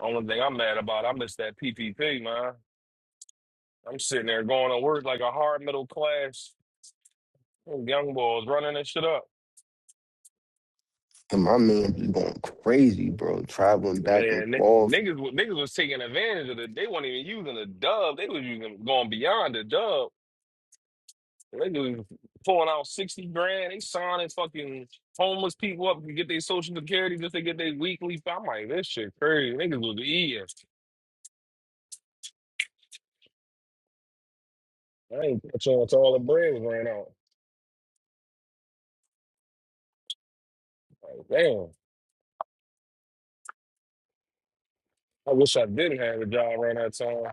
Speaker 9: Only thing I'm mad about, I missed that PPP, man. I'm sitting there going to work like a hard middle class young boys running that shit up.
Speaker 16: And my man be going crazy, bro, traveling back and
Speaker 9: Man, n-
Speaker 16: forth.
Speaker 9: niggas, wa- niggas was taking advantage of it. They weren't even using the dub. They was using going beyond the dub. They do pulling out sixty grand. They signing fucking homeless people up to get their social security just to get their weekly. I'm like, this shit crazy. Niggas was eating. I ain't catching on to all the bread ran out. Like, damn. I wish I didn't have a job around that time.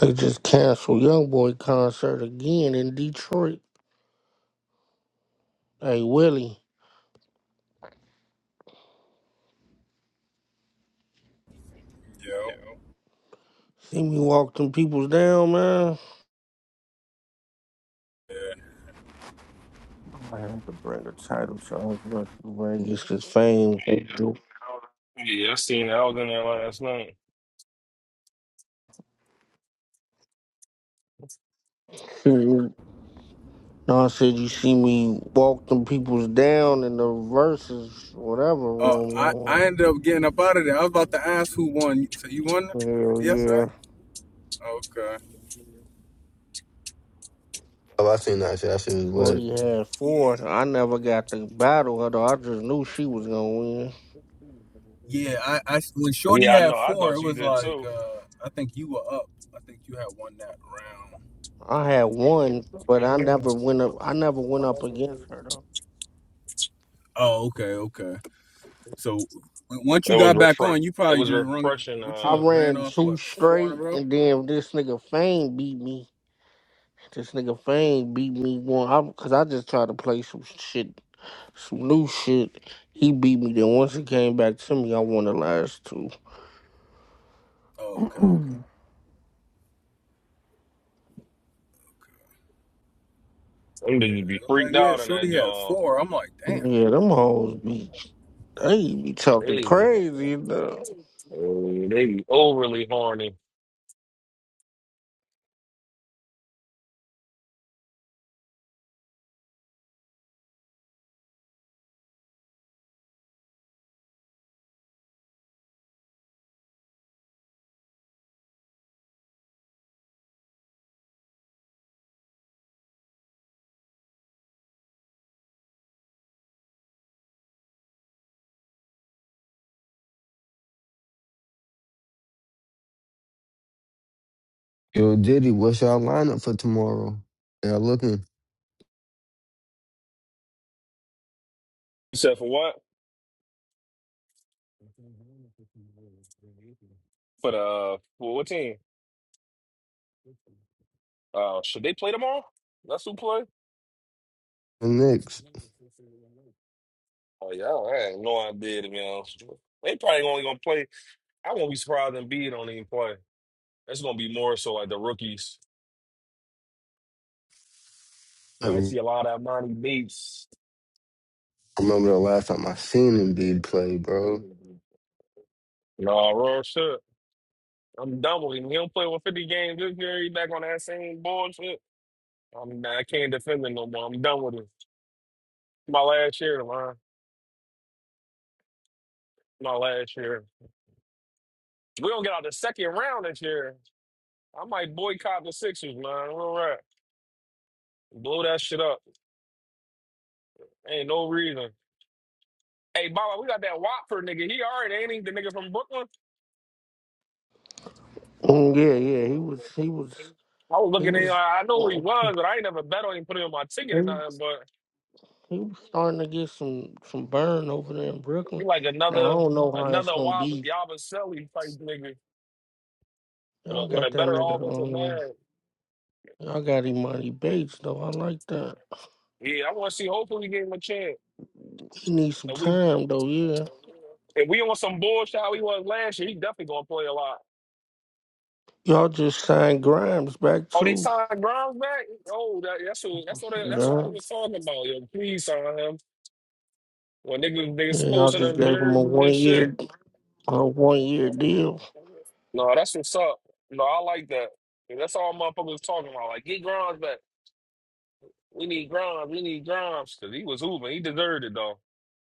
Speaker 2: They just canceled YoungBoy concert again in Detroit. Hey Willie,
Speaker 17: Yeah,
Speaker 2: see me walk them peoples down, man.
Speaker 17: Yeah.
Speaker 2: I have to bring a title song for Vegas to fame.
Speaker 9: Yeah, I seen that. I was in there last night.
Speaker 2: Mhm. no, I said you see me walk them peoples down in the verses, whatever
Speaker 17: Oh,
Speaker 2: room that
Speaker 17: I, I
Speaker 2: was.
Speaker 17: ended up getting up out of there. I was about to ask who won. So you won
Speaker 2: Hell
Speaker 17: yesterday?
Speaker 2: yeah.
Speaker 17: Okay.
Speaker 16: Oh, I seen that shit. That shit was lit.
Speaker 2: Shorty had
Speaker 17: Yeah.
Speaker 2: four. I never got to battle her though. I just knew she was gonna win.
Speaker 17: Yeah. I, I when Shorty
Speaker 9: Yeah, I
Speaker 17: had
Speaker 9: know. I
Speaker 17: four, it
Speaker 9: thought you
Speaker 17: was
Speaker 9: did
Speaker 17: like
Speaker 9: too.
Speaker 17: uh I think you were up. I think you had won that round.
Speaker 2: I had one, but I never went up I never went up against her though.
Speaker 17: Oh, okay, okay. So w- once
Speaker 9: It
Speaker 17: you
Speaker 9: was
Speaker 17: got back
Speaker 9: refresh.
Speaker 17: on, you
Speaker 9: It
Speaker 17: probably
Speaker 9: was
Speaker 17: just run
Speaker 9: refreshing.
Speaker 17: what
Speaker 2: I
Speaker 9: Uh,
Speaker 17: you ran
Speaker 2: ran
Speaker 17: off
Speaker 2: two
Speaker 17: what four in a
Speaker 2: straight,
Speaker 17: row?
Speaker 2: and then this nigga Fame beat me. This nigga Fame beat me one, I, cause I just tried to play some shit, some new shit. He beat me. Then once it came back to me, I won the last two.
Speaker 17: Oh, okay.
Speaker 9: them
Speaker 17: Yeah.
Speaker 9: niggas
Speaker 17: It
Speaker 9: be
Speaker 17: was like,
Speaker 9: freaked
Speaker 17: yeah,
Speaker 9: out in that
Speaker 17: Shorty had
Speaker 9: job.
Speaker 17: four. I'm like, damn.
Speaker 2: Yeah, them hoes be they be talking
Speaker 9: They,
Speaker 2: crazy.
Speaker 9: they,
Speaker 2: though.
Speaker 9: be overly horny.
Speaker 16: Yo, Diddy, what's y'all lineup for tomorrow? Yeah, looking.
Speaker 9: Except for what? for the uh, for what team? Uh, should they play tomorrow? That's who play.
Speaker 16: The Knicks.
Speaker 9: Oh yeah, I ain't no idea to be honest. with you. They probably only gonna play. I won't be surprised if Embiid don't even play. It's gonna be more so like the rookies.
Speaker 16: I
Speaker 9: You might see a lot of Monty Bates.
Speaker 16: remember the last time I seen Embiid play, bro.
Speaker 9: No, real shit. I'm done with him. He don't play with 50 games this year. He back on that same bullshit. I'm I can't defend him no more. I'm done with him. My last year, man. My last year. We don't get out the second round this year. I might boycott the Sixers, man. All right. Blow that shit up. Ain't no reason. Hey, Baba, we got that Watford nigga. He already ain't he the nigga from Brooklyn.
Speaker 2: Mm, Yeah,
Speaker 9: I
Speaker 2: yeah. He was, he was,
Speaker 9: was
Speaker 2: he
Speaker 9: looking at him.
Speaker 2: was.
Speaker 9: I know who he was,
Speaker 2: He,
Speaker 9: but I ain't never bet on him, put him on my ticket or nothing. But
Speaker 2: he was starting to get some some burn over there in
Speaker 9: he
Speaker 2: Brooklyn.
Speaker 9: like
Speaker 2: Now I
Speaker 9: another
Speaker 2: don't know how it's
Speaker 9: another
Speaker 2: gonna
Speaker 9: Wab
Speaker 2: be.
Speaker 9: Yabaselli type nigga with a,
Speaker 2: Y'all
Speaker 9: with a
Speaker 2: got that
Speaker 9: better
Speaker 2: nigga
Speaker 9: offensive
Speaker 2: on.
Speaker 9: man.
Speaker 2: Y'all got Imani Bates though. I like that.
Speaker 9: Yeah, I want to see. Hopefully, we give him a chance.
Speaker 2: He needs some
Speaker 9: And we
Speaker 2: time though. Yeah.
Speaker 9: if we on some bullshit how he was last year, he definitely gonna play a lot.
Speaker 2: Y'all just signed Grimes back
Speaker 9: Oh, they
Speaker 2: too.
Speaker 9: signed Grimes back. Oh, that, that's what that's what they, that's all
Speaker 2: Yeah.
Speaker 9: they was talking about. Yo, please sign him. When niggas niggas
Speaker 2: And y'all
Speaker 9: posting
Speaker 2: just
Speaker 9: them
Speaker 2: gave him a
Speaker 9: jerseys
Speaker 2: one
Speaker 9: and shit.
Speaker 2: year, a one year deal.
Speaker 9: No, that's what's up. No, I like that. And That's all motherfuckers was talking about. Like, get Grimes back. We need Grimes. We need Grimes. Cause he was hooping. He deserved it though.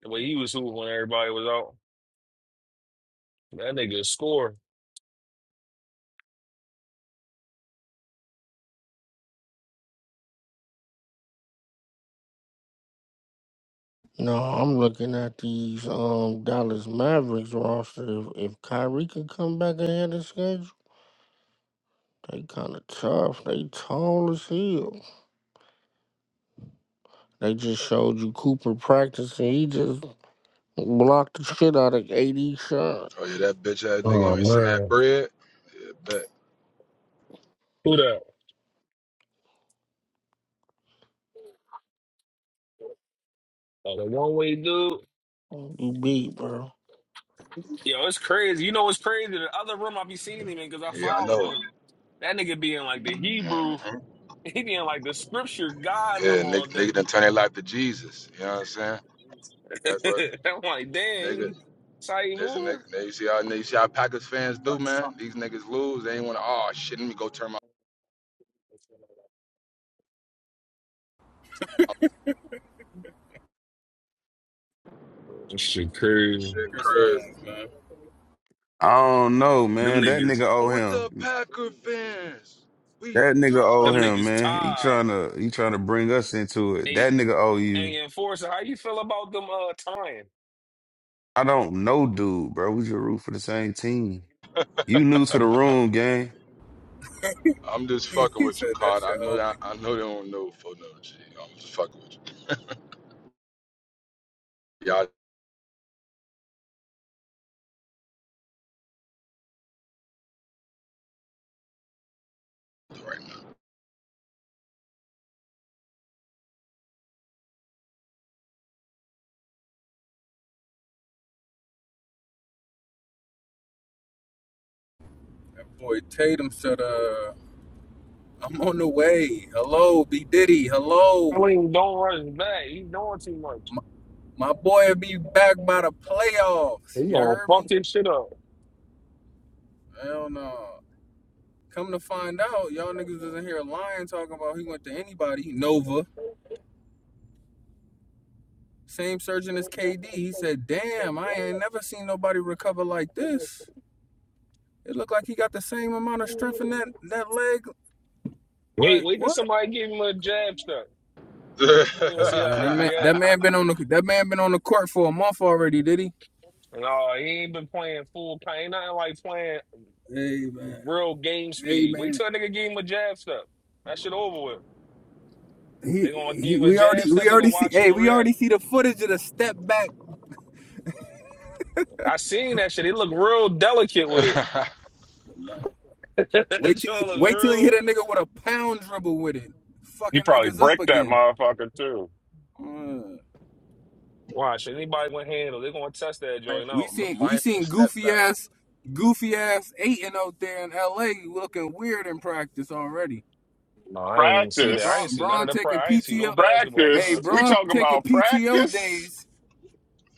Speaker 9: The way he was hooping when everybody was out. That nigga score.
Speaker 2: No, I'm looking at these um Dallas Mavericks roster. If, if Kyrie can come back ahead of schedule. They kind of tough. They tall as hell. They just showed you Cooper practicing. He just blocked the shit out of 80 shot.
Speaker 18: Oh yeah, that bitch ass nigga
Speaker 9: Oh
Speaker 18: ain't send that
Speaker 9: man,
Speaker 18: bread. Yeah, bet.
Speaker 9: who that? Oh, the one way dude.
Speaker 2: You beat, bro.
Speaker 9: Yo, it's crazy. You know what's crazy? The other room I be seeing him in because I
Speaker 18: Yeah, I
Speaker 9: follow
Speaker 18: know.
Speaker 9: him. That nigga be in like the Hebrew,
Speaker 18: Mm-hmm.
Speaker 9: he be in like the scripture God
Speaker 18: Yeah,
Speaker 9: room all
Speaker 18: nigga, nigga
Speaker 9: day.
Speaker 18: done turn their life to Jesus. You know what I'm saying? That's what
Speaker 9: I'm like, dang,
Speaker 18: nigga.
Speaker 9: he- that's how you
Speaker 18: This nigga.
Speaker 9: moving?
Speaker 18: nigga you see how nigga, you see how Packers fans do, man. These niggas lose. They ain't want to. Oh shit, let me go turn my
Speaker 9: That shit crazy.
Speaker 18: shit
Speaker 17: Chris
Speaker 18: crazy.
Speaker 17: fans, man.
Speaker 11: I don't know,
Speaker 9: Them
Speaker 11: man. That
Speaker 9: niggas,
Speaker 11: nigga owe
Speaker 18: With the
Speaker 11: him.
Speaker 18: Packer fans, we
Speaker 11: That nigga owe
Speaker 9: them
Speaker 18: done.
Speaker 11: him,
Speaker 9: niggas
Speaker 11: man. He
Speaker 9: tired.
Speaker 11: trying to he trying to bring us into it.
Speaker 9: Hey,
Speaker 11: That nigga owe you.
Speaker 9: hey, enforcer, how you feel about them uh tying?
Speaker 11: I don't know, dude, bro. We just root for the same team. You new to the room, gang.
Speaker 18: I'm just fucking
Speaker 17: he
Speaker 18: with you,
Speaker 17: said
Speaker 18: Card.
Speaker 17: that's
Speaker 18: I
Speaker 17: your
Speaker 18: know that.
Speaker 17: homie.
Speaker 18: I know they don't know for no G. I'm just fucking with you. Y'all
Speaker 17: That boy Tatum said uh I'm on the way. Hello, B Diddy.
Speaker 9: I
Speaker 17: Hello,
Speaker 9: mean, don't rush back. He's doing too much.
Speaker 17: my, my boy will be back by the
Speaker 9: He
Speaker 17: playoffs. You
Speaker 9: gonna
Speaker 17: heard
Speaker 9: fuck
Speaker 17: me?
Speaker 9: this shit up.
Speaker 17: Hell no. Come to find out, y'all niggas isn't here lying talking about he went to anybody. Nova, same surgeon as KD. He said, "Damn, I ain't never seen nobody recover like this. It looked like he got the same amount of strength in that that leg.
Speaker 9: Wait,
Speaker 17: Like
Speaker 9: wait till
Speaker 17: what?
Speaker 9: somebody give him a
Speaker 17: Come
Speaker 9: jab
Speaker 17: on."
Speaker 9: shot.
Speaker 18: doing
Speaker 9: We're gonna
Speaker 17: Hey
Speaker 9: see how
Speaker 17: man, that
Speaker 9: he
Speaker 17: man,
Speaker 9: react.
Speaker 17: that
Speaker 18: right
Speaker 17: man been on the that man been on the court for a month already, did he?
Speaker 9: No, he ain't been playing full pain. Ain't nothing like playing
Speaker 17: Hey man,
Speaker 9: real game
Speaker 17: hey
Speaker 9: speed.
Speaker 17: man.
Speaker 9: Wait till a nigga give him a jab step. That shit over with.
Speaker 17: He,
Speaker 9: They gonna give
Speaker 17: he
Speaker 9: him a
Speaker 17: we
Speaker 9: jab
Speaker 17: already
Speaker 9: step.
Speaker 17: we
Speaker 9: They gonna
Speaker 17: already see
Speaker 9: watch him
Speaker 17: hey
Speaker 9: and
Speaker 17: we
Speaker 9: react.
Speaker 17: already see the footage of the step back.
Speaker 9: I seen that shit. He look real delicate with it.
Speaker 18: now.
Speaker 9: that
Speaker 17: Wait till
Speaker 9: joint look
Speaker 17: wait till he
Speaker 9: real.
Speaker 17: hit a nigga with a pound dribble with it.
Speaker 15: He
Speaker 17: Fucking
Speaker 15: probably
Speaker 17: niggas up
Speaker 15: break that
Speaker 17: again.
Speaker 15: motherfucker too.
Speaker 17: Uh,
Speaker 9: Watch anybody gonna handle. They gonna test that joint
Speaker 18: mindful,
Speaker 17: we
Speaker 9: out.
Speaker 17: seen
Speaker 18: m-
Speaker 17: we
Speaker 18: mindful
Speaker 17: seen
Speaker 18: step
Speaker 17: goofy
Speaker 18: back,
Speaker 17: ass goofy ass Aiton out there in LA looking weird in practice already.
Speaker 9: No, I ain't even see that. I ain't
Speaker 15: Practice.
Speaker 17: Bron
Speaker 9: see none of
Speaker 17: Bron
Speaker 9: the pra
Speaker 17: taking
Speaker 9: I ain't see no
Speaker 17: PTO.
Speaker 9: basketball
Speaker 17: Hey
Speaker 15: Practice. We
Speaker 9: content.
Speaker 17: Bron
Speaker 15: talking
Speaker 17: taking
Speaker 15: about
Speaker 17: PTO
Speaker 15: practice.
Speaker 17: days.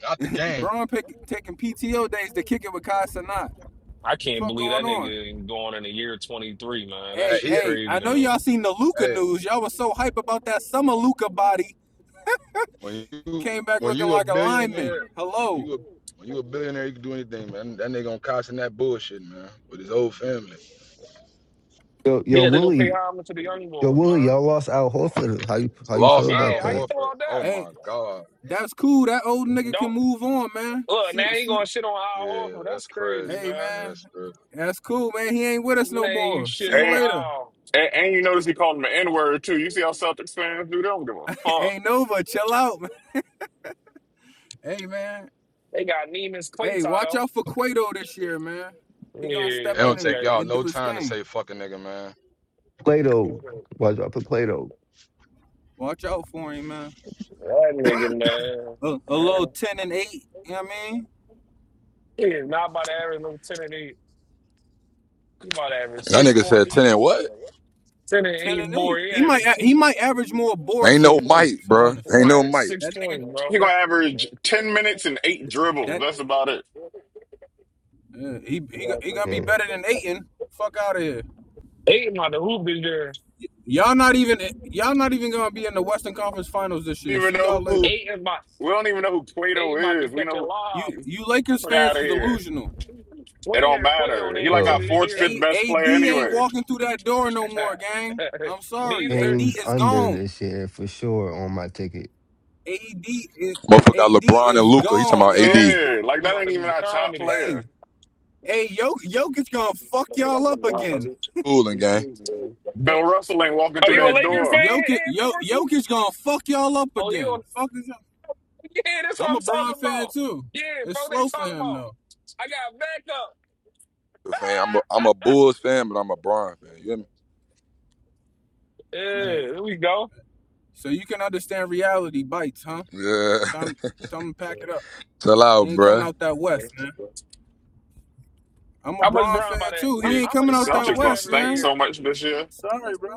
Speaker 18: not the game.
Speaker 17: Bron pick, taking PTO days to kick it with Kai Sanat.
Speaker 9: I can't
Speaker 17: Fuck
Speaker 9: believe
Speaker 17: going
Speaker 9: that
Speaker 17: on?
Speaker 9: nigga ain't going in the year twenty three, man. That
Speaker 18: Hey,
Speaker 17: Hey,
Speaker 9: shit
Speaker 18: he,
Speaker 17: hey,
Speaker 9: crazy
Speaker 17: I
Speaker 9: to
Speaker 17: know
Speaker 9: me.
Speaker 17: y'all seen the Luca
Speaker 18: hey,
Speaker 17: news. Y'all was so hype about that summer Luca body.
Speaker 18: when you
Speaker 17: Came back
Speaker 18: when
Speaker 17: looking
Speaker 18: you a
Speaker 17: like a lineman.
Speaker 18: billionaire, when
Speaker 17: Hello.
Speaker 18: you a when you a billionaire, you can do anything, man. That nigga on Cox and that bullshit, man, with his whole family.
Speaker 16: Yo, yo,
Speaker 9: Yeah, they gonna pay
Speaker 16: Willie,
Speaker 9: homage to the young
Speaker 16: yo,
Speaker 9: boys,
Speaker 16: Willie,
Speaker 9: man.
Speaker 16: y'all lost Al Horford. How you how you feel
Speaker 18: Lost
Speaker 9: Yeah,
Speaker 16: about
Speaker 18: Al
Speaker 9: how you
Speaker 16: that?
Speaker 9: feel
Speaker 18: Horford.
Speaker 9: about
Speaker 18: Oh
Speaker 9: that?
Speaker 17: Hey,
Speaker 18: my god.
Speaker 17: that's cool. That old nigga can
Speaker 9: Don't
Speaker 17: move on, man.
Speaker 9: look
Speaker 17: See
Speaker 9: now. He
Speaker 17: see
Speaker 9: gonna shit on Al
Speaker 18: Yeah,
Speaker 9: Horford. That's
Speaker 18: that's
Speaker 9: crazy,
Speaker 18: crazy.
Speaker 17: hey
Speaker 9: man.
Speaker 18: Yeah,
Speaker 17: man.
Speaker 18: that's crazy.
Speaker 17: That's cool, man. He ain't with us no
Speaker 9: Man, you
Speaker 17: more. See
Speaker 9: shitting
Speaker 17: you
Speaker 9: on
Speaker 15: And
Speaker 17: later.
Speaker 9: Al.
Speaker 15: and, and you
Speaker 17: We-
Speaker 15: notice he called him an N-word too. You see how Celtics fans do? They don't give a fuck.
Speaker 17: hey Nova, chill out, man. Hey man.
Speaker 9: They got Neiman's
Speaker 17: Hey,
Speaker 9: Quato
Speaker 17: watch
Speaker 9: though.
Speaker 17: out for Cueto this year, man. He gonna
Speaker 18: It
Speaker 17: step
Speaker 9: Yeah,
Speaker 17: in
Speaker 18: don't
Speaker 17: and,
Speaker 18: take
Speaker 9: okay.
Speaker 18: y'all
Speaker 17: and
Speaker 18: no
Speaker 17: do his
Speaker 18: time to
Speaker 17: thing.
Speaker 18: say fucking nigga, man.
Speaker 16: Plato,
Speaker 9: That
Speaker 16: why'd y'all put Plato?
Speaker 17: Watch out for him, man.
Speaker 9: nigga, man.
Speaker 17: A, a little
Speaker 9: Man,
Speaker 17: ten and eight, you know what I mean?
Speaker 9: He is not about to average no ten and eight. He about to average
Speaker 18: That
Speaker 17: He,
Speaker 9: six
Speaker 18: nigga said
Speaker 9: points.
Speaker 17: he
Speaker 18: ten and what?
Speaker 9: Ten and
Speaker 17: Ten
Speaker 9: eight
Speaker 17: and
Speaker 9: more.
Speaker 17: eight.
Speaker 9: He
Speaker 17: He might
Speaker 9: average six.
Speaker 17: he might average more boards
Speaker 18: Ain't
Speaker 17: than
Speaker 18: no Mike,
Speaker 17: points.
Speaker 18: bro.
Speaker 9: He
Speaker 18: Ain't
Speaker 9: gonna
Speaker 17: Honestly,
Speaker 18: no
Speaker 9: average
Speaker 18: Mike.
Speaker 9: six
Speaker 17: that nigga
Speaker 9: points, bro.
Speaker 15: He
Speaker 17: that
Speaker 15: gonna average ten minutes and eight dribbles.
Speaker 17: that
Speaker 15: That's about it.
Speaker 17: uh, he, he he gonna be
Speaker 16: Yeah.
Speaker 17: better than Aiton. Fuck out of here.
Speaker 9: Eight about the hoop is there.
Speaker 17: Y'all not even y'all not even gonna be in the Western Conference Finals this
Speaker 15: We
Speaker 17: year.
Speaker 15: don't Even
Speaker 17: See y'all
Speaker 15: know
Speaker 17: later.
Speaker 15: who
Speaker 9: Aiden about,
Speaker 15: we don't even know who Plato
Speaker 9: Aiden about to be
Speaker 15: is. We
Speaker 9: catching
Speaker 15: know
Speaker 17: You
Speaker 9: lobs.
Speaker 15: who.
Speaker 17: you Lakers
Speaker 15: Get
Speaker 17: fans
Speaker 15: out of
Speaker 17: is
Speaker 15: here.
Speaker 17: delusional.
Speaker 9: We
Speaker 15: It
Speaker 9: ain't
Speaker 15: don't
Speaker 9: heard Quato
Speaker 15: matter. He
Speaker 9: name
Speaker 15: like
Speaker 9: till
Speaker 15: our
Speaker 16: Oh,
Speaker 9: this
Speaker 15: fourth,
Speaker 9: year.
Speaker 15: fifth
Speaker 17: A,
Speaker 15: best
Speaker 17: AD
Speaker 15: player
Speaker 17: ain't
Speaker 15: anyway.
Speaker 17: walking through that door no more, gang. I'm sorry. AD
Speaker 9: Neither
Speaker 16: games
Speaker 17: is
Speaker 16: under
Speaker 17: gone.
Speaker 16: this year for sure on my ticket.
Speaker 17: AD is
Speaker 18: Motherfucker got
Speaker 17: AD
Speaker 18: LeBron and
Speaker 17: is
Speaker 18: Luca. He talking
Speaker 17: gone,
Speaker 18: about
Speaker 17: y'all.
Speaker 18: AD.
Speaker 15: Yeah, like that
Speaker 9: about
Speaker 15: ain't
Speaker 9: to
Speaker 15: even
Speaker 9: be
Speaker 15: our top
Speaker 9: comedy.
Speaker 15: player.
Speaker 17: Hey hey, Jok- Jokic gonna fuck y'all up again.
Speaker 18: Cooling gang.
Speaker 17: Hey,
Speaker 15: Bill Russell ain't walking
Speaker 9: Are
Speaker 15: through
Speaker 9: you a
Speaker 17: Hey,
Speaker 15: that
Speaker 9: Lakers fan,
Speaker 15: door.
Speaker 17: Jokic,
Speaker 9: Ed Forson?
Speaker 17: Jokic gonna fuck y'all up
Speaker 9: Oh, you a,
Speaker 17: again. Fuck is y'all.
Speaker 9: yeah, that's what
Speaker 17: I'm
Speaker 9: I'm
Speaker 17: a Bron
Speaker 9: talking
Speaker 17: fan
Speaker 9: about.
Speaker 17: too.
Speaker 9: Yeah,
Speaker 17: It's
Speaker 9: folks, they
Speaker 17: slow for
Speaker 9: talking
Speaker 17: him
Speaker 9: about.
Speaker 17: though.
Speaker 9: I got backup.
Speaker 18: Fan. I'm a
Speaker 9: Ah!
Speaker 18: I'm a Bulls fan, but I'm a Bron fan. You hear me?
Speaker 9: Yeah,
Speaker 17: Yeah.
Speaker 9: there we go.
Speaker 17: So you can understand reality bites, huh?
Speaker 18: Yeah.
Speaker 17: Time, time to pack it up.
Speaker 18: Chill
Speaker 17: He
Speaker 18: out,
Speaker 17: ain't coming
Speaker 18: bruh.
Speaker 17: out that west, man. I'm a
Speaker 9: How much
Speaker 17: Bron
Speaker 9: Brown by
Speaker 17: fan
Speaker 9: that?
Speaker 17: too.
Speaker 9: How,
Speaker 17: He
Speaker 15: The
Speaker 17: ain't
Speaker 9: how much
Speaker 17: coming out
Speaker 9: Brown
Speaker 17: that
Speaker 9: by
Speaker 15: Celtics
Speaker 9: the
Speaker 15: gonna
Speaker 17: west,
Speaker 9: average
Speaker 15: stink
Speaker 17: man.
Speaker 15: so
Speaker 9: year?
Speaker 15: much this year.
Speaker 17: Sorry, bro.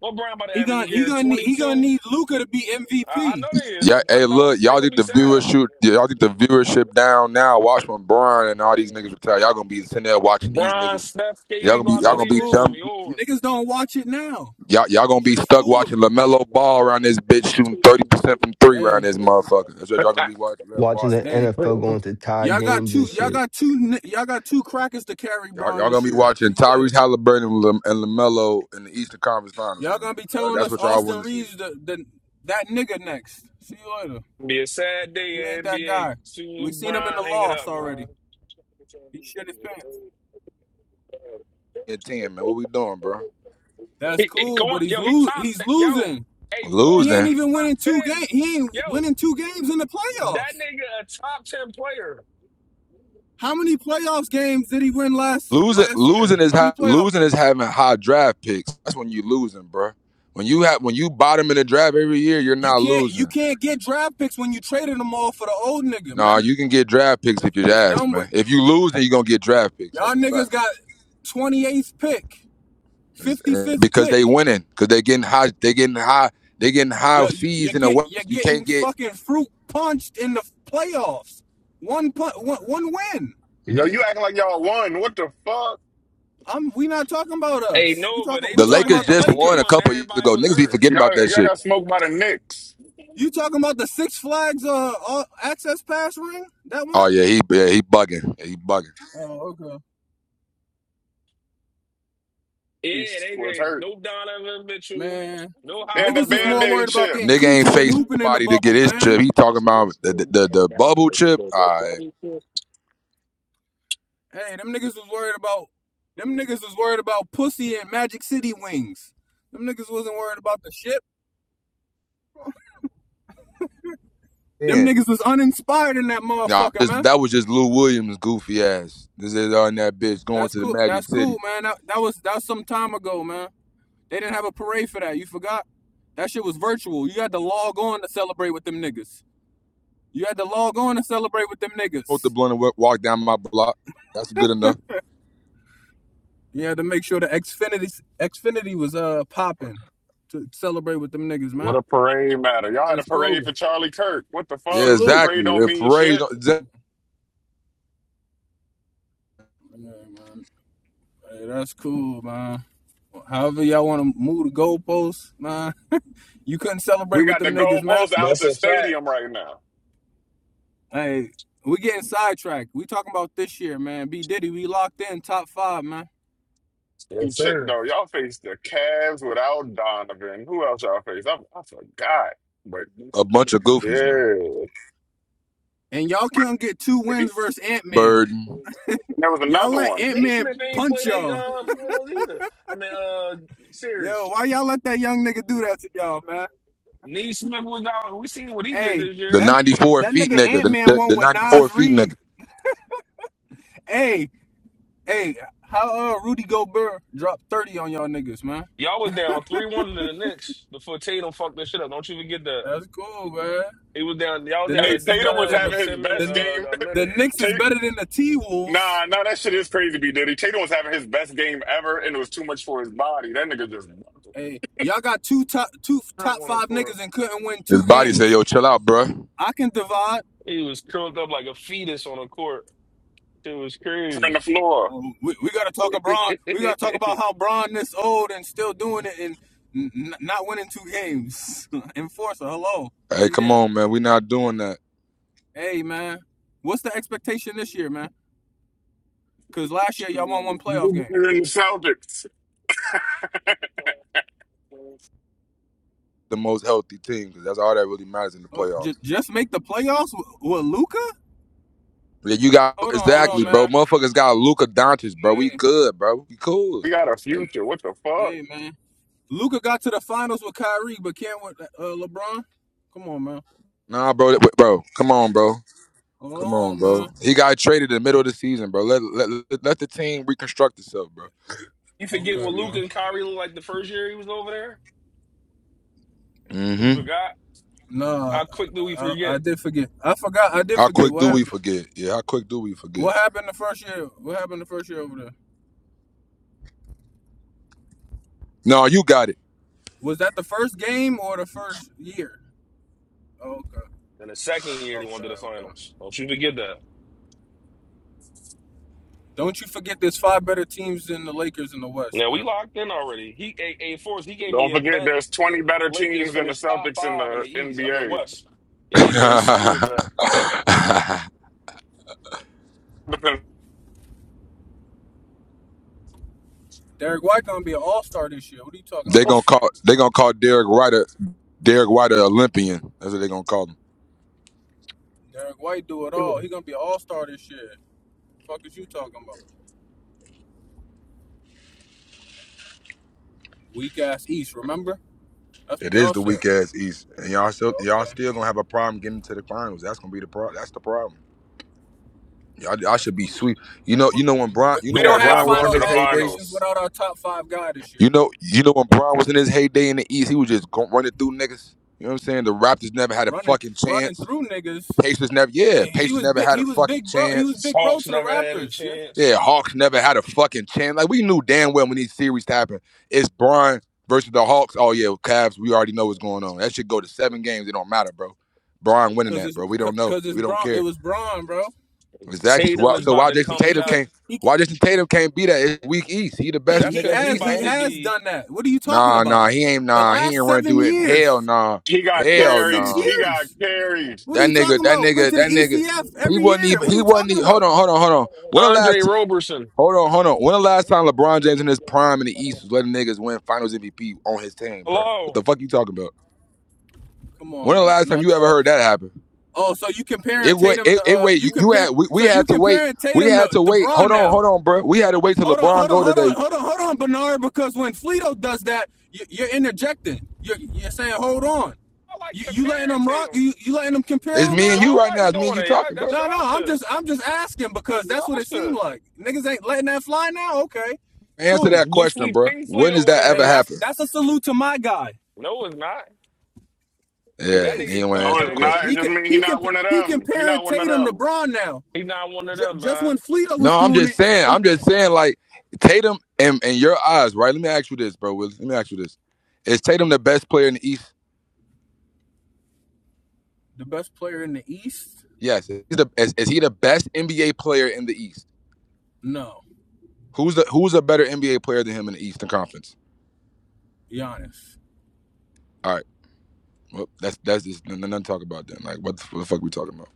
Speaker 9: What Brown by the
Speaker 17: He gonna
Speaker 9: average
Speaker 17: he
Speaker 9: year?
Speaker 17: gonna need he gonna
Speaker 9: 22?
Speaker 17: need Luca to be
Speaker 9: I, I
Speaker 17: MVP.
Speaker 9: know they
Speaker 18: Yeah,
Speaker 9: is. I
Speaker 18: hey,
Speaker 9: know.
Speaker 18: look,
Speaker 9: They
Speaker 18: y'all
Speaker 9: gonna
Speaker 18: need
Speaker 9: be
Speaker 18: the
Speaker 9: sad.
Speaker 18: viewership. yeah, Y'all need the viewership down now. Watch when Brian and all these niggas retire. Y'all gonna be sitting there watching these
Speaker 9: Brian,
Speaker 18: niggas.
Speaker 9: Steph,
Speaker 18: Y'all
Speaker 9: KD
Speaker 18: gonna
Speaker 9: go
Speaker 18: be
Speaker 9: out the
Speaker 18: y'all
Speaker 17: That's
Speaker 18: gonna
Speaker 9: league.
Speaker 18: be
Speaker 9: This shit gonna
Speaker 17: cool.
Speaker 18: dumb.
Speaker 9: be over.
Speaker 17: Niggas don't watch it now.
Speaker 18: Y'all y'all gonna be
Speaker 17: Shit's
Speaker 18: stuck watching
Speaker 17: foolery.
Speaker 18: Lamelo Ball around this bitch shooting thirty percent from three around
Speaker 17: Hey,
Speaker 18: this motherfucker. That's what y'all gonna be watching.
Speaker 16: Watching the
Speaker 18: Watching.
Speaker 17: hey,
Speaker 16: NFL
Speaker 9: Gonna
Speaker 16: going to tie
Speaker 17: Y'all got
Speaker 16: games
Speaker 17: two.
Speaker 16: and
Speaker 17: Y'all
Speaker 16: shit.
Speaker 17: got two. Y'all got two crackers to carry
Speaker 18: Y'all,
Speaker 17: Braun
Speaker 18: y'all
Speaker 17: this
Speaker 18: gonna be
Speaker 17: year.
Speaker 18: watching
Speaker 17: See you later.
Speaker 18: Tyrese Halliburton and, Lam- and Lamelo in the Eastern Conference Finals,
Speaker 17: Y'all gonna
Speaker 18: man.
Speaker 17: be
Speaker 18: Uh,
Speaker 17: telling
Speaker 18: that's
Speaker 17: us
Speaker 18: what y'all
Speaker 17: Austin
Speaker 18: want to see.
Speaker 17: Reeves the, the that nigga next. See you later.
Speaker 9: be a sad
Speaker 17: He
Speaker 9: day
Speaker 17: ain't
Speaker 9: in
Speaker 17: that
Speaker 9: NBA.
Speaker 17: guy.
Speaker 9: Soon as
Speaker 17: We seen him in the
Speaker 9: Bron hang it
Speaker 17: loss
Speaker 9: up,
Speaker 17: already.
Speaker 9: man.
Speaker 17: He shit his pants.
Speaker 18: At ten, man. What we doing, bro?
Speaker 17: That's
Speaker 9: He, he-
Speaker 17: cool,
Speaker 9: come on,
Speaker 17: but he's
Speaker 9: yo, he
Speaker 17: lo-
Speaker 9: top
Speaker 17: He's
Speaker 9: ten. Yo,
Speaker 17: losing.
Speaker 9: hey,
Speaker 17: He
Speaker 9: Forster,
Speaker 18: Losing.
Speaker 17: ain't
Speaker 9: he's
Speaker 17: even
Speaker 9: top
Speaker 17: winning two
Speaker 9: ten.
Speaker 17: games. He ain't
Speaker 9: Yo,
Speaker 17: winning two games in the
Speaker 9: that
Speaker 17: playoffs.
Speaker 9: nigga a top ten player.
Speaker 17: How many playoffs games did he win last
Speaker 18: Losing,
Speaker 17: last year?
Speaker 18: losing is
Speaker 17: How many
Speaker 18: ha-
Speaker 17: playoff
Speaker 18: losing is
Speaker 17: games?
Speaker 18: having high draft picks. That's when you losing, bro. When you have when you bottom in the draft every year, you're
Speaker 17: You
Speaker 18: not
Speaker 17: can't you
Speaker 18: losing.
Speaker 17: can't get draft picks when you traded them all for the old nigga,
Speaker 18: Nah,
Speaker 17: man.
Speaker 18: you can get draft picks
Speaker 17: It's,
Speaker 18: if you
Speaker 17: it's
Speaker 18: ask,
Speaker 17: done with.
Speaker 18: man. If you lose, then you're gonna get draft picks.
Speaker 17: Y'all
Speaker 18: That's a
Speaker 17: niggas
Speaker 18: fact.
Speaker 17: got 28th pick,
Speaker 18: It's- uh,
Speaker 17: 55th
Speaker 18: Because they
Speaker 17: pick.
Speaker 18: winning, because they getting high, they getting high, they getting
Speaker 17: You
Speaker 18: high
Speaker 17: you
Speaker 18: seeds in the
Speaker 17: get
Speaker 18: West.
Speaker 17: you're
Speaker 18: You can't
Speaker 17: getting
Speaker 18: get
Speaker 17: fucking fruit punched in the playoffs. One pun, one, win.
Speaker 15: Yo,
Speaker 18: eh,
Speaker 15: you acting like y'all won. What the fuck?
Speaker 17: I'm we not talking about
Speaker 9: Hey,
Speaker 17: us. We
Speaker 9: Nova,
Speaker 17: talking
Speaker 9: they
Speaker 17: we
Speaker 18: the
Speaker 9: won
Speaker 17: talking
Speaker 18: Lakers
Speaker 17: about
Speaker 9: that.
Speaker 17: the
Speaker 9: They
Speaker 18: just
Speaker 9: they
Speaker 18: won a
Speaker 9: won.
Speaker 17: Lakers.
Speaker 9: that
Speaker 18: couple years
Speaker 9: Everybody
Speaker 18: ago.
Speaker 9: was
Speaker 18: Niggas be
Speaker 9: hurt.
Speaker 18: forgetting about
Speaker 15: Y'all,
Speaker 18: that
Speaker 15: y'all
Speaker 18: shit.
Speaker 15: got smoked by the Knicks.
Speaker 17: You talking about the Six Flags uh, uh access pass ring? That one?
Speaker 18: Oh yeah, he yeah, he bugging. Yeah, he bugging.
Speaker 17: Oh, okay.
Speaker 15: He
Speaker 9: Yeah, they
Speaker 15: was
Speaker 9: made
Speaker 15: hurt.
Speaker 9: no Donovan Mitchell,
Speaker 17: Man,
Speaker 9: no
Speaker 15: They had the
Speaker 17: niggas is more
Speaker 15: band-aid
Speaker 17: worried
Speaker 9: Halliburton.
Speaker 17: about
Speaker 15: chip.
Speaker 17: getting
Speaker 18: Nigga ain't
Speaker 17: coochie than
Speaker 18: faced
Speaker 17: hooping in the
Speaker 18: nobody to get
Speaker 17: bubble,
Speaker 18: his
Speaker 17: man.
Speaker 18: chip. He talking about the the, the, the bubble chip. Ah,
Speaker 17: Hey, them niggas was worried about them niggas was worried about pussy and Magic City wings. Them niggas wasn't worried about the ship. Them
Speaker 18: Man,
Speaker 17: niggas was uninspired in that
Speaker 18: you
Speaker 17: motherfucker,
Speaker 18: just,
Speaker 17: man.
Speaker 18: that was just Lou Williams' goofy ass. This is on that bitch going
Speaker 17: That's
Speaker 18: to the
Speaker 17: cool.
Speaker 18: Magic
Speaker 17: That's
Speaker 18: City.
Speaker 17: cool, man. That, that was that was some time ago, man. They didn't have a parade for that. You forgot? That shit was virtual. You had to log on to celebrate with them niggas. You had to log on to celebrate with them
Speaker 18: Smoked the
Speaker 17: niggas.
Speaker 18: blunt and wa- walked down my block. That's good enough.
Speaker 17: You had to make sure the Xfinity Xfinity was uh popping to celebrate with them niggas,
Speaker 15: What
Speaker 17: man.
Speaker 15: a parade matter. Y'all had a
Speaker 17: It's
Speaker 15: parade
Speaker 17: cool.
Speaker 15: for Charlie Kirk. What the fuck?
Speaker 18: Yeah,
Speaker 17: Salute.
Speaker 15: Parade
Speaker 18: exactly.
Speaker 15: don't
Speaker 18: A
Speaker 15: mean
Speaker 18: parade,
Speaker 15: shit.
Speaker 18: exa-
Speaker 17: Yeah, man. Hey, that's cool, man. However y'all want to move the goalposts, man. You couldn't celebrate
Speaker 15: We
Speaker 17: with
Speaker 15: got the
Speaker 17: them niggas, man.
Speaker 15: goalposts out
Speaker 9: That's
Speaker 15: the
Speaker 9: a fact.
Speaker 15: stadium right now.
Speaker 17: Hey, we getting sidetracked. We talking about this year, man. B Diddy, we locked in top five, man.
Speaker 15: You
Speaker 9: Yes,
Speaker 15: chip
Speaker 9: sir.
Speaker 15: though. Y'all faced the Cavs without Donovan. Who else y'all faced? I, I forgot. But
Speaker 18: a bunch of goofies, man.
Speaker 15: yeah.
Speaker 17: And y'all can't get two wins versus Ant Man.
Speaker 18: Burden,
Speaker 15: There was
Speaker 17: Y'all
Speaker 15: another
Speaker 17: let
Speaker 15: one.
Speaker 17: Ant
Speaker 9: Nate
Speaker 17: Man
Speaker 9: Smith ain't play
Speaker 17: punch
Speaker 9: that
Speaker 17: y'all.
Speaker 9: uh finals either. I mean uh series.
Speaker 17: Yo, why y'all let that young nigga do that to y'all, man?
Speaker 9: Nate Smith was out. We seen what he did
Speaker 17: Hey,
Speaker 9: this
Speaker 18: the
Speaker 9: year.
Speaker 17: that
Speaker 18: 94
Speaker 17: that
Speaker 18: feet
Speaker 17: nigga
Speaker 18: nigga,
Speaker 17: Ant
Speaker 18: the,
Speaker 17: Man
Speaker 18: the,
Speaker 17: won
Speaker 18: the
Speaker 17: with
Speaker 18: 94
Speaker 17: Nas
Speaker 18: feet nigga.
Speaker 17: Reed. Hey, hey, how uh Rudy Gobert dropped thirty on y'all niggas, man?
Speaker 9: Y'all was down three one to the Knicks before Tatum fucked this shit up. Don't you forget that.
Speaker 17: That's cool, man.
Speaker 9: He was down y'all
Speaker 17: The
Speaker 9: down a
Speaker 15: Hey,
Speaker 17: Knicks is
Speaker 15: Tatum
Speaker 17: better
Speaker 15: was
Speaker 9: dub
Speaker 17: than the
Speaker 9: with
Speaker 15: having his
Speaker 9: ten minute
Speaker 15: best
Speaker 17: the
Speaker 15: game.
Speaker 9: uh a
Speaker 17: the
Speaker 9: minute.
Speaker 17: Knicks is better than the T Wolves.
Speaker 15: Nah, nah, that shit is crazy, B. Diddy. Tatum was having his best game ever, and it was too much for his body. That nigga just buckled
Speaker 17: Hey, y'all got two top two
Speaker 9: Not
Speaker 17: top
Speaker 9: one of
Speaker 17: five
Speaker 9: course.
Speaker 17: niggas and couldn't win
Speaker 18: His
Speaker 17: two
Speaker 18: body said,
Speaker 17: games.
Speaker 18: "Yo, chill out, bruh.
Speaker 17: I can divide.
Speaker 9: He was curled up like a fetus on a court. It was
Speaker 15: from
Speaker 9: crazy.
Speaker 15: the floor.
Speaker 17: Oh, we, we gotta talk
Speaker 9: you
Speaker 17: about We gotta talk about how Bron this old and still doing it and n- not winning two games. Enforcer, hello, are
Speaker 18: Hey,
Speaker 17: you
Speaker 18: come
Speaker 17: there?
Speaker 18: on, man. we not doing that.
Speaker 17: Hey man, what's the expectation this year, man? Cause last year y'all won one
Speaker 15: You
Speaker 17: playoff game.
Speaker 15: better than the Celtics.
Speaker 18: The most healthy team, because that's all that really matters in the
Speaker 17: Uh, j-
Speaker 18: playoffs."
Speaker 17: just make the playoffs with, with Luca?
Speaker 18: Yeah, you got
Speaker 17: Hold on, hold on,
Speaker 18: exactly,
Speaker 15: Future.
Speaker 18: bro.
Speaker 17: man.
Speaker 18: Motherfuckers got Luka Doncic, bro. We
Speaker 17: Hey,
Speaker 18: good, bro. We cool.
Speaker 15: We got a
Speaker 18: Like,
Speaker 15: future. What the fuck?
Speaker 17: hey, man. Luca got to the finals with Kyrie, but can't with uh, LeBron. Come on, man.
Speaker 18: Nah, bro, that- bro, come on, bro, come
Speaker 17: Oh
Speaker 18: on, bro.
Speaker 17: man.
Speaker 18: He got traded in the middle of the season, bro. Let let, let let the team reconstruct itself, bro. Excuse
Speaker 9: forget
Speaker 17: Okay,
Speaker 9: what
Speaker 18: excuse
Speaker 9: Luke
Speaker 17: man.
Speaker 9: and Kyrie looked like the first year he was over there?
Speaker 18: me.
Speaker 9: You
Speaker 18: Mm-hmm.
Speaker 9: forgot?
Speaker 17: Nah,
Speaker 9: How quick do we
Speaker 17: I, I,
Speaker 9: forget?
Speaker 17: I did forget. I forgot. I did
Speaker 18: How
Speaker 17: forget
Speaker 18: quick
Speaker 17: what
Speaker 18: do we
Speaker 17: happened.
Speaker 18: forget? Yeah, how quick do we forget?
Speaker 17: What happened the first year? What happened the first year over there?
Speaker 18: No, you got it.
Speaker 17: Was that the first game or the first year? Okay,
Speaker 9: And the second year they went
Speaker 17: okay,
Speaker 9: to the
Speaker 17: okay.
Speaker 9: finals. Don't you forget that.
Speaker 17: Don't you forget there's five better teams than the Lakers in the West,
Speaker 9: Now we
Speaker 17: man.
Speaker 9: locked in already. He a a force. He gave me
Speaker 15: Don't
Speaker 9: a
Speaker 15: forget,
Speaker 9: bet
Speaker 15: there's
Speaker 9: that
Speaker 15: 20 better
Speaker 9: Lakers
Speaker 15: teams than the
Speaker 9: finished top
Speaker 15: Celtics in
Speaker 9: five in
Speaker 15: the
Speaker 9: the East. I mean
Speaker 15: NBA.
Speaker 9: West. He gave me a
Speaker 17: That's cool,
Speaker 9: sucker
Speaker 17: man.
Speaker 9: bet.
Speaker 17: Derek White gonna be an All Star this year. What are you talking
Speaker 18: they
Speaker 17: about?
Speaker 18: gonna call they gonna call Derek White a Derek White a Olympian. That's what they gonna call him.
Speaker 17: Derek White do it all. He gonna be an All Star this year. Fuck is you talking about? Weak ass East, remember? That's
Speaker 18: It
Speaker 17: what
Speaker 18: is
Speaker 17: y'all
Speaker 18: the
Speaker 17: said.
Speaker 18: weak ass East, and y'all still y'all
Speaker 17: Okay,
Speaker 18: still gonna have a problem getting to the finals. That's gonna be the problem. That's the problem. Y'all, y'all
Speaker 17: that's
Speaker 18: should be
Speaker 17: cool.
Speaker 18: sweet. You know,
Speaker 17: But
Speaker 18: you know when Brian,
Speaker 17: but
Speaker 18: you know
Speaker 17: we
Speaker 15: They
Speaker 18: when
Speaker 15: are
Speaker 17: don't have
Speaker 18: Brian
Speaker 15: not
Speaker 18: was
Speaker 15: going
Speaker 18: in
Speaker 15: to
Speaker 17: finals
Speaker 18: his
Speaker 15: the
Speaker 18: heyday.
Speaker 17: aspirations
Speaker 15: finals.
Speaker 17: without our top five guy this year.
Speaker 18: You know, you know when Braun was in his heyday in the East, he was just go running through niggas. You know what I'm saying? The Raptors never had a
Speaker 17: Running
Speaker 18: fucking
Speaker 17: running
Speaker 18: chance.
Speaker 17: through niggas.
Speaker 18: Pacers never, yeah,
Speaker 17: Yeah, he
Speaker 18: Pacers
Speaker 17: was
Speaker 18: never
Speaker 17: big.
Speaker 18: had
Speaker 17: He
Speaker 18: a
Speaker 17: was
Speaker 18: fucking
Speaker 17: big, bro. He was
Speaker 18: chance.
Speaker 17: big, bro,
Speaker 9: Hawks
Speaker 17: to the
Speaker 9: never had a
Speaker 17: Raptors. Yeah,
Speaker 18: Yeah,
Speaker 9: chance.
Speaker 18: Hawks never had a fucking chance. Like we knew damn well when these series happened, it's Braun versus the Hawks. Oh yeah, Cavs. We already know what's going on. That should go to seven games. It don't matter, bro. Braun winning
Speaker 17: cause
Speaker 18: that,
Speaker 17: it's
Speaker 18: bro. We don't know.
Speaker 17: cause it's
Speaker 18: We don't
Speaker 17: Braun. It
Speaker 18: care.
Speaker 17: was Braun, bro.
Speaker 18: Exactly. So
Speaker 9: Tatum
Speaker 18: why,
Speaker 9: is
Speaker 17: He
Speaker 18: so
Speaker 9: about
Speaker 18: why
Speaker 9: to
Speaker 18: Jason
Speaker 17: he
Speaker 9: come
Speaker 17: he
Speaker 18: Tatum
Speaker 17: can't
Speaker 9: back.
Speaker 18: can't?
Speaker 17: he
Speaker 18: Why Jason Tatum can't be that? It's weak East. He the
Speaker 17: he
Speaker 18: best
Speaker 9: That's
Speaker 17: he
Speaker 18: nigga in
Speaker 9: because
Speaker 18: the
Speaker 9: he
Speaker 17: has
Speaker 18: East,
Speaker 17: he
Speaker 9: about
Speaker 18: ain't he?
Speaker 9: to
Speaker 17: has
Speaker 9: be
Speaker 17: done that. What are you talking
Speaker 18: Nah,
Speaker 17: about?
Speaker 18: nah, he ain't
Speaker 17: The
Speaker 18: nah, he
Speaker 17: last
Speaker 18: ain't run through
Speaker 17: seven
Speaker 18: it. Hell
Speaker 17: years,
Speaker 18: nah.
Speaker 15: He got
Speaker 18: Hell
Speaker 17: last six
Speaker 15: carried.
Speaker 18: nah.
Speaker 15: He got
Speaker 17: years.
Speaker 15: carried.
Speaker 17: What are
Speaker 18: That
Speaker 17: you talking
Speaker 18: nigga, that
Speaker 17: about? Went
Speaker 18: nigga,
Speaker 17: to the
Speaker 18: that nigga,
Speaker 17: ECF
Speaker 18: he
Speaker 17: every
Speaker 18: wasn't
Speaker 17: year.
Speaker 18: even
Speaker 17: What are
Speaker 18: he
Speaker 17: you
Speaker 18: wasn't
Speaker 17: talking
Speaker 18: even
Speaker 17: about?
Speaker 18: hold on, hold on, hold on. When the
Speaker 9: Andre
Speaker 18: last
Speaker 9: Roberson.
Speaker 18: hold on, hold on. When the last time LeBron James in his prime in the East was letting niggas win finals MVP on his team, bro? What
Speaker 9: Hello.
Speaker 18: the fuck you talking about?
Speaker 17: Come on,
Speaker 18: When the
Speaker 17: man,
Speaker 18: last time
Speaker 17: knock
Speaker 18: you
Speaker 17: it
Speaker 18: ever
Speaker 17: off.
Speaker 18: heard that happen?
Speaker 17: Oh, so you comparing
Speaker 18: It wait
Speaker 17: Tatum
Speaker 18: it,
Speaker 17: to
Speaker 18: it
Speaker 17: uh,
Speaker 18: wait,
Speaker 17: you
Speaker 18: you, you
Speaker 17: compare,
Speaker 18: had we, we
Speaker 17: so you
Speaker 18: had to wait.
Speaker 17: comparing
Speaker 18: We
Speaker 17: Tatum to
Speaker 18: had to wait.
Speaker 17: DeBron
Speaker 18: Hold on,
Speaker 17: now?
Speaker 18: hold on, bro. We had to wait till
Speaker 17: Hold on,
Speaker 18: LeBron
Speaker 17: hold on,
Speaker 18: go
Speaker 17: hold
Speaker 18: today.
Speaker 17: on, hold on, hold on, Bernard, because when Fleeto does that, you, you're interjecting. You're, you're saying, hold on.
Speaker 9: I like
Speaker 17: You, you letting
Speaker 9: comparing
Speaker 17: them rock?
Speaker 9: Tatum.
Speaker 17: You, you letting them compare
Speaker 18: It's
Speaker 17: them
Speaker 18: me and
Speaker 17: now?
Speaker 18: you
Speaker 9: Y'all
Speaker 18: right now.
Speaker 9: like
Speaker 18: It's me
Speaker 9: doing
Speaker 18: and you
Speaker 9: it. Y'all,
Speaker 18: talking, bro.
Speaker 9: that's y'all
Speaker 17: No, no, I'm
Speaker 9: shit.
Speaker 17: just, I'm just asking
Speaker 9: That's
Speaker 17: because that's
Speaker 9: y'all
Speaker 17: what it seemed
Speaker 9: shit.
Speaker 17: like. Niggas ain't letting that fly now. Okay,
Speaker 18: Answer
Speaker 17: cool.
Speaker 18: that
Speaker 9: Get
Speaker 18: question,
Speaker 9: Fleet
Speaker 18: bro.
Speaker 9: Pink Fleet
Speaker 18: When does
Speaker 9: over
Speaker 18: that ever
Speaker 17: Hey,
Speaker 9: here.
Speaker 17: that's
Speaker 18: happen?
Speaker 17: that's a salute to my guy.
Speaker 9: No, it's not.
Speaker 17: It
Speaker 18: Yeah,
Speaker 9: That
Speaker 18: he
Speaker 17: is.
Speaker 9: nigga
Speaker 18: didn't want to
Speaker 15: No,
Speaker 9: come
Speaker 18: answer the
Speaker 15: it's
Speaker 9: back.
Speaker 17: You,
Speaker 9: uh,
Speaker 15: not.
Speaker 18: question.
Speaker 17: he
Speaker 15: It just
Speaker 17: can,
Speaker 15: mean he
Speaker 17: he can,
Speaker 15: not one of
Speaker 17: he
Speaker 15: them. He
Speaker 17: comparing
Speaker 15: not one of
Speaker 17: Tatum to
Speaker 15: them.
Speaker 17: Braun now.
Speaker 9: He not one of
Speaker 17: J-
Speaker 9: them,
Speaker 17: just
Speaker 9: man.
Speaker 17: when Fleeto was
Speaker 18: No, I'm
Speaker 17: doing
Speaker 18: just
Speaker 17: it,
Speaker 18: saying.
Speaker 17: it,
Speaker 18: I'm just saying, like Tatum and and your eyes, right? Let me ask you this, bro. Willie. Let me ask you this: Is Tatum the best player in the East?
Speaker 17: the best player in the East?
Speaker 18: Yes. Is, he the, is, is he the best NBA player in the East?
Speaker 17: No,
Speaker 18: Who's the Who's a better NBA player than him in the Eastern Conference?
Speaker 17: Giannis.
Speaker 18: All right. Well, that's that's just n- n- nothing to talk about then. Like, what the, what the fuck we talking about?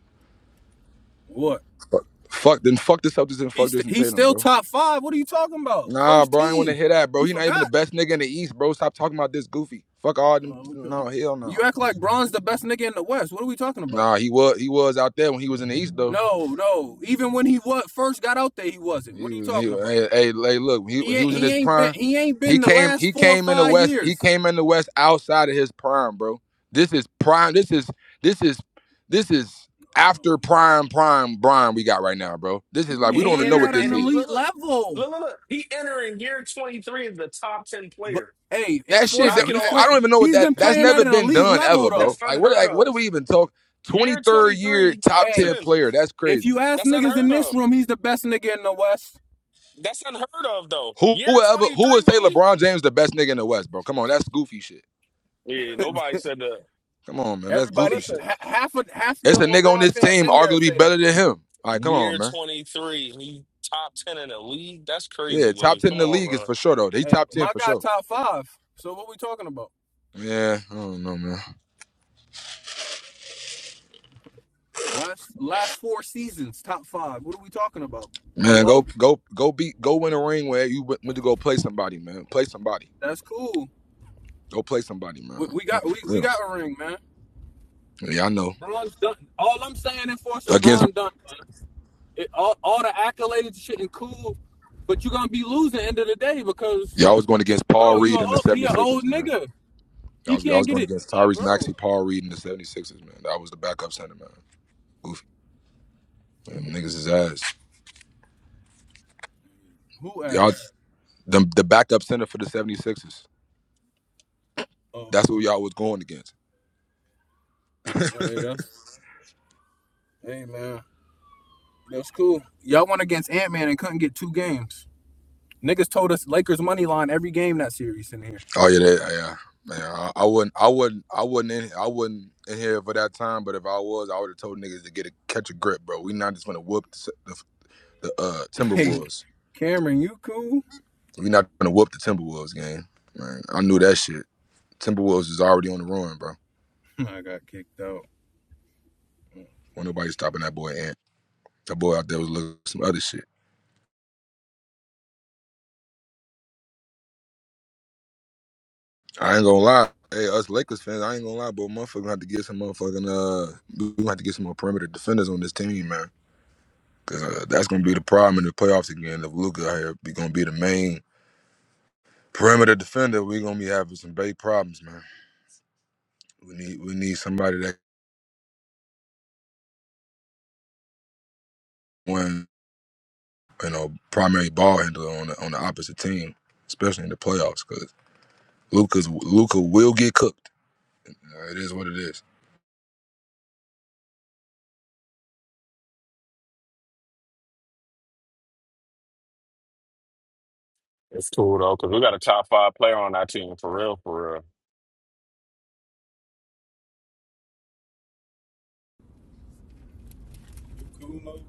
Speaker 17: What?
Speaker 18: Fuck, fuck. Then fuck the Celtics and
Speaker 17: He's
Speaker 18: fuck
Speaker 17: st-
Speaker 18: Jason
Speaker 17: he's
Speaker 18: Tatum,
Speaker 17: still
Speaker 18: bro.
Speaker 17: top five. What are you talking about?
Speaker 18: Nah,
Speaker 17: First
Speaker 18: bro, I ain't want to
Speaker 17: team.
Speaker 18: hear that, bro.
Speaker 17: You
Speaker 18: He not even the
Speaker 17: forgot?
Speaker 18: best nigga in the East, bro. Stop talking about this goofy. Fuck all them.
Speaker 17: Oh, okay.
Speaker 18: No, hell no.
Speaker 17: You act like Bron's the best nigga in the West. What are we talking about?
Speaker 18: Nah, he was he was out there when he was in the East though.
Speaker 17: No, no. Even when he was first got out there, he wasn't. What
Speaker 18: He
Speaker 17: are you
Speaker 18: was he
Speaker 17: talking about?
Speaker 18: hey, hey, hey, look, when he when
Speaker 17: He
Speaker 18: he
Speaker 17: ain't
Speaker 18: was in
Speaker 17: he
Speaker 18: his
Speaker 17: ain't been
Speaker 18: prime.
Speaker 17: he ain't
Speaker 18: He
Speaker 17: been the
Speaker 18: came
Speaker 17: last
Speaker 18: he
Speaker 17: four or
Speaker 18: came in the
Speaker 17: five
Speaker 18: West, he
Speaker 17: years.
Speaker 18: came in the West outside of his prime, bro. This is prime, this is this is this is after
Speaker 17: Um,
Speaker 18: prime prime prime we got right now, bro. This is
Speaker 17: But
Speaker 18: like
Speaker 9: And
Speaker 17: he's
Speaker 18: we don't
Speaker 9: He
Speaker 18: even know
Speaker 17: playing
Speaker 9: entered
Speaker 18: what
Speaker 17: at
Speaker 18: this
Speaker 17: an
Speaker 9: and he look,
Speaker 17: elite
Speaker 18: is.
Speaker 9: look, look,
Speaker 17: level.
Speaker 9: look, look. He entering year twenty three as the top ten
Speaker 17: But
Speaker 9: player.
Speaker 17: hey,
Speaker 18: That shit
Speaker 17: enforcer,
Speaker 18: that-
Speaker 9: Knock it
Speaker 17: he's
Speaker 18: I
Speaker 9: off.
Speaker 18: don't
Speaker 17: playing.
Speaker 18: even know what
Speaker 17: He's
Speaker 18: that
Speaker 17: been
Speaker 18: that's
Speaker 9: That's
Speaker 17: playing at
Speaker 18: never
Speaker 17: an
Speaker 18: been
Speaker 17: elite
Speaker 18: done
Speaker 17: level
Speaker 18: ever,
Speaker 9: that's
Speaker 17: though.
Speaker 18: bro. Like what
Speaker 9: unheard
Speaker 18: like what do
Speaker 9: of.
Speaker 18: we even talk
Speaker 9: Year twenty
Speaker 18: 23rd year
Speaker 9: three,
Speaker 18: top
Speaker 9: top
Speaker 17: Hey,
Speaker 18: 10
Speaker 9: ten.
Speaker 18: player. That's
Speaker 17: if
Speaker 18: crazy.
Speaker 17: you ask
Speaker 9: That's
Speaker 17: niggas in
Speaker 9: unheard
Speaker 17: this
Speaker 9: of.
Speaker 17: room, he's the best nigga in the West.
Speaker 9: That's unheard of though.
Speaker 18: Who
Speaker 9: Year
Speaker 18: whoever
Speaker 9: twenty
Speaker 18: who
Speaker 9: three,
Speaker 18: would say
Speaker 9: Willie.
Speaker 18: LeBron James the best nigga in the West, bro? Come on, that's goofy shit.
Speaker 9: Yeah, nobody said that.
Speaker 18: Come on, man. That's
Speaker 9: But
Speaker 18: goofy
Speaker 17: Everybody,
Speaker 9: listen,
Speaker 18: shit.
Speaker 17: ha- half of half
Speaker 18: It's
Speaker 17: the
Speaker 18: a nigga on
Speaker 17: LeBron
Speaker 18: this
Speaker 17: fans
Speaker 18: team
Speaker 17: in here
Speaker 18: arguably
Speaker 17: say that.
Speaker 18: better than him. All right, come on,
Speaker 9: year
Speaker 18: man.
Speaker 9: twenty three, he top ten in the league. That's
Speaker 18: Yeah,
Speaker 9: crazy,
Speaker 18: top
Speaker 9: Willie.
Speaker 18: ten in
Speaker 9: Come
Speaker 18: the
Speaker 9: on,
Speaker 18: league is
Speaker 9: man.
Speaker 18: for sure though. They
Speaker 17: Hey,
Speaker 18: top ten
Speaker 17: my
Speaker 18: for
Speaker 17: guy,
Speaker 18: sure.
Speaker 17: top five. So what we talking about?
Speaker 18: Yeah, I don't know, man.
Speaker 17: Last last four seasons, top five. What are we talking about?
Speaker 18: Man, go
Speaker 17: Hello,
Speaker 18: go go beat go win a ring where you went, went to go play somebody, man. Play somebody.
Speaker 17: that's cool.
Speaker 18: Go play somebody, man.
Speaker 17: We, we got we,
Speaker 18: For
Speaker 17: we
Speaker 18: real.
Speaker 17: got a ring, man.
Speaker 18: Yeah, I know.
Speaker 17: Bron's done. All I'm saying is for
Speaker 18: Against
Speaker 17: LeBron done. man. It, all all the accolades, and shit, and cool, but you're gonna be losing at the end of the day because,
Speaker 18: y'all was going against Paul
Speaker 17: bro, you a
Speaker 18: Reed and the
Speaker 17: old, he an old
Speaker 18: 76ers, man.
Speaker 17: nigga.
Speaker 18: Y'all
Speaker 17: He
Speaker 18: was, y'all
Speaker 17: can't
Speaker 18: was
Speaker 17: get
Speaker 18: going
Speaker 17: it.
Speaker 18: against
Speaker 17: Like,
Speaker 18: Tyrese
Speaker 17: bro,
Speaker 18: Maxey, Paul Reed, and the 76ers, man. That was the backup center, man. Goofy. Man, niggas is ass.
Speaker 17: who
Speaker 18: Y'all
Speaker 17: asked?
Speaker 18: the, the backup center for the 76ers. That's
Speaker 17: Oh,
Speaker 18: who y'all was going against.
Speaker 17: hey, that's hey man, that's cool. Y'all went against Ant Man and couldn't get two games. Niggas told us Lakers money line every game that series in here.
Speaker 18: Oh yeah, that, yeah, yeah. man. I, I wouldn't, I wouldn't, I wouldn't, in, I wouldn't in here for that time. But if I was, I would have told niggas to get a catch a grip, bro. We not just gonna whoop the, the, the uh,
Speaker 17: Like,
Speaker 18: Timberwolves.
Speaker 17: Cameron, you cool?
Speaker 18: We not gonna whoop the Timberwolves game. Man, I knew that shit. Timberwolves is already on the run, bro.
Speaker 17: I got kicked out.
Speaker 18: When nobody stopping that boy Ant. That boy out there was looking for some other shit. I ain't gonna lie. Hey, us Lakers fans, I ain't gonna lie, but motherfucker gonna have to get some motherfucking uh, we gonna have to get some more perimeter defenders on this team, man. Cause uh, that's gonna be the problem in the playoffs again. If Luca here be gonna be the main perimeter defender, we're gonna be having some big problems, man. We need we need somebody that one you know primary ball handler on the on the opposite team, especially in the playoffs. Cause Luca's Luca will get cooked. Uh, It is what it is.
Speaker 15: It's cool though, because we got a top five player on our team for real, for real.
Speaker 17: Cool, no?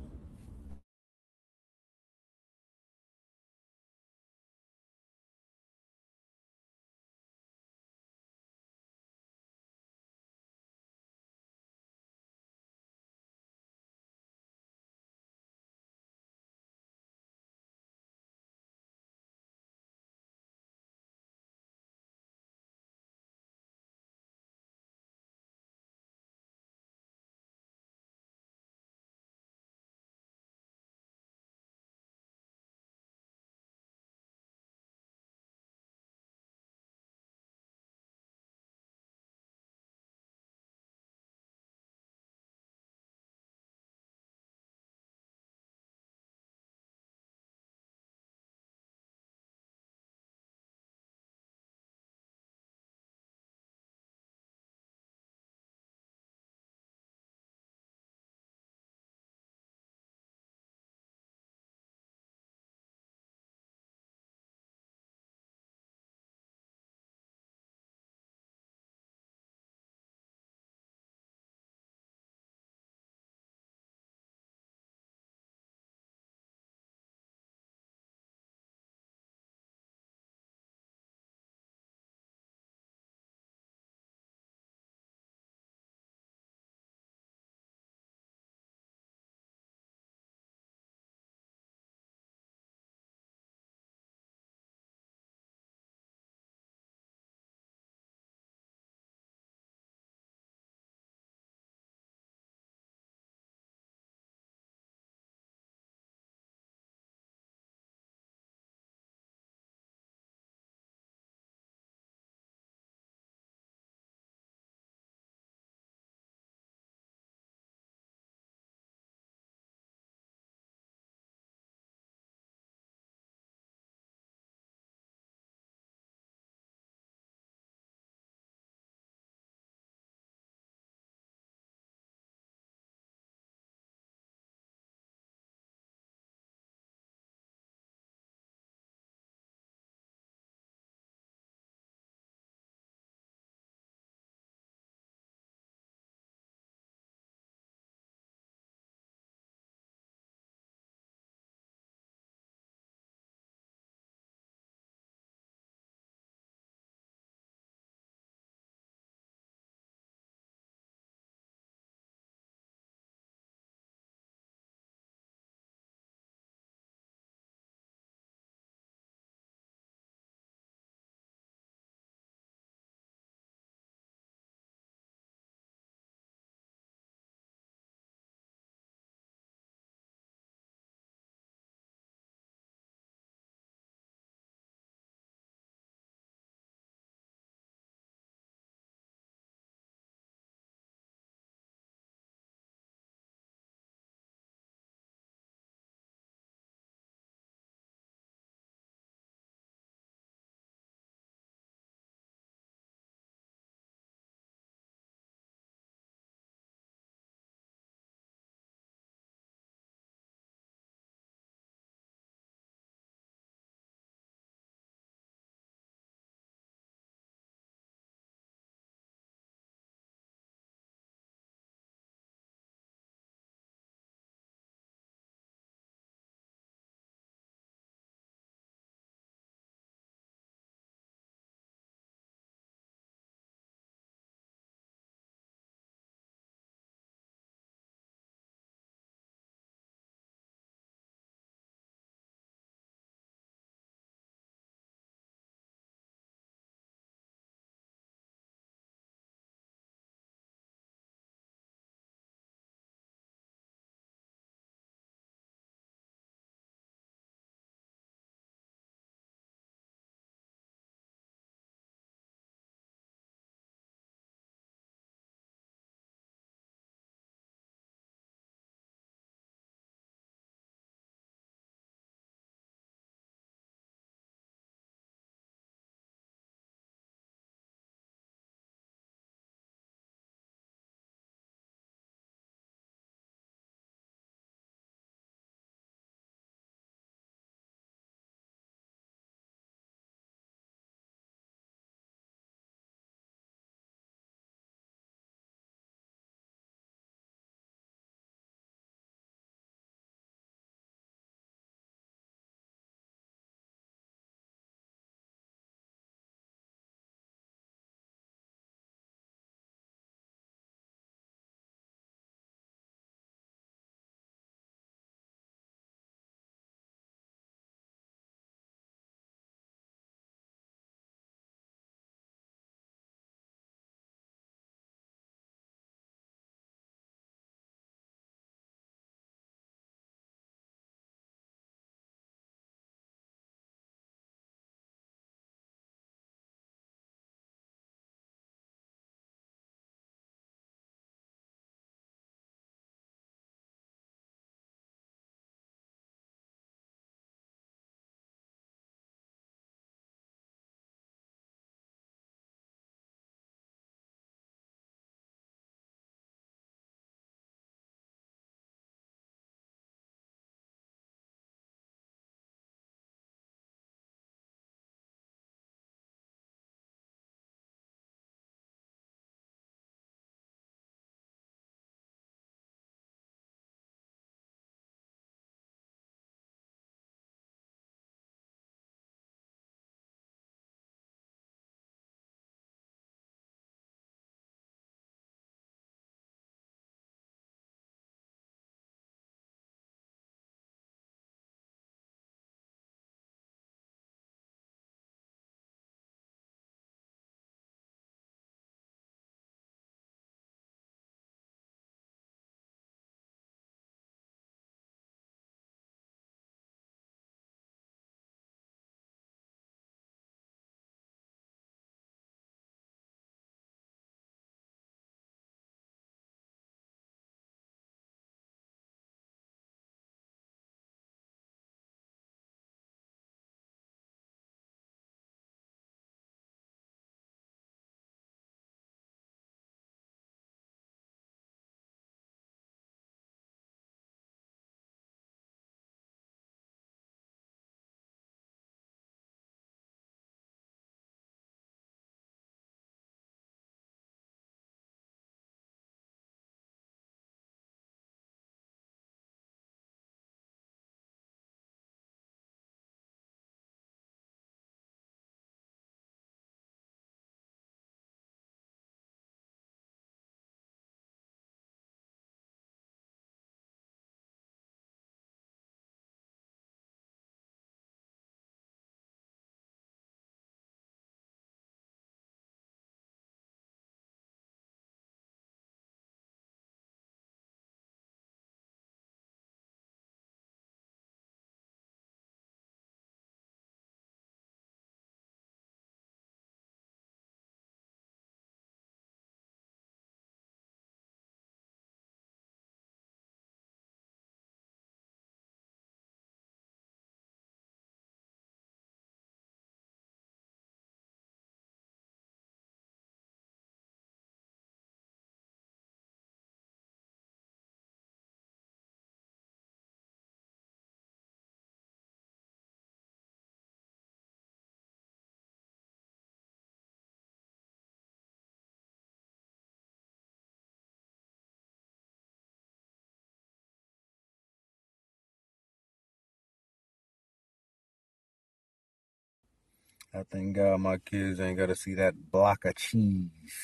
Speaker 17: I thank God my kids ain't gotta see that block of cheese.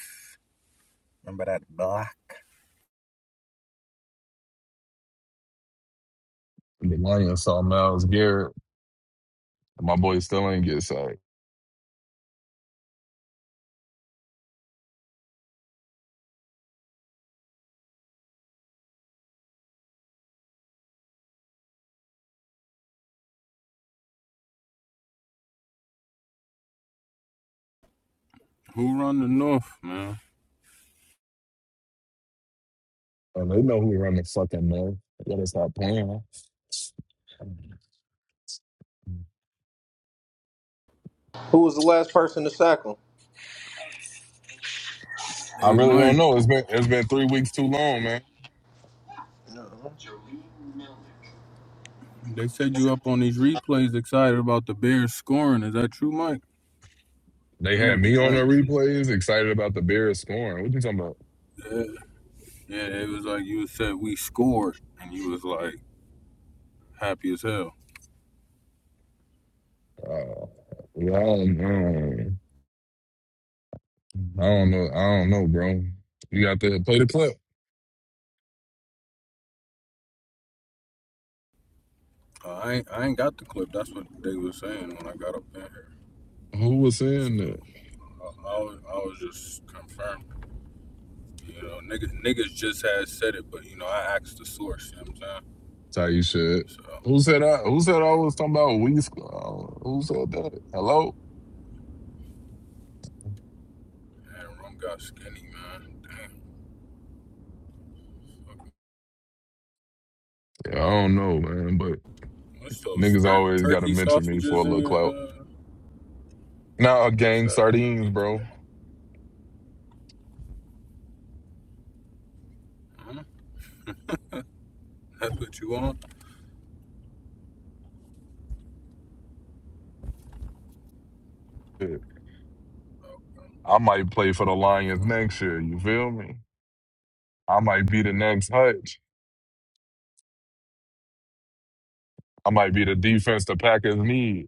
Speaker 17: Remember that block?
Speaker 3: Delania saw Miles Garrett. My boy still ain't get sacked.
Speaker 17: Who run the North, man?
Speaker 3: And they know who run the fucking mill. They gotta stop playing.
Speaker 12: Who was the last person to sack him?
Speaker 3: I
Speaker 17: Hey,
Speaker 3: really don't
Speaker 17: Mike,
Speaker 3: know. It's been it's been three weeks too long, man.
Speaker 17: they said you up on these replays excited about the Bears scoring. Is that true, Mike?
Speaker 3: They
Speaker 17: That
Speaker 3: had
Speaker 17: was,
Speaker 3: me on
Speaker 17: that
Speaker 3: the
Speaker 17: ain't true.
Speaker 3: replays, excited about the Bears scoring. What you talking about?
Speaker 17: Yeah, Yeah, it was like you said we scored, and you was like happy as hell.
Speaker 3: Uh, yeah, I don't, I don't I don't know. I don't know, bro. You got to play the clip.
Speaker 17: Uh, I ain't, I ain't got the clip. That's what they was saying when I got up in here.
Speaker 3: Who was
Speaker 17: So
Speaker 3: saying that?
Speaker 17: I, I, was, I was just confirmed. You know, niggas, niggas just had said it, but you know I asked the source. You know what I'm
Speaker 3: That's how you should.
Speaker 17: saying? So
Speaker 3: Who said I? Who said I was talking about we? sc- Uh, who said that? Hello?
Speaker 17: man, rum got skinny, man. Damn. fuck.
Speaker 3: Yeah, I don't know, man. but.
Speaker 17: What's those
Speaker 3: Niggas
Speaker 17: tur-
Speaker 3: always gotta
Speaker 17: turkey
Speaker 3: mention me for a
Speaker 17: sausages in
Speaker 3: little
Speaker 17: your?
Speaker 3: clout.
Speaker 17: Uh,
Speaker 3: Now nah,
Speaker 17: what's
Speaker 3: gang
Speaker 17: that in your
Speaker 3: sardines,
Speaker 17: pizza?
Speaker 3: bro.
Speaker 17: Huh? That's what you want?
Speaker 3: Shit.
Speaker 17: Oh,
Speaker 3: I might play for the Lions
Speaker 17: okay.
Speaker 3: next year. You feel me? I might be the next Hutch. I might be the defense the Packers need. You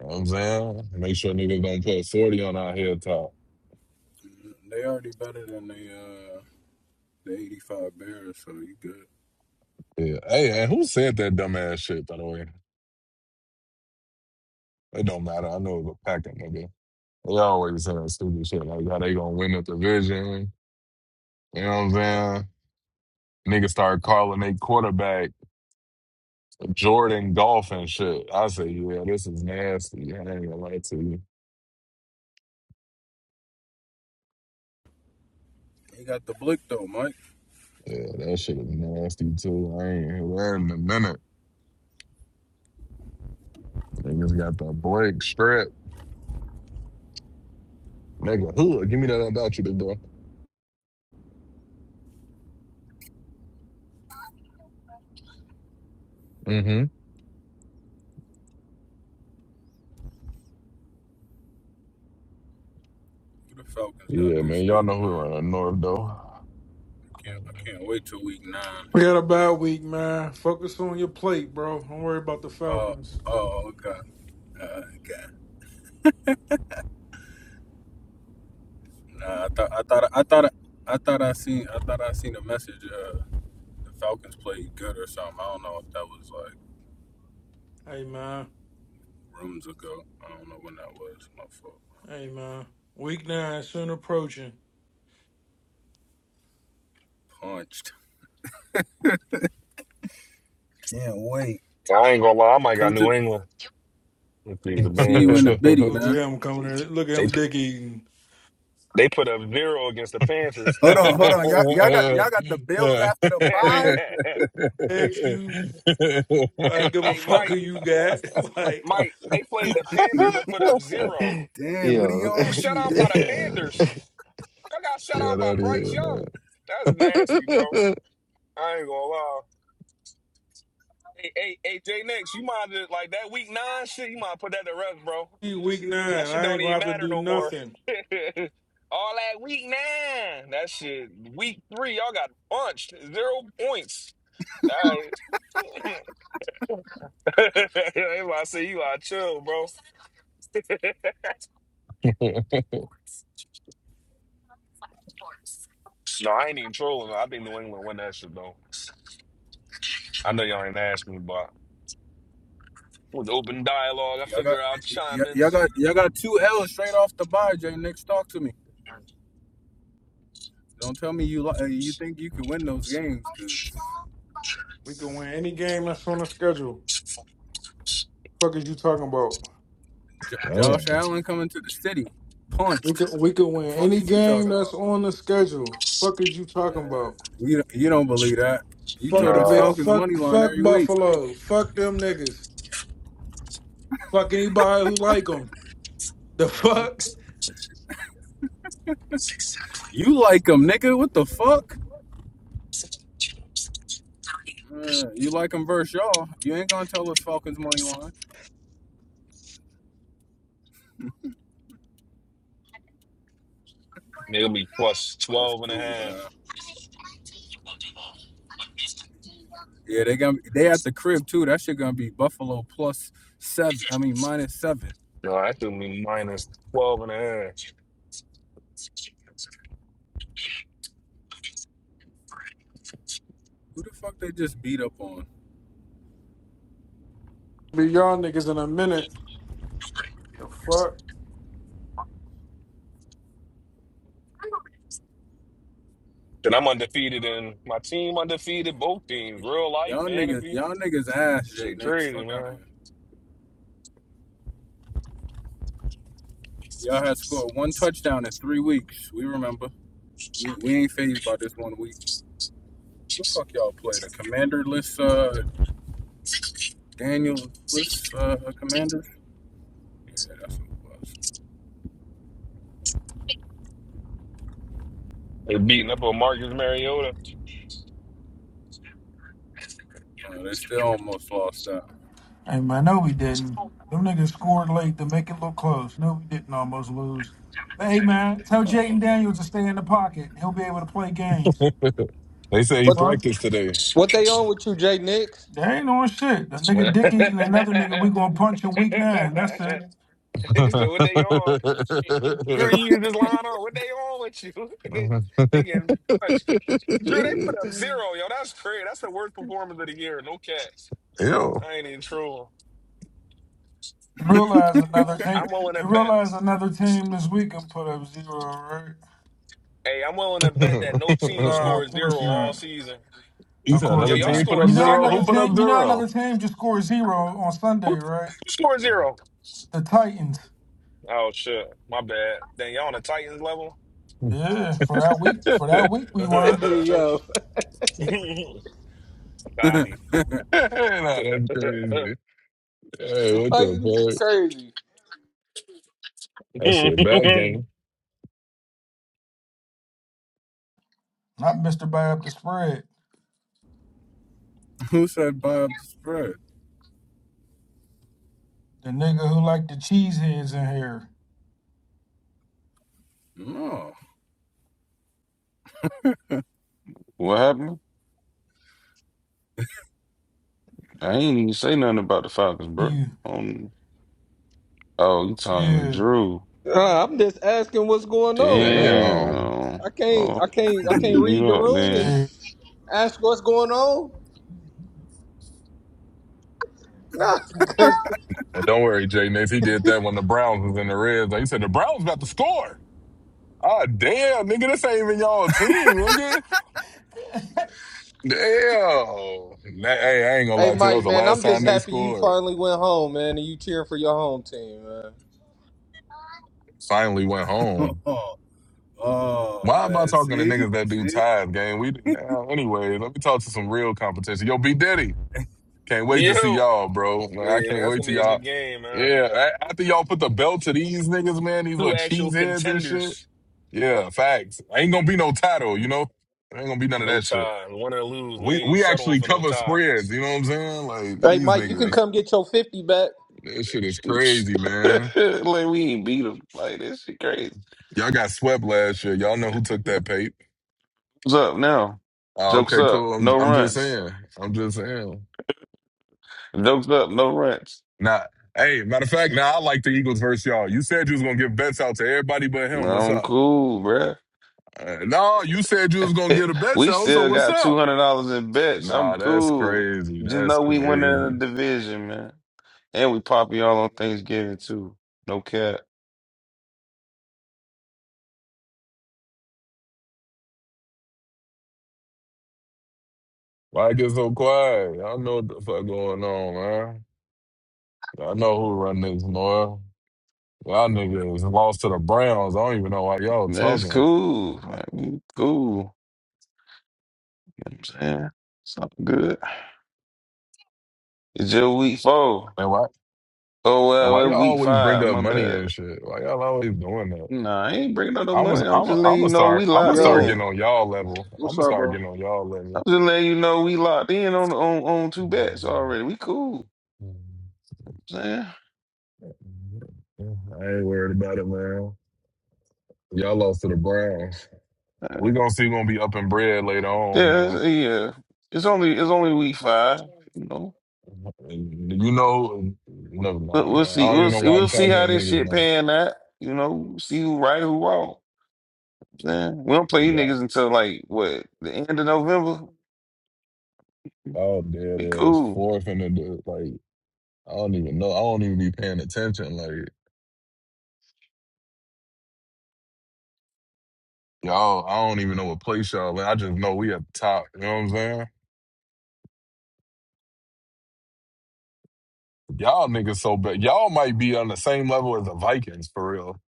Speaker 3: know what I'm saying? Make sure niggas don't put 40 on our head top.
Speaker 17: They already better than the uh, The 85 Bears, so you good.
Speaker 3: Yeah. Hey, and who said that dumbass shit, by the way? It don't matter. I know it was a Packer nigga. They always saying stupid shit like how they gonna win the division. You know what I'm saying? Niggas start calling they quarterback. Jordan golf and shit. I say, yeah, this is nasty. I ain't gonna lie to you.
Speaker 17: They got the blick though, Mike.
Speaker 3: Yeah, that shit is nasty too. I ain't wearing in a minute. Niggas got the break strip. Nigga, who? Give me that about you, big boy. Mm-hmm.
Speaker 17: Who the Falcons got
Speaker 3: Yeah, man.
Speaker 17: this
Speaker 3: Y'all
Speaker 17: week,
Speaker 3: know who around
Speaker 17: man?
Speaker 3: the north though.
Speaker 17: I can't, I can't wait till week nine.
Speaker 13: We had a bad week, man. Focus on your plate, bro. Don't worry about the
Speaker 17: Oh,
Speaker 13: Falcons.
Speaker 17: oh, God, uh, okay. Nah, I thought, I thought, I thought, I thought I seen, I thought I seen a message. Uh, the Falcons played good or something. I don't know if that was like
Speaker 13: Hey, man.
Speaker 17: rooms ago. I don't know when that was. My fault.
Speaker 13: Hey, man. Week nine soon approaching.
Speaker 17: Punched. Can't wait.
Speaker 9: I ain't gonna lie, I might got
Speaker 17: Come to
Speaker 9: New England. Let's see the
Speaker 3: yeah,
Speaker 17: see you
Speaker 9: band
Speaker 17: in the biddy,
Speaker 13: Look at
Speaker 17: man.
Speaker 13: him coming in. Look at
Speaker 9: They
Speaker 13: him
Speaker 9: p-
Speaker 13: dick eating.
Speaker 9: they put up zero against the Panthers.
Speaker 17: Hold
Speaker 9: That was
Speaker 17: on, hold
Speaker 9: not.
Speaker 17: on. Y'all, y'all got y'all got the Bills after the
Speaker 13: Think
Speaker 17: bye.
Speaker 9: hey,
Speaker 13: ask you. I give a
Speaker 9: hey,
Speaker 13: fuck who
Speaker 9: Mike,
Speaker 13: you got. like
Speaker 9: Mike, they played the Panthers and put up zero.
Speaker 17: Damn, what are you
Speaker 16: Yo.
Speaker 9: You
Speaker 17: on
Speaker 9: get
Speaker 17: with
Speaker 9: shut
Speaker 17: you,
Speaker 9: out
Speaker 17: Diddy?
Speaker 9: by the Panthers. I got shut out by
Speaker 3: that
Speaker 9: Bryce
Speaker 3: is.
Speaker 9: Young. That's nasty, bro. I ain't gonna lie. Hey, hey, hey, J Nix, you might just like that week nine shit. You might put that to rest, bro.
Speaker 13: week
Speaker 9: That
Speaker 13: nine,
Speaker 9: shit
Speaker 13: I
Speaker 9: don't
Speaker 13: ain't gonna
Speaker 9: even
Speaker 13: have to
Speaker 9: matter
Speaker 13: do
Speaker 9: no more.
Speaker 13: nothing.
Speaker 9: All that week nine, that shit. Week three, y'all got punched. Zero points. All right. I say you out chill, bro.
Speaker 3: Man.
Speaker 9: No, I ain't even trolling. I think New England win that shit though. I know y'all ain't asking me, but with open dialogue, I
Speaker 17: Y'all got,
Speaker 9: figure I'll chime in.
Speaker 17: y'all got, y'all got two L's straight off the bye. Jay, next talk to me. Don't tell me you li- uh, you think you can win those games because
Speaker 13: We can win any game that's on the schedule. Fuck is you talking about?
Speaker 17: J-
Speaker 3: Damn.
Speaker 17: Josh Allen coming to the city
Speaker 13: We
Speaker 17: punched.
Speaker 13: could we could
Speaker 17: The
Speaker 13: win
Speaker 17: fuck
Speaker 13: any
Speaker 17: is you
Speaker 13: game
Speaker 17: talking
Speaker 13: that's
Speaker 17: about?
Speaker 13: on the schedule. Fuck is you talking
Speaker 17: Man,
Speaker 13: about?
Speaker 17: you you don't believe that? You
Speaker 13: Fuck
Speaker 17: told
Speaker 13: the
Speaker 17: us
Speaker 13: big.
Speaker 9: No,
Speaker 17: Falcons money
Speaker 13: Fuck
Speaker 17: line
Speaker 13: fuck
Speaker 17: every week.
Speaker 13: Buffalo. Fuck them niggas. Fuck anybody who like them. The fuck.
Speaker 17: You like them, nigga? What the fuck? Man, you like them versus y'all? You ain't gonna tell us Falcons money line?
Speaker 9: it'll be plus plus
Speaker 17: That's
Speaker 9: twelve and a
Speaker 17: cool, man.
Speaker 9: half.
Speaker 17: Yeah, they gonna they at the crib too. That shit gonna be Buffalo plus seven. I mean minus seven.
Speaker 9: No, I threw me minus minus 12 and a half.
Speaker 17: Who the fuck they just beat up on?
Speaker 13: Be y'all niggas in a minute. The fuck.
Speaker 9: Then I'm undefeated and my team undefeated, both teams, real life,
Speaker 17: Y'all niggas,
Speaker 9: fantasy.
Speaker 17: y'all niggas ass J
Speaker 9: Shit
Speaker 17: Nix.
Speaker 9: crazy,
Speaker 17: Fuck out of
Speaker 9: man.
Speaker 17: here. Y'all had scored one touchdown in three weeks. We remember. We, we ain't phased by this one week. What the fuck y'all play? The commanderless uh Daniel list uh commanders? Yeah, that's what it was.
Speaker 9: They beating up on Marcus Mariota.
Speaker 17: Uh, they still almost lost that.
Speaker 13: Hey man, no we didn't. Them niggas scored late to make it look close. No, we didn't almost lose. But hey man, tell Jaden Daniels to stay in the pocket. He'll be able to play games.
Speaker 3: they say he
Speaker 12: What
Speaker 13: Fuck.
Speaker 3: practiced today.
Speaker 12: what they on with you, Jay Nix?
Speaker 13: They ain't on shit. The nigga dick eating another nigga we gonna punch in week nine. That's it.
Speaker 9: They said, what they on? Drew, you just lying on. What they on with you? they, they getting punched. Drew, they put up zero, yo. That's crazy. That's the worst performance of the year. No cats.
Speaker 3: Ew.
Speaker 9: I ain't even true.
Speaker 13: You realize another team
Speaker 9: I'm willing to
Speaker 13: you
Speaker 9: bet.
Speaker 13: realize another team this week can put up zero, right?
Speaker 9: Hey, I'm willing to bet that no
Speaker 13: No,
Speaker 9: team
Speaker 13: of
Speaker 9: scores zero
Speaker 13: course
Speaker 9: all
Speaker 13: not.
Speaker 9: season.
Speaker 3: you
Speaker 13: Of
Speaker 3: said
Speaker 9: Yo,
Speaker 13: course
Speaker 3: another
Speaker 9: y'all
Speaker 3: team
Speaker 13: not.
Speaker 3: put
Speaker 9: scored
Speaker 13: You
Speaker 3: up
Speaker 13: know
Speaker 3: zero. Who
Speaker 13: another
Speaker 9: zero.
Speaker 3: put up
Speaker 13: team. You know
Speaker 3: zero?
Speaker 13: another team just scored zero on
Speaker 9: Who,
Speaker 13: Sunday,
Speaker 9: who
Speaker 13: right?
Speaker 9: scored zero?
Speaker 13: The Titans.
Speaker 9: Oh shit, my bad. Then y'all on the Titans level?
Speaker 13: Yeah, for that week. For that week, we were
Speaker 12: Yo,
Speaker 17: Oh.
Speaker 9: Copy.
Speaker 3: nah, that's crazy. Hey,
Speaker 12: the
Speaker 3: what the
Speaker 12: Titans is
Speaker 3: fuck?
Speaker 12: crazy.
Speaker 3: That shit bad game.
Speaker 13: not Mister Buy Up the Spread.
Speaker 17: Who said Bob the spread?
Speaker 13: The nigga who liked the cheese heads in here.
Speaker 17: No.
Speaker 11: What happened? I ain't even say nothing about the Falcons, bro.
Speaker 13: You.
Speaker 11: Um, oh, you talking to
Speaker 13: Yeah.
Speaker 11: Drew?
Speaker 12: Uh, I'm just asking what's going on, man.
Speaker 3: Damn.
Speaker 11: Damn.
Speaker 12: I can't,
Speaker 11: Oh,
Speaker 12: I can't, I can't
Speaker 11: mm, you
Speaker 12: read the
Speaker 11: know
Speaker 12: room
Speaker 11: then.
Speaker 12: and
Speaker 13: Yeah.
Speaker 12: ask what's going on. Nah, 'cause-
Speaker 3: And don't worry, Jay Nix. He did that when the Browns was in the red zone. He said the Browns about to score. Ah, damn, nigga, this ain't even y'all team, nigga. Damn. That- hey, I ain't gonna
Speaker 12: hey
Speaker 3: lie to you. That was
Speaker 12: Mike,
Speaker 3: the
Speaker 12: man,
Speaker 3: last
Speaker 12: I'm
Speaker 3: time
Speaker 12: just
Speaker 3: they
Speaker 12: happy you
Speaker 3: scored.
Speaker 12: finally went home, man, and you cheering for your home team, man.
Speaker 3: Finally went home.
Speaker 17: Oh
Speaker 3: Why am I
Speaker 17: man,
Speaker 3: talking to
Speaker 17: see,
Speaker 3: niggas that do
Speaker 17: see.
Speaker 3: ties, gang? We now anyway, let me talk to some real competition. Yo, B Diddy. Can't wait to see
Speaker 9: you.
Speaker 3: y'all, bro. Like, I
Speaker 9: Yeah, man,
Speaker 3: can't
Speaker 9: that's
Speaker 3: wait
Speaker 9: gonna
Speaker 3: to
Speaker 9: be a good
Speaker 3: y'all.
Speaker 9: game, man.
Speaker 3: Yeah, a- after y'all put the belt to these niggas, man, these
Speaker 9: Two
Speaker 3: little
Speaker 9: actual
Speaker 3: cheeseheads and shit.
Speaker 9: contenders.
Speaker 3: Yeah, facts. Ain't gonna be no title, you know? Ain't gonna be none of
Speaker 9: No
Speaker 3: that shit.
Speaker 9: tie. Win or lose. We
Speaker 3: We
Speaker 9: ain't
Speaker 3: we
Speaker 9: settling
Speaker 3: actually
Speaker 9: for no
Speaker 3: cover
Speaker 9: tie.
Speaker 3: spreads, you know what I'm saying? Like
Speaker 12: Hey
Speaker 3: these
Speaker 12: Mike, you can
Speaker 3: niggas.
Speaker 12: come get your fifty back.
Speaker 3: This shit is crazy, man.
Speaker 11: like we ain't beat him. Like this shit crazy.
Speaker 3: Y'all got swept last year. Y'all know who took that pape.
Speaker 11: What's up now?
Speaker 3: Oh,
Speaker 11: Jokes
Speaker 3: okay,
Speaker 11: up.
Speaker 3: cool. I'm
Speaker 11: No
Speaker 3: I'm just
Speaker 11: runs.
Speaker 3: saying. I'm just saying.
Speaker 11: Jokes up. No runs.
Speaker 3: Now, hey, matter of fact, now I like the Eagles versus y'all. You said you was gonna give bets out to everybody but him.
Speaker 11: Bro,
Speaker 3: What's
Speaker 11: I'm
Speaker 3: up?
Speaker 11: cool, bro.
Speaker 3: Uh, no, you said you was gonna get a bets
Speaker 11: we
Speaker 3: out. So
Speaker 11: still
Speaker 3: what's
Speaker 11: got two
Speaker 3: up?
Speaker 11: hundred dollars in bets.
Speaker 3: Nah,
Speaker 11: I'm
Speaker 3: that's
Speaker 11: cool.
Speaker 3: crazy.
Speaker 11: Just
Speaker 3: That's
Speaker 11: know we
Speaker 3: crazy.
Speaker 11: winning the division, man. And we pop y'all on Thanksgiving too. No cap.
Speaker 3: Why it get so quiet? Y'all know what the fuck going on, man. Y'all know who run this, man. Y'all niggas lost to the Browns. I don't even know why y'all
Speaker 11: That's
Speaker 3: talking.
Speaker 11: cool. Like, we cool. You know what I'm saying? Something good. It's just week four.
Speaker 3: Man, why?
Speaker 11: Oh,
Speaker 3: And why
Speaker 11: well,
Speaker 3: y'all
Speaker 11: it's week
Speaker 3: always bring
Speaker 11: five.
Speaker 3: up
Speaker 11: My
Speaker 3: money
Speaker 11: bad.
Speaker 3: and shit? Why y'all always doing that?
Speaker 11: Nah, I ain't bringing up no
Speaker 3: I'm gonna,
Speaker 11: money. I'm
Speaker 3: I'm
Speaker 11: just
Speaker 3: gonna, I'm
Speaker 11: letting you
Speaker 3: gonna
Speaker 11: know we
Speaker 3: start, I'm gonna
Speaker 11: locked
Speaker 3: start
Speaker 6: Yo,
Speaker 3: getting
Speaker 11: in.
Speaker 3: on y'all level. I'm
Speaker 6: what's
Speaker 3: gonna
Speaker 6: up,
Speaker 3: start
Speaker 6: bro?
Speaker 3: getting on y'all level.
Speaker 11: I'm just letting you know we locked in on on, on two bets already. We cool. You know
Speaker 3: I ain't worried about it, man. Y'all lost to the Browns.
Speaker 11: what I'm saying? Uh,
Speaker 3: We gonna see. We gonna be up in bread later on,
Speaker 11: Yeah,
Speaker 3: man.
Speaker 11: it's, yeah. It's only it's only week five. You know,
Speaker 3: And you know, never
Speaker 11: but
Speaker 3: mind,
Speaker 11: we'll
Speaker 3: man. I
Speaker 11: see.
Speaker 3: don't even
Speaker 11: We'll
Speaker 3: know
Speaker 11: see.
Speaker 3: why I'm
Speaker 11: We'll see
Speaker 3: talking to
Speaker 11: how this
Speaker 3: niggas,
Speaker 11: shit
Speaker 3: man.
Speaker 11: pan out. You know, see who right, who wrong. You know what I'm Saying we don't play
Speaker 3: Like,
Speaker 11: you
Speaker 3: y'all,
Speaker 11: niggas until like what the end of November.
Speaker 3: all dead
Speaker 11: We
Speaker 3: ass
Speaker 11: cool.
Speaker 3: fourth and the like. I don't even know. I don't even be paying attention, like. Y'all, I don't even know what place y'all in. I just know we at the top. You know what I'm saying? Y'all niggas so bad. Y'all might be on the same level as the Vikings for real.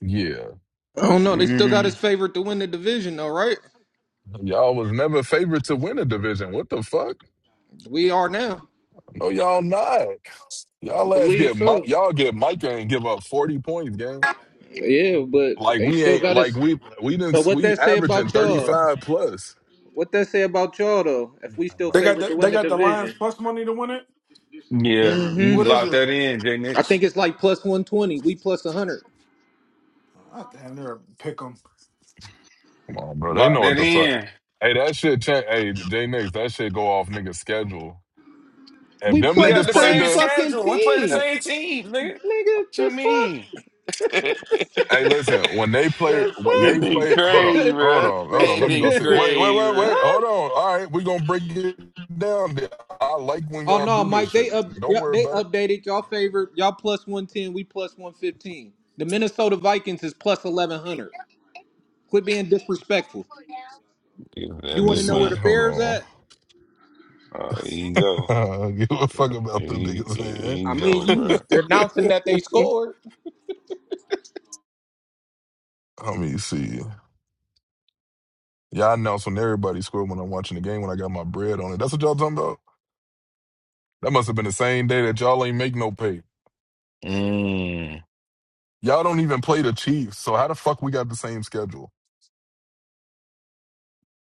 Speaker 3: Yeah.
Speaker 12: I don't know. They still got his
Speaker 11: Mm,
Speaker 12: favorite to win the division, though, right?
Speaker 3: Y'all was never favored to win a division. What the fuck?
Speaker 12: We are now.
Speaker 3: No, y'all not. Y'all
Speaker 12: I
Speaker 3: last
Speaker 12: believe
Speaker 3: get Mi-
Speaker 12: so.
Speaker 3: y'all get Micah and give up 40 points, gang.
Speaker 12: Yeah, but
Speaker 3: Like
Speaker 12: they
Speaker 3: we
Speaker 12: still
Speaker 3: ain't
Speaker 12: got
Speaker 3: like
Speaker 12: us.
Speaker 3: we we
Speaker 12: So
Speaker 3: didn't
Speaker 12: what
Speaker 3: we
Speaker 12: that say
Speaker 3: averaging
Speaker 12: about y'all?
Speaker 3: 35 plus.
Speaker 12: What that say about y'all though? If we still
Speaker 13: They
Speaker 3: Come
Speaker 13: got
Speaker 12: favored to
Speaker 13: the,
Speaker 12: win
Speaker 13: they
Speaker 12: the
Speaker 13: got the Lions
Speaker 12: division,
Speaker 13: plus money to win it.
Speaker 11: yeah,
Speaker 12: hmm
Speaker 11: you
Speaker 13: What is
Speaker 11: lock
Speaker 13: it?
Speaker 11: that in, J
Speaker 12: I think
Speaker 11: Nix.
Speaker 12: it's like plus one twenty. We plus one hundred.
Speaker 13: I damn near pick them.
Speaker 3: on, bro. They
Speaker 11: Lock
Speaker 3: know what
Speaker 11: that
Speaker 3: the fuck.
Speaker 11: in.
Speaker 3: Hey, that shit change. Hey, J Nix, that shit go off niggas' schedule. If
Speaker 12: We
Speaker 3: them
Speaker 11: We
Speaker 12: play the
Speaker 11: got
Speaker 3: niggas
Speaker 11: the
Speaker 3: played
Speaker 12: same
Speaker 11: same
Speaker 3: the
Speaker 12: fucking
Speaker 11: schedule. We play the
Speaker 12: team,
Speaker 11: same team, nigga. What
Speaker 12: nigga.
Speaker 11: you
Speaker 12: The fuck?
Speaker 11: mean?
Speaker 3: Hey, listen. When they play, when
Speaker 11: It
Speaker 3: they
Speaker 11: been
Speaker 3: play, hold on,
Speaker 11: crazy,
Speaker 12: The
Speaker 3: hold
Speaker 11: bro.
Speaker 3: on, hold on.
Speaker 11: It
Speaker 3: Let me go
Speaker 11: been
Speaker 3: sit.
Speaker 12: fuck?
Speaker 3: Wait, wait,
Speaker 11: crazy,
Speaker 3: wait,
Speaker 11: bro.
Speaker 3: wait.
Speaker 12: huh?
Speaker 3: Hold on. All right, we gonna break it down. There. I like when
Speaker 12: Oh
Speaker 3: y'all
Speaker 12: no,
Speaker 3: do this
Speaker 12: Mike. They
Speaker 3: shit.
Speaker 12: up.
Speaker 3: Don't
Speaker 12: Yep,
Speaker 3: worry
Speaker 12: they
Speaker 3: about it.
Speaker 12: updated y'all favorite. Y'all plus one ten. We plus one fifteen. The Minnesota Vikings is plus eleven hundred. Quit being disrespectful.
Speaker 11: Yeah,
Speaker 12: You
Speaker 11: That
Speaker 3: Let me
Speaker 12: want
Speaker 11: they
Speaker 12: to know where
Speaker 11: my.
Speaker 3: see.
Speaker 12: the
Speaker 3: Hold
Speaker 12: Bears at?
Speaker 11: Oh, here you go.
Speaker 3: on. Give a fuck about
Speaker 11: Here
Speaker 3: them
Speaker 11: you, here
Speaker 3: niggas,
Speaker 12: I
Speaker 11: you
Speaker 12: mean,
Speaker 11: go,
Speaker 12: you
Speaker 11: bro.
Speaker 12: was announcing that they
Speaker 3: man.
Speaker 12: scored.
Speaker 3: Let me see. Y'all announced when everybody scored when I'm watching the game when I got my bread on it. That's what y'all talking about. That must have been the same day that y'all ain't make no pay.
Speaker 11: Mm.
Speaker 3: Y'all don't even play the Chiefs. So how the fuck we got the same schedule?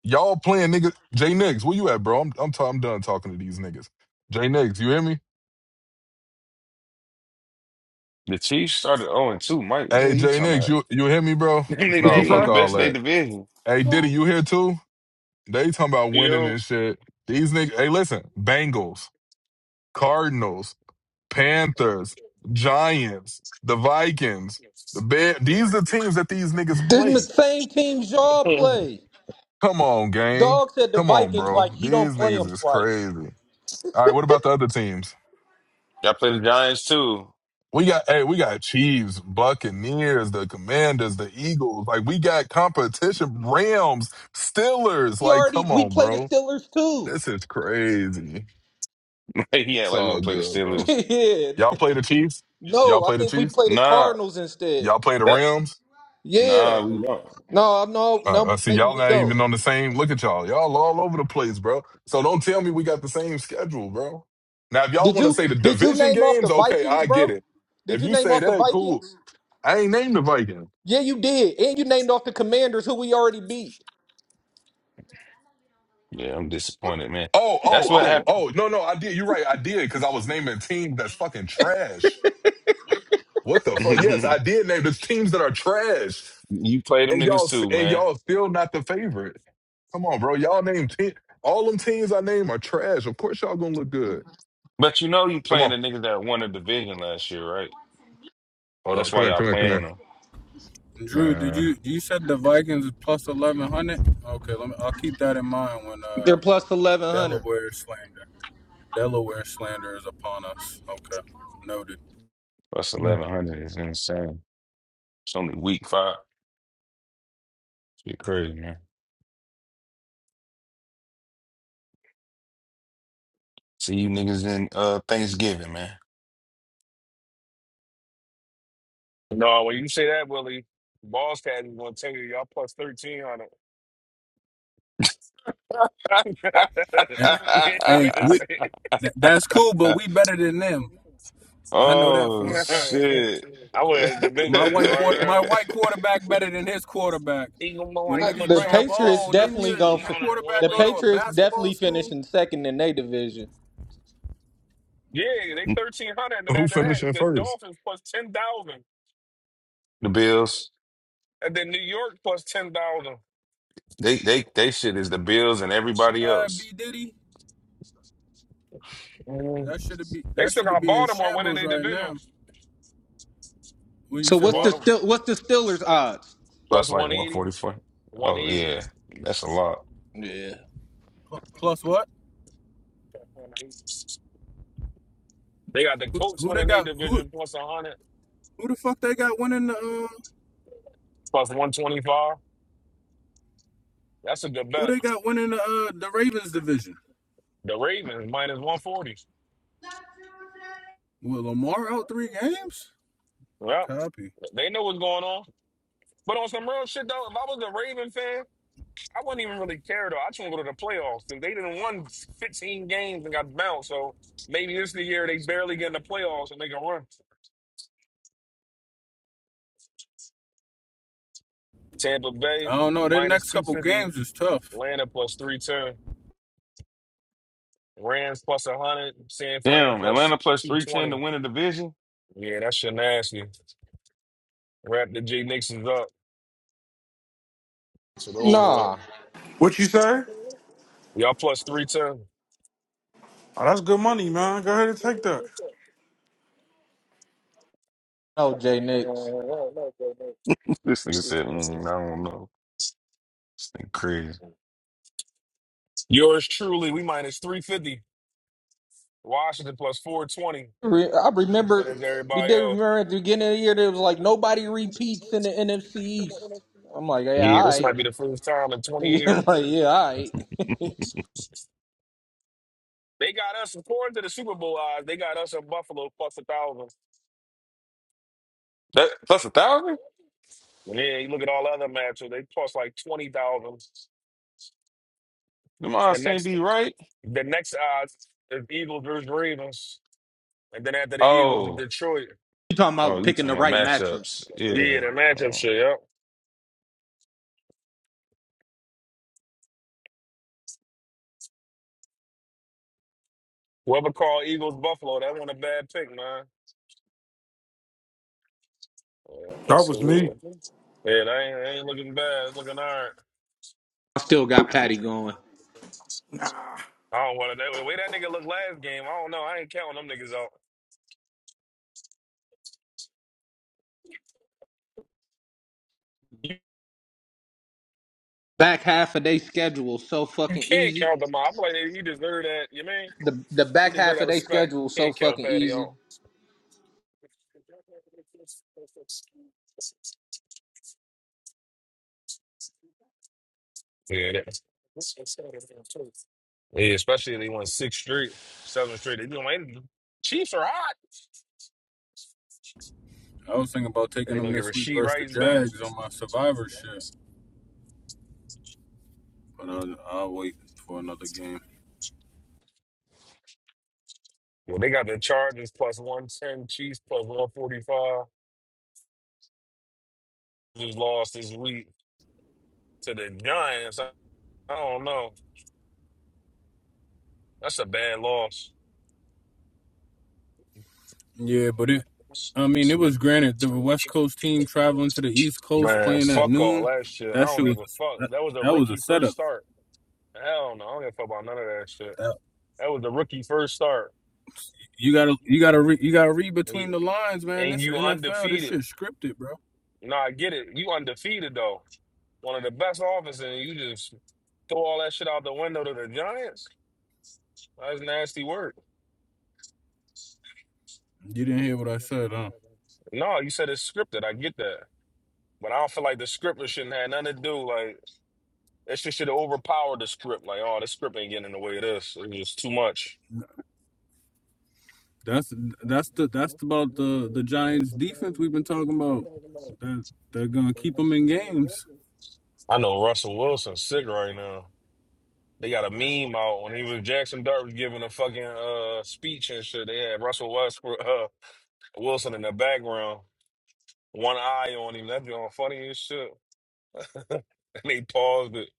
Speaker 3: Y'all playing nigga Jay Nix, where you at, bro? I'm I'm, t- I'm done talking to these niggas. Jay Nix, you hear me?
Speaker 11: The Chiefs started 0 2. Mike, what the hell
Speaker 3: Hey
Speaker 11: you
Speaker 3: Jay
Speaker 11: talking
Speaker 3: Nix,
Speaker 11: about?
Speaker 3: you you hear me, bro?
Speaker 11: Them niggas
Speaker 13: What
Speaker 3: No,
Speaker 13: you
Speaker 11: ain't
Speaker 3: fuck
Speaker 13: say?
Speaker 11: even the
Speaker 3: all
Speaker 11: best in their
Speaker 3: that.
Speaker 11: division.
Speaker 3: Hey Diddy, you here too? They talking about
Speaker 9: You
Speaker 3: winning
Speaker 9: know,
Speaker 3: and shit. These niggas hey listen, Bengals, Cardinals, Panthers, Giants, the Vikings, the Bear these the teams that these niggas
Speaker 12: This is the
Speaker 3: play.
Speaker 12: same team y'all play.
Speaker 3: Come on, gang.
Speaker 12: Dog said the
Speaker 3: Come on,
Speaker 12: Vikings
Speaker 3: bro.
Speaker 12: like he don't
Speaker 3: These
Speaker 12: play
Speaker 3: niggas
Speaker 12: them
Speaker 3: is
Speaker 12: twice.
Speaker 3: crazy. All right, what about the other teams?
Speaker 11: Y'all play the Giants too.
Speaker 3: We got hey, we got Chiefs, Buccaneers, the Commanders, the Eagles. Like we got competition. Rams, Steelers.
Speaker 12: We
Speaker 3: Like,
Speaker 12: already
Speaker 3: come
Speaker 12: we
Speaker 3: on,
Speaker 12: play the
Speaker 3: bro.
Speaker 12: Steelers too.
Speaker 3: This is crazy.
Speaker 11: he act
Speaker 3: It's
Speaker 11: like we
Speaker 3: all
Speaker 11: don't play the
Speaker 3: good, bro.
Speaker 11: Steelers.
Speaker 12: yeah.
Speaker 3: Y'all play the Chiefs? Y'all
Speaker 12: No, I
Speaker 3: play the
Speaker 12: think we
Speaker 3: Chiefs?
Speaker 12: play the
Speaker 11: Nah,
Speaker 12: Cardinals instead.
Speaker 3: Y'all play the
Speaker 11: that
Speaker 3: Rams?
Speaker 12: Yeah.
Speaker 11: nah, we don't.
Speaker 12: No, no,
Speaker 3: Uh, I
Speaker 12: no.
Speaker 3: see
Speaker 12: Maybe
Speaker 3: y'all
Speaker 12: we
Speaker 3: not
Speaker 12: don't.
Speaker 3: even on the same. Look at y'all. Y'all all over the place, bro. So don't tell me we got the same schedule, bro. Now, if y'all
Speaker 12: Did
Speaker 3: want to
Speaker 12: you
Speaker 3: say the
Speaker 12: did you
Speaker 3: division
Speaker 12: name off
Speaker 3: games,
Speaker 12: the
Speaker 3: okay,
Speaker 12: Vikings,
Speaker 3: I get
Speaker 12: bro?
Speaker 3: it.
Speaker 12: Did
Speaker 3: If
Speaker 12: you
Speaker 3: you
Speaker 12: name
Speaker 3: say
Speaker 12: off the
Speaker 3: that, cool.
Speaker 12: Vikings?
Speaker 3: I ain't named the Vikings.
Speaker 12: Yeah, you did, and you named off the Commanders, who we already beat.
Speaker 11: Yeah, I'm disappointed, man.
Speaker 3: Oh, oh,
Speaker 11: That's what
Speaker 3: oh, oh. No, no, I did. You're right. I did because I was naming teams that's fucking trash. What the fuck? Yes, I
Speaker 11: happened.
Speaker 3: did name the teams that are trash.
Speaker 11: You play them
Speaker 3: And
Speaker 11: niggas
Speaker 3: y'all
Speaker 11: too,
Speaker 3: and
Speaker 11: man.
Speaker 3: y'all still not the favorite. Come on, bro. Y'all name te- all them teams I name are trash. Of course y'all gonna look good.
Speaker 11: But you know you
Speaker 3: Come
Speaker 11: playing
Speaker 3: on.
Speaker 11: the niggas that won the division last year, right?
Speaker 3: Hold on.
Speaker 11: That's
Speaker 3: Come
Speaker 11: why
Speaker 3: here,
Speaker 11: y'all
Speaker 3: come here, come
Speaker 11: playing
Speaker 3: here.
Speaker 11: them.
Speaker 3: Nah.
Speaker 17: Drew, did you you said the Vikings is plus eleven hundred? Okay, let me. I'll keep that in mind when uh
Speaker 12: They're plus eleven hundred.
Speaker 17: Delaware slander, Delaware slander is upon us. Okay, noted.
Speaker 11: Plus
Speaker 3: Come
Speaker 11: eleven hundred is insane. It's only week five. Shit crazy, man. See you niggas in uh Thanksgiving, man.
Speaker 9: no, when you say that, Willie, Boss Cat is gonna tell you y'all plus thirteen on it.
Speaker 17: Eh,
Speaker 9: he ain't
Speaker 17: Hey,
Speaker 9: gonna be
Speaker 17: we
Speaker 9: say
Speaker 17: tha- that's cool, but we better than them. I know that
Speaker 11: Oh
Speaker 17: for a fact.
Speaker 11: shit.
Speaker 9: I would have
Speaker 17: My
Speaker 9: division shit
Speaker 17: white
Speaker 9: right
Speaker 17: quarter, my
Speaker 9: now.
Speaker 17: white quarterback better than his quarterback.
Speaker 9: He gonna be
Speaker 17: When
Speaker 9: like
Speaker 12: Uh,
Speaker 17: niggas
Speaker 12: The
Speaker 17: bring up,
Speaker 9: Machamp
Speaker 12: Patriots
Speaker 9: plus
Speaker 17: oh, didn't
Speaker 12: definitely
Speaker 17: your
Speaker 12: going
Speaker 9: thirteen
Speaker 17: your
Speaker 12: to
Speaker 9: on it,
Speaker 17: quarterback
Speaker 12: the
Speaker 17: go to
Speaker 9: Willie.
Speaker 17: a
Speaker 12: Patriots
Speaker 17: basketball
Speaker 12: definitely
Speaker 17: school?
Speaker 12: finishing second in their division.
Speaker 9: Yeah, they thirteen hundred, and
Speaker 3: on.
Speaker 9: then
Speaker 3: Who
Speaker 9: after that,
Speaker 3: finishing
Speaker 9: the
Speaker 3: first?
Speaker 9: Dolphins plus ten thousand,
Speaker 11: The Bills.
Speaker 9: and then New York plus ten thousand.
Speaker 11: They they they shit is the Bills and everybody
Speaker 17: Uh,
Speaker 11: else.
Speaker 17: B Diddy.
Speaker 9: Mm.
Speaker 17: That should be
Speaker 9: They
Speaker 17: that
Speaker 9: still
Speaker 17: should
Speaker 9: got
Speaker 17: be in
Speaker 9: Baltimore winning
Speaker 17: shambles
Speaker 9: their
Speaker 17: right
Speaker 9: division.
Speaker 17: now. When you
Speaker 12: So
Speaker 17: said
Speaker 12: what's the
Speaker 17: what?
Speaker 9: Baltimore plus
Speaker 12: still what's the Steelers odds?
Speaker 9: plus
Speaker 11: Plus like
Speaker 9: one eighty,
Speaker 11: 144.
Speaker 9: one
Speaker 11: Oh
Speaker 9: eighty.
Speaker 11: yeah. That's a lot.
Speaker 12: Yeah.
Speaker 17: Plus what?
Speaker 9: They got the
Speaker 17: Who,
Speaker 9: Colts
Speaker 17: who they
Speaker 9: winning their
Speaker 17: got? Who
Speaker 9: division plus 100,
Speaker 17: who the fuck they got winning the? Uh,
Speaker 9: plus 125. That's a good bet.
Speaker 17: who they got winning the uh, the Ravens division?
Speaker 9: The Ravens minus 140.
Speaker 17: Will Lamar out three games?
Speaker 9: Yeah,
Speaker 17: Copy.
Speaker 9: they know what's going on. But on some real shit, though, if I was a Raven fan, I wouldn't even really care, though. I just want to go to the playoffs because they didn't won 15 games and got bounced. So maybe this is the year they barely get in the playoffs and they can run. Tampa Bay
Speaker 17: I don't know. Their
Speaker 9: minus
Speaker 17: next couple
Speaker 9: 250,
Speaker 17: games is tough.
Speaker 9: Atlanta plus 310. Rams plus 100, San Fran
Speaker 11: Damn,
Speaker 9: plus
Speaker 11: Atlanta plus 310 to
Speaker 9: 220.
Speaker 11: win a division.
Speaker 9: Yeah, that shit nasty. Wrap the J Nixon's up to the over with.
Speaker 12: Nah,
Speaker 13: What you say?
Speaker 9: Y'all plus 310.
Speaker 13: Oh, that's good money, man. Go ahead and take that.
Speaker 12: no Jay Nix.
Speaker 11: This nigga said, mm, I don't know. This thing crazy.
Speaker 9: Yours truly, we minus 350. Washington plus 420.
Speaker 12: Re- I
Speaker 9: And
Speaker 12: remember
Speaker 9: as
Speaker 12: you
Speaker 9: everybody
Speaker 12: did
Speaker 9: else.
Speaker 12: remember at the beginning of the year there was like nobody repeats in the NFC East. I'm like, yeah,
Speaker 9: Yeah,
Speaker 12: all
Speaker 9: this
Speaker 12: right.
Speaker 9: might be the first time in 20
Speaker 12: I'm
Speaker 9: years.
Speaker 12: like, yeah, all right. You
Speaker 9: They got us, according to the Super Bowl odds, they got us in Buffalo plus 1,000.
Speaker 11: That okay.
Speaker 9: And then you look at all the other matches, they plus like 20,000.
Speaker 11: Them
Speaker 9: The
Speaker 11: odds can't
Speaker 9: next
Speaker 11: be right.
Speaker 9: the next odds is Eagles versus Ravens. And then after the Eagles, in
Speaker 11: Oh.
Speaker 9: Detroit.
Speaker 12: talking
Speaker 11: Oh,
Speaker 12: about
Speaker 11: you
Speaker 12: picking the
Speaker 11: talking about
Speaker 12: right matchup?
Speaker 11: matchups.
Speaker 9: Yeah,
Speaker 11: Yeah.
Speaker 9: that matchup
Speaker 11: Uh,
Speaker 9: shit, yep. Whoever called Eagles Buffalo, that wasn't a bad pick, man.
Speaker 13: That was me.
Speaker 9: Yeah, that ain't, that ain't looking bad. It's looking all right.
Speaker 12: I still got Patty going.
Speaker 9: I don't want to. The way that nigga looked last game, I don't know. I ain't counting them niggas out. You,
Speaker 12: Back half of their schedule so
Speaker 9: you
Speaker 12: fucking
Speaker 9: can't
Speaker 12: easy.
Speaker 9: count them out. I'm like, you deserve that. You mean?
Speaker 12: The the
Speaker 9: You
Speaker 12: back
Speaker 9: deserve
Speaker 12: half
Speaker 9: that
Speaker 12: of their
Speaker 9: respect.
Speaker 12: schedule
Speaker 9: You
Speaker 12: so
Speaker 9: can't count
Speaker 12: fucking
Speaker 9: Patty
Speaker 12: easy.
Speaker 9: out. Yeah, that, yeah especially if they won 6th straight, 7th straight. They gonna win. Chiefs are hot.
Speaker 17: I was thinking about
Speaker 9: And
Speaker 17: taking
Speaker 9: they're
Speaker 17: them
Speaker 9: going to get
Speaker 17: this week
Speaker 9: Rasheed
Speaker 17: versus the
Speaker 9: Rice back.
Speaker 17: Jags on my Survivor shit, but I'll, I'll wait for another game.
Speaker 9: Well, they got the Chargers plus 110, Chiefs plus 145. just lost this week to the Giants. I, I don't know. That's a bad loss.
Speaker 17: Yeah, but it. I mean, it
Speaker 9: Shit.
Speaker 17: was granted the West Coast team traveling to the East Coast
Speaker 9: Man,
Speaker 17: playing at
Speaker 9: fuck all
Speaker 17: noon.
Speaker 9: that shit. I
Speaker 17: That
Speaker 9: don't
Speaker 17: shit was
Speaker 9: give a fuck.
Speaker 17: that,
Speaker 9: That was a
Speaker 17: that was a
Speaker 9: rookie first
Speaker 17: setup.
Speaker 9: start. Hell no, I don't give a fuck about none of that shit.
Speaker 17: That
Speaker 9: That was a rookie first start.
Speaker 17: You gotta, you gotta, re, you gotta read between
Speaker 9: And
Speaker 17: the lines, man.
Speaker 9: and
Speaker 17: This
Speaker 9: you
Speaker 17: NFL, this
Speaker 9: undefeated.
Speaker 17: shit scripted, bro.
Speaker 9: No, I get it. You undefeated though. One of the best offenses, and you just throw all that shit out the window to the Giants. That's nasty work.
Speaker 17: You didn't hear what I said, huh?
Speaker 9: No, you said it's scripted. I get that. But I don't feel like the script shouldn't have nothing to do. Like that shit should have overpowered the script. Like, oh, this script ain't getting in the way of this. It was too much.
Speaker 17: That's that's the that's about the the Giants' defense we've been talking about. That they're gonna keep them in games.
Speaker 9: I know Russell Wilson's sick right now. They got a meme out when he was Jackson Dart was giving a fucking uh speech and shit. They had Russell Westbrook, uh, Wilson in the background, one eye on him. That on funny as shit. and they paused it.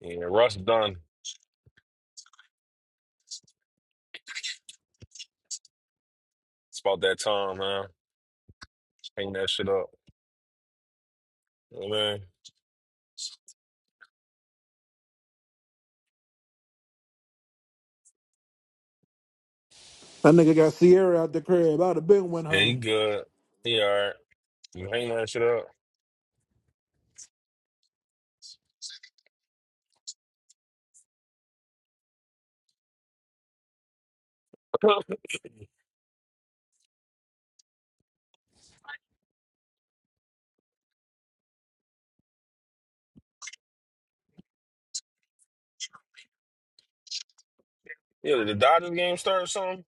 Speaker 9: Yeah, Russ done. It's about that time, man. Hang that shit up. You know what I mean?
Speaker 13: That nigga got Sierra out the crib. I'd have been went
Speaker 9: Yeah, he
Speaker 13: home.
Speaker 9: good. He all right. You hang that shit up. Yeah, did the Dodgers game start or something?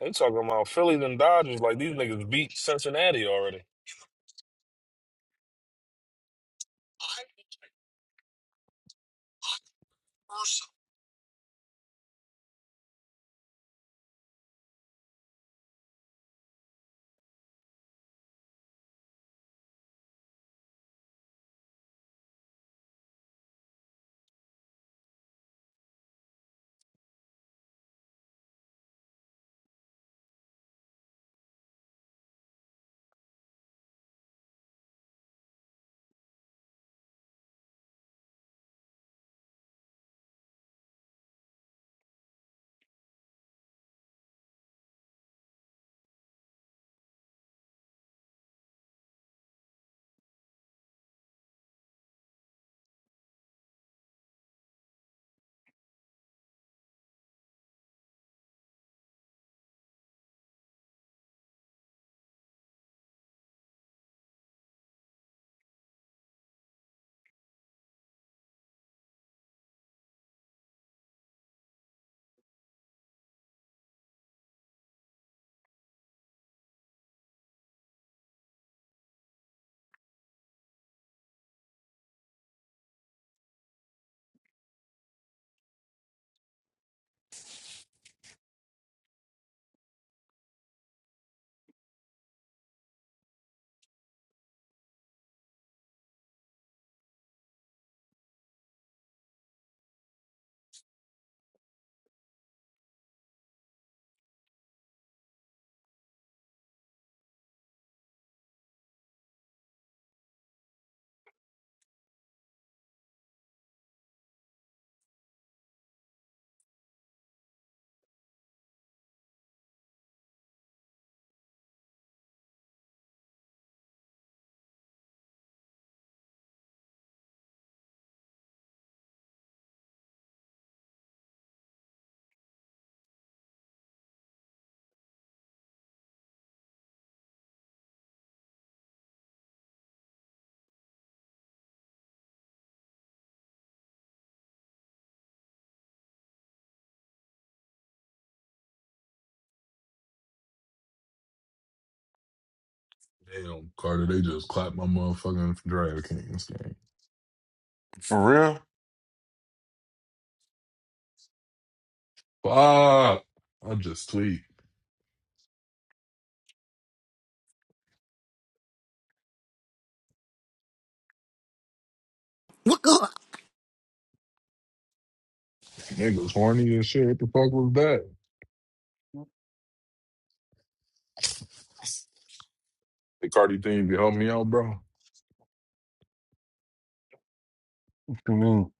Speaker 9: They talking about Phillies and Dodgers like these niggas beat Cincinnati already.
Speaker 3: Damn, Carter, they just clapped my motherfucking DraftKings game.
Speaker 11: For real?
Speaker 3: Fuck. I just tweet.
Speaker 13: What go?
Speaker 3: Niggas horny and shit. What the fuck was that? The Cardi thing, you can help me out, bro.
Speaker 11: You mean-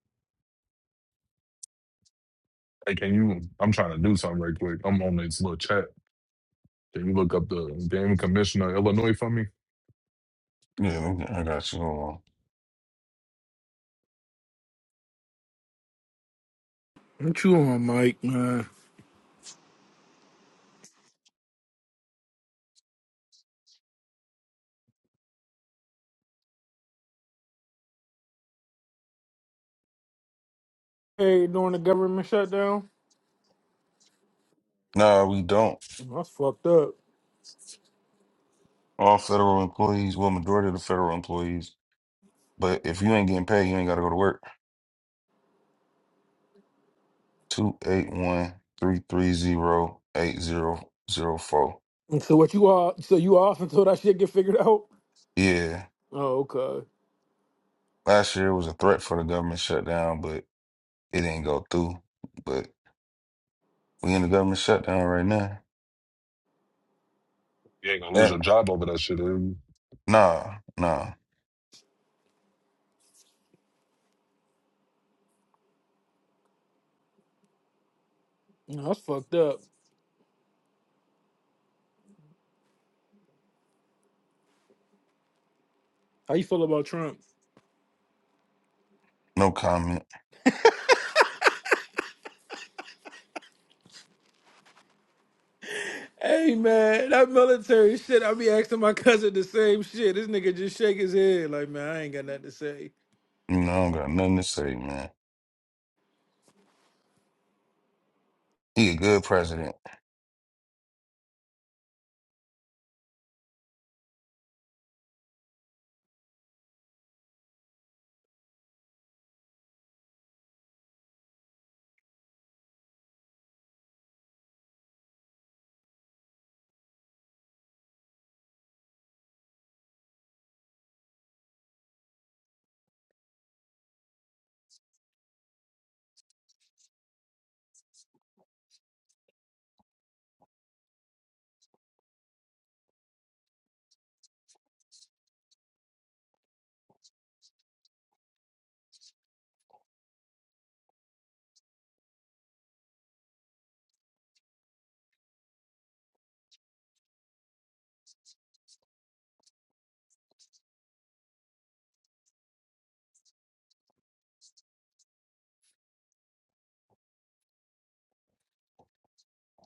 Speaker 3: Hey, can you? I'm trying to do something right quick. I'm on this little chat. Can you look up the damn commissioner of Illinois for me?
Speaker 11: Yeah, we- I got you. Hold on.
Speaker 13: What you on, Mike, man? Hey, during the government shutdown,
Speaker 11: Nah, we don't.
Speaker 13: that's fucked up.
Speaker 11: All federal employees, well, majority of the federal employees. But if you ain't getting paid, you ain't gotta go to work. Two eight one three three zero eight zero zero four.
Speaker 13: And So what you all? So you off until that shit get figured out?
Speaker 11: Yeah.
Speaker 13: Oh, okay.
Speaker 11: Last year was a threat for the government shutdown, but it didn't go through. But we in the government shutdown right now.
Speaker 3: You ain't gonna lose
Speaker 11: That
Speaker 3: your job over that shit. eh?
Speaker 11: nah, nah,
Speaker 13: No, That's fucked up. How you feel about Trump?
Speaker 11: no comment.
Speaker 13: Hey man, that military shit. I be asking my cousin the same shit. This nigga just shake his head like, man, I ain't got nothing to say.
Speaker 11: You know, I don't got nothing to say, man. He a good president.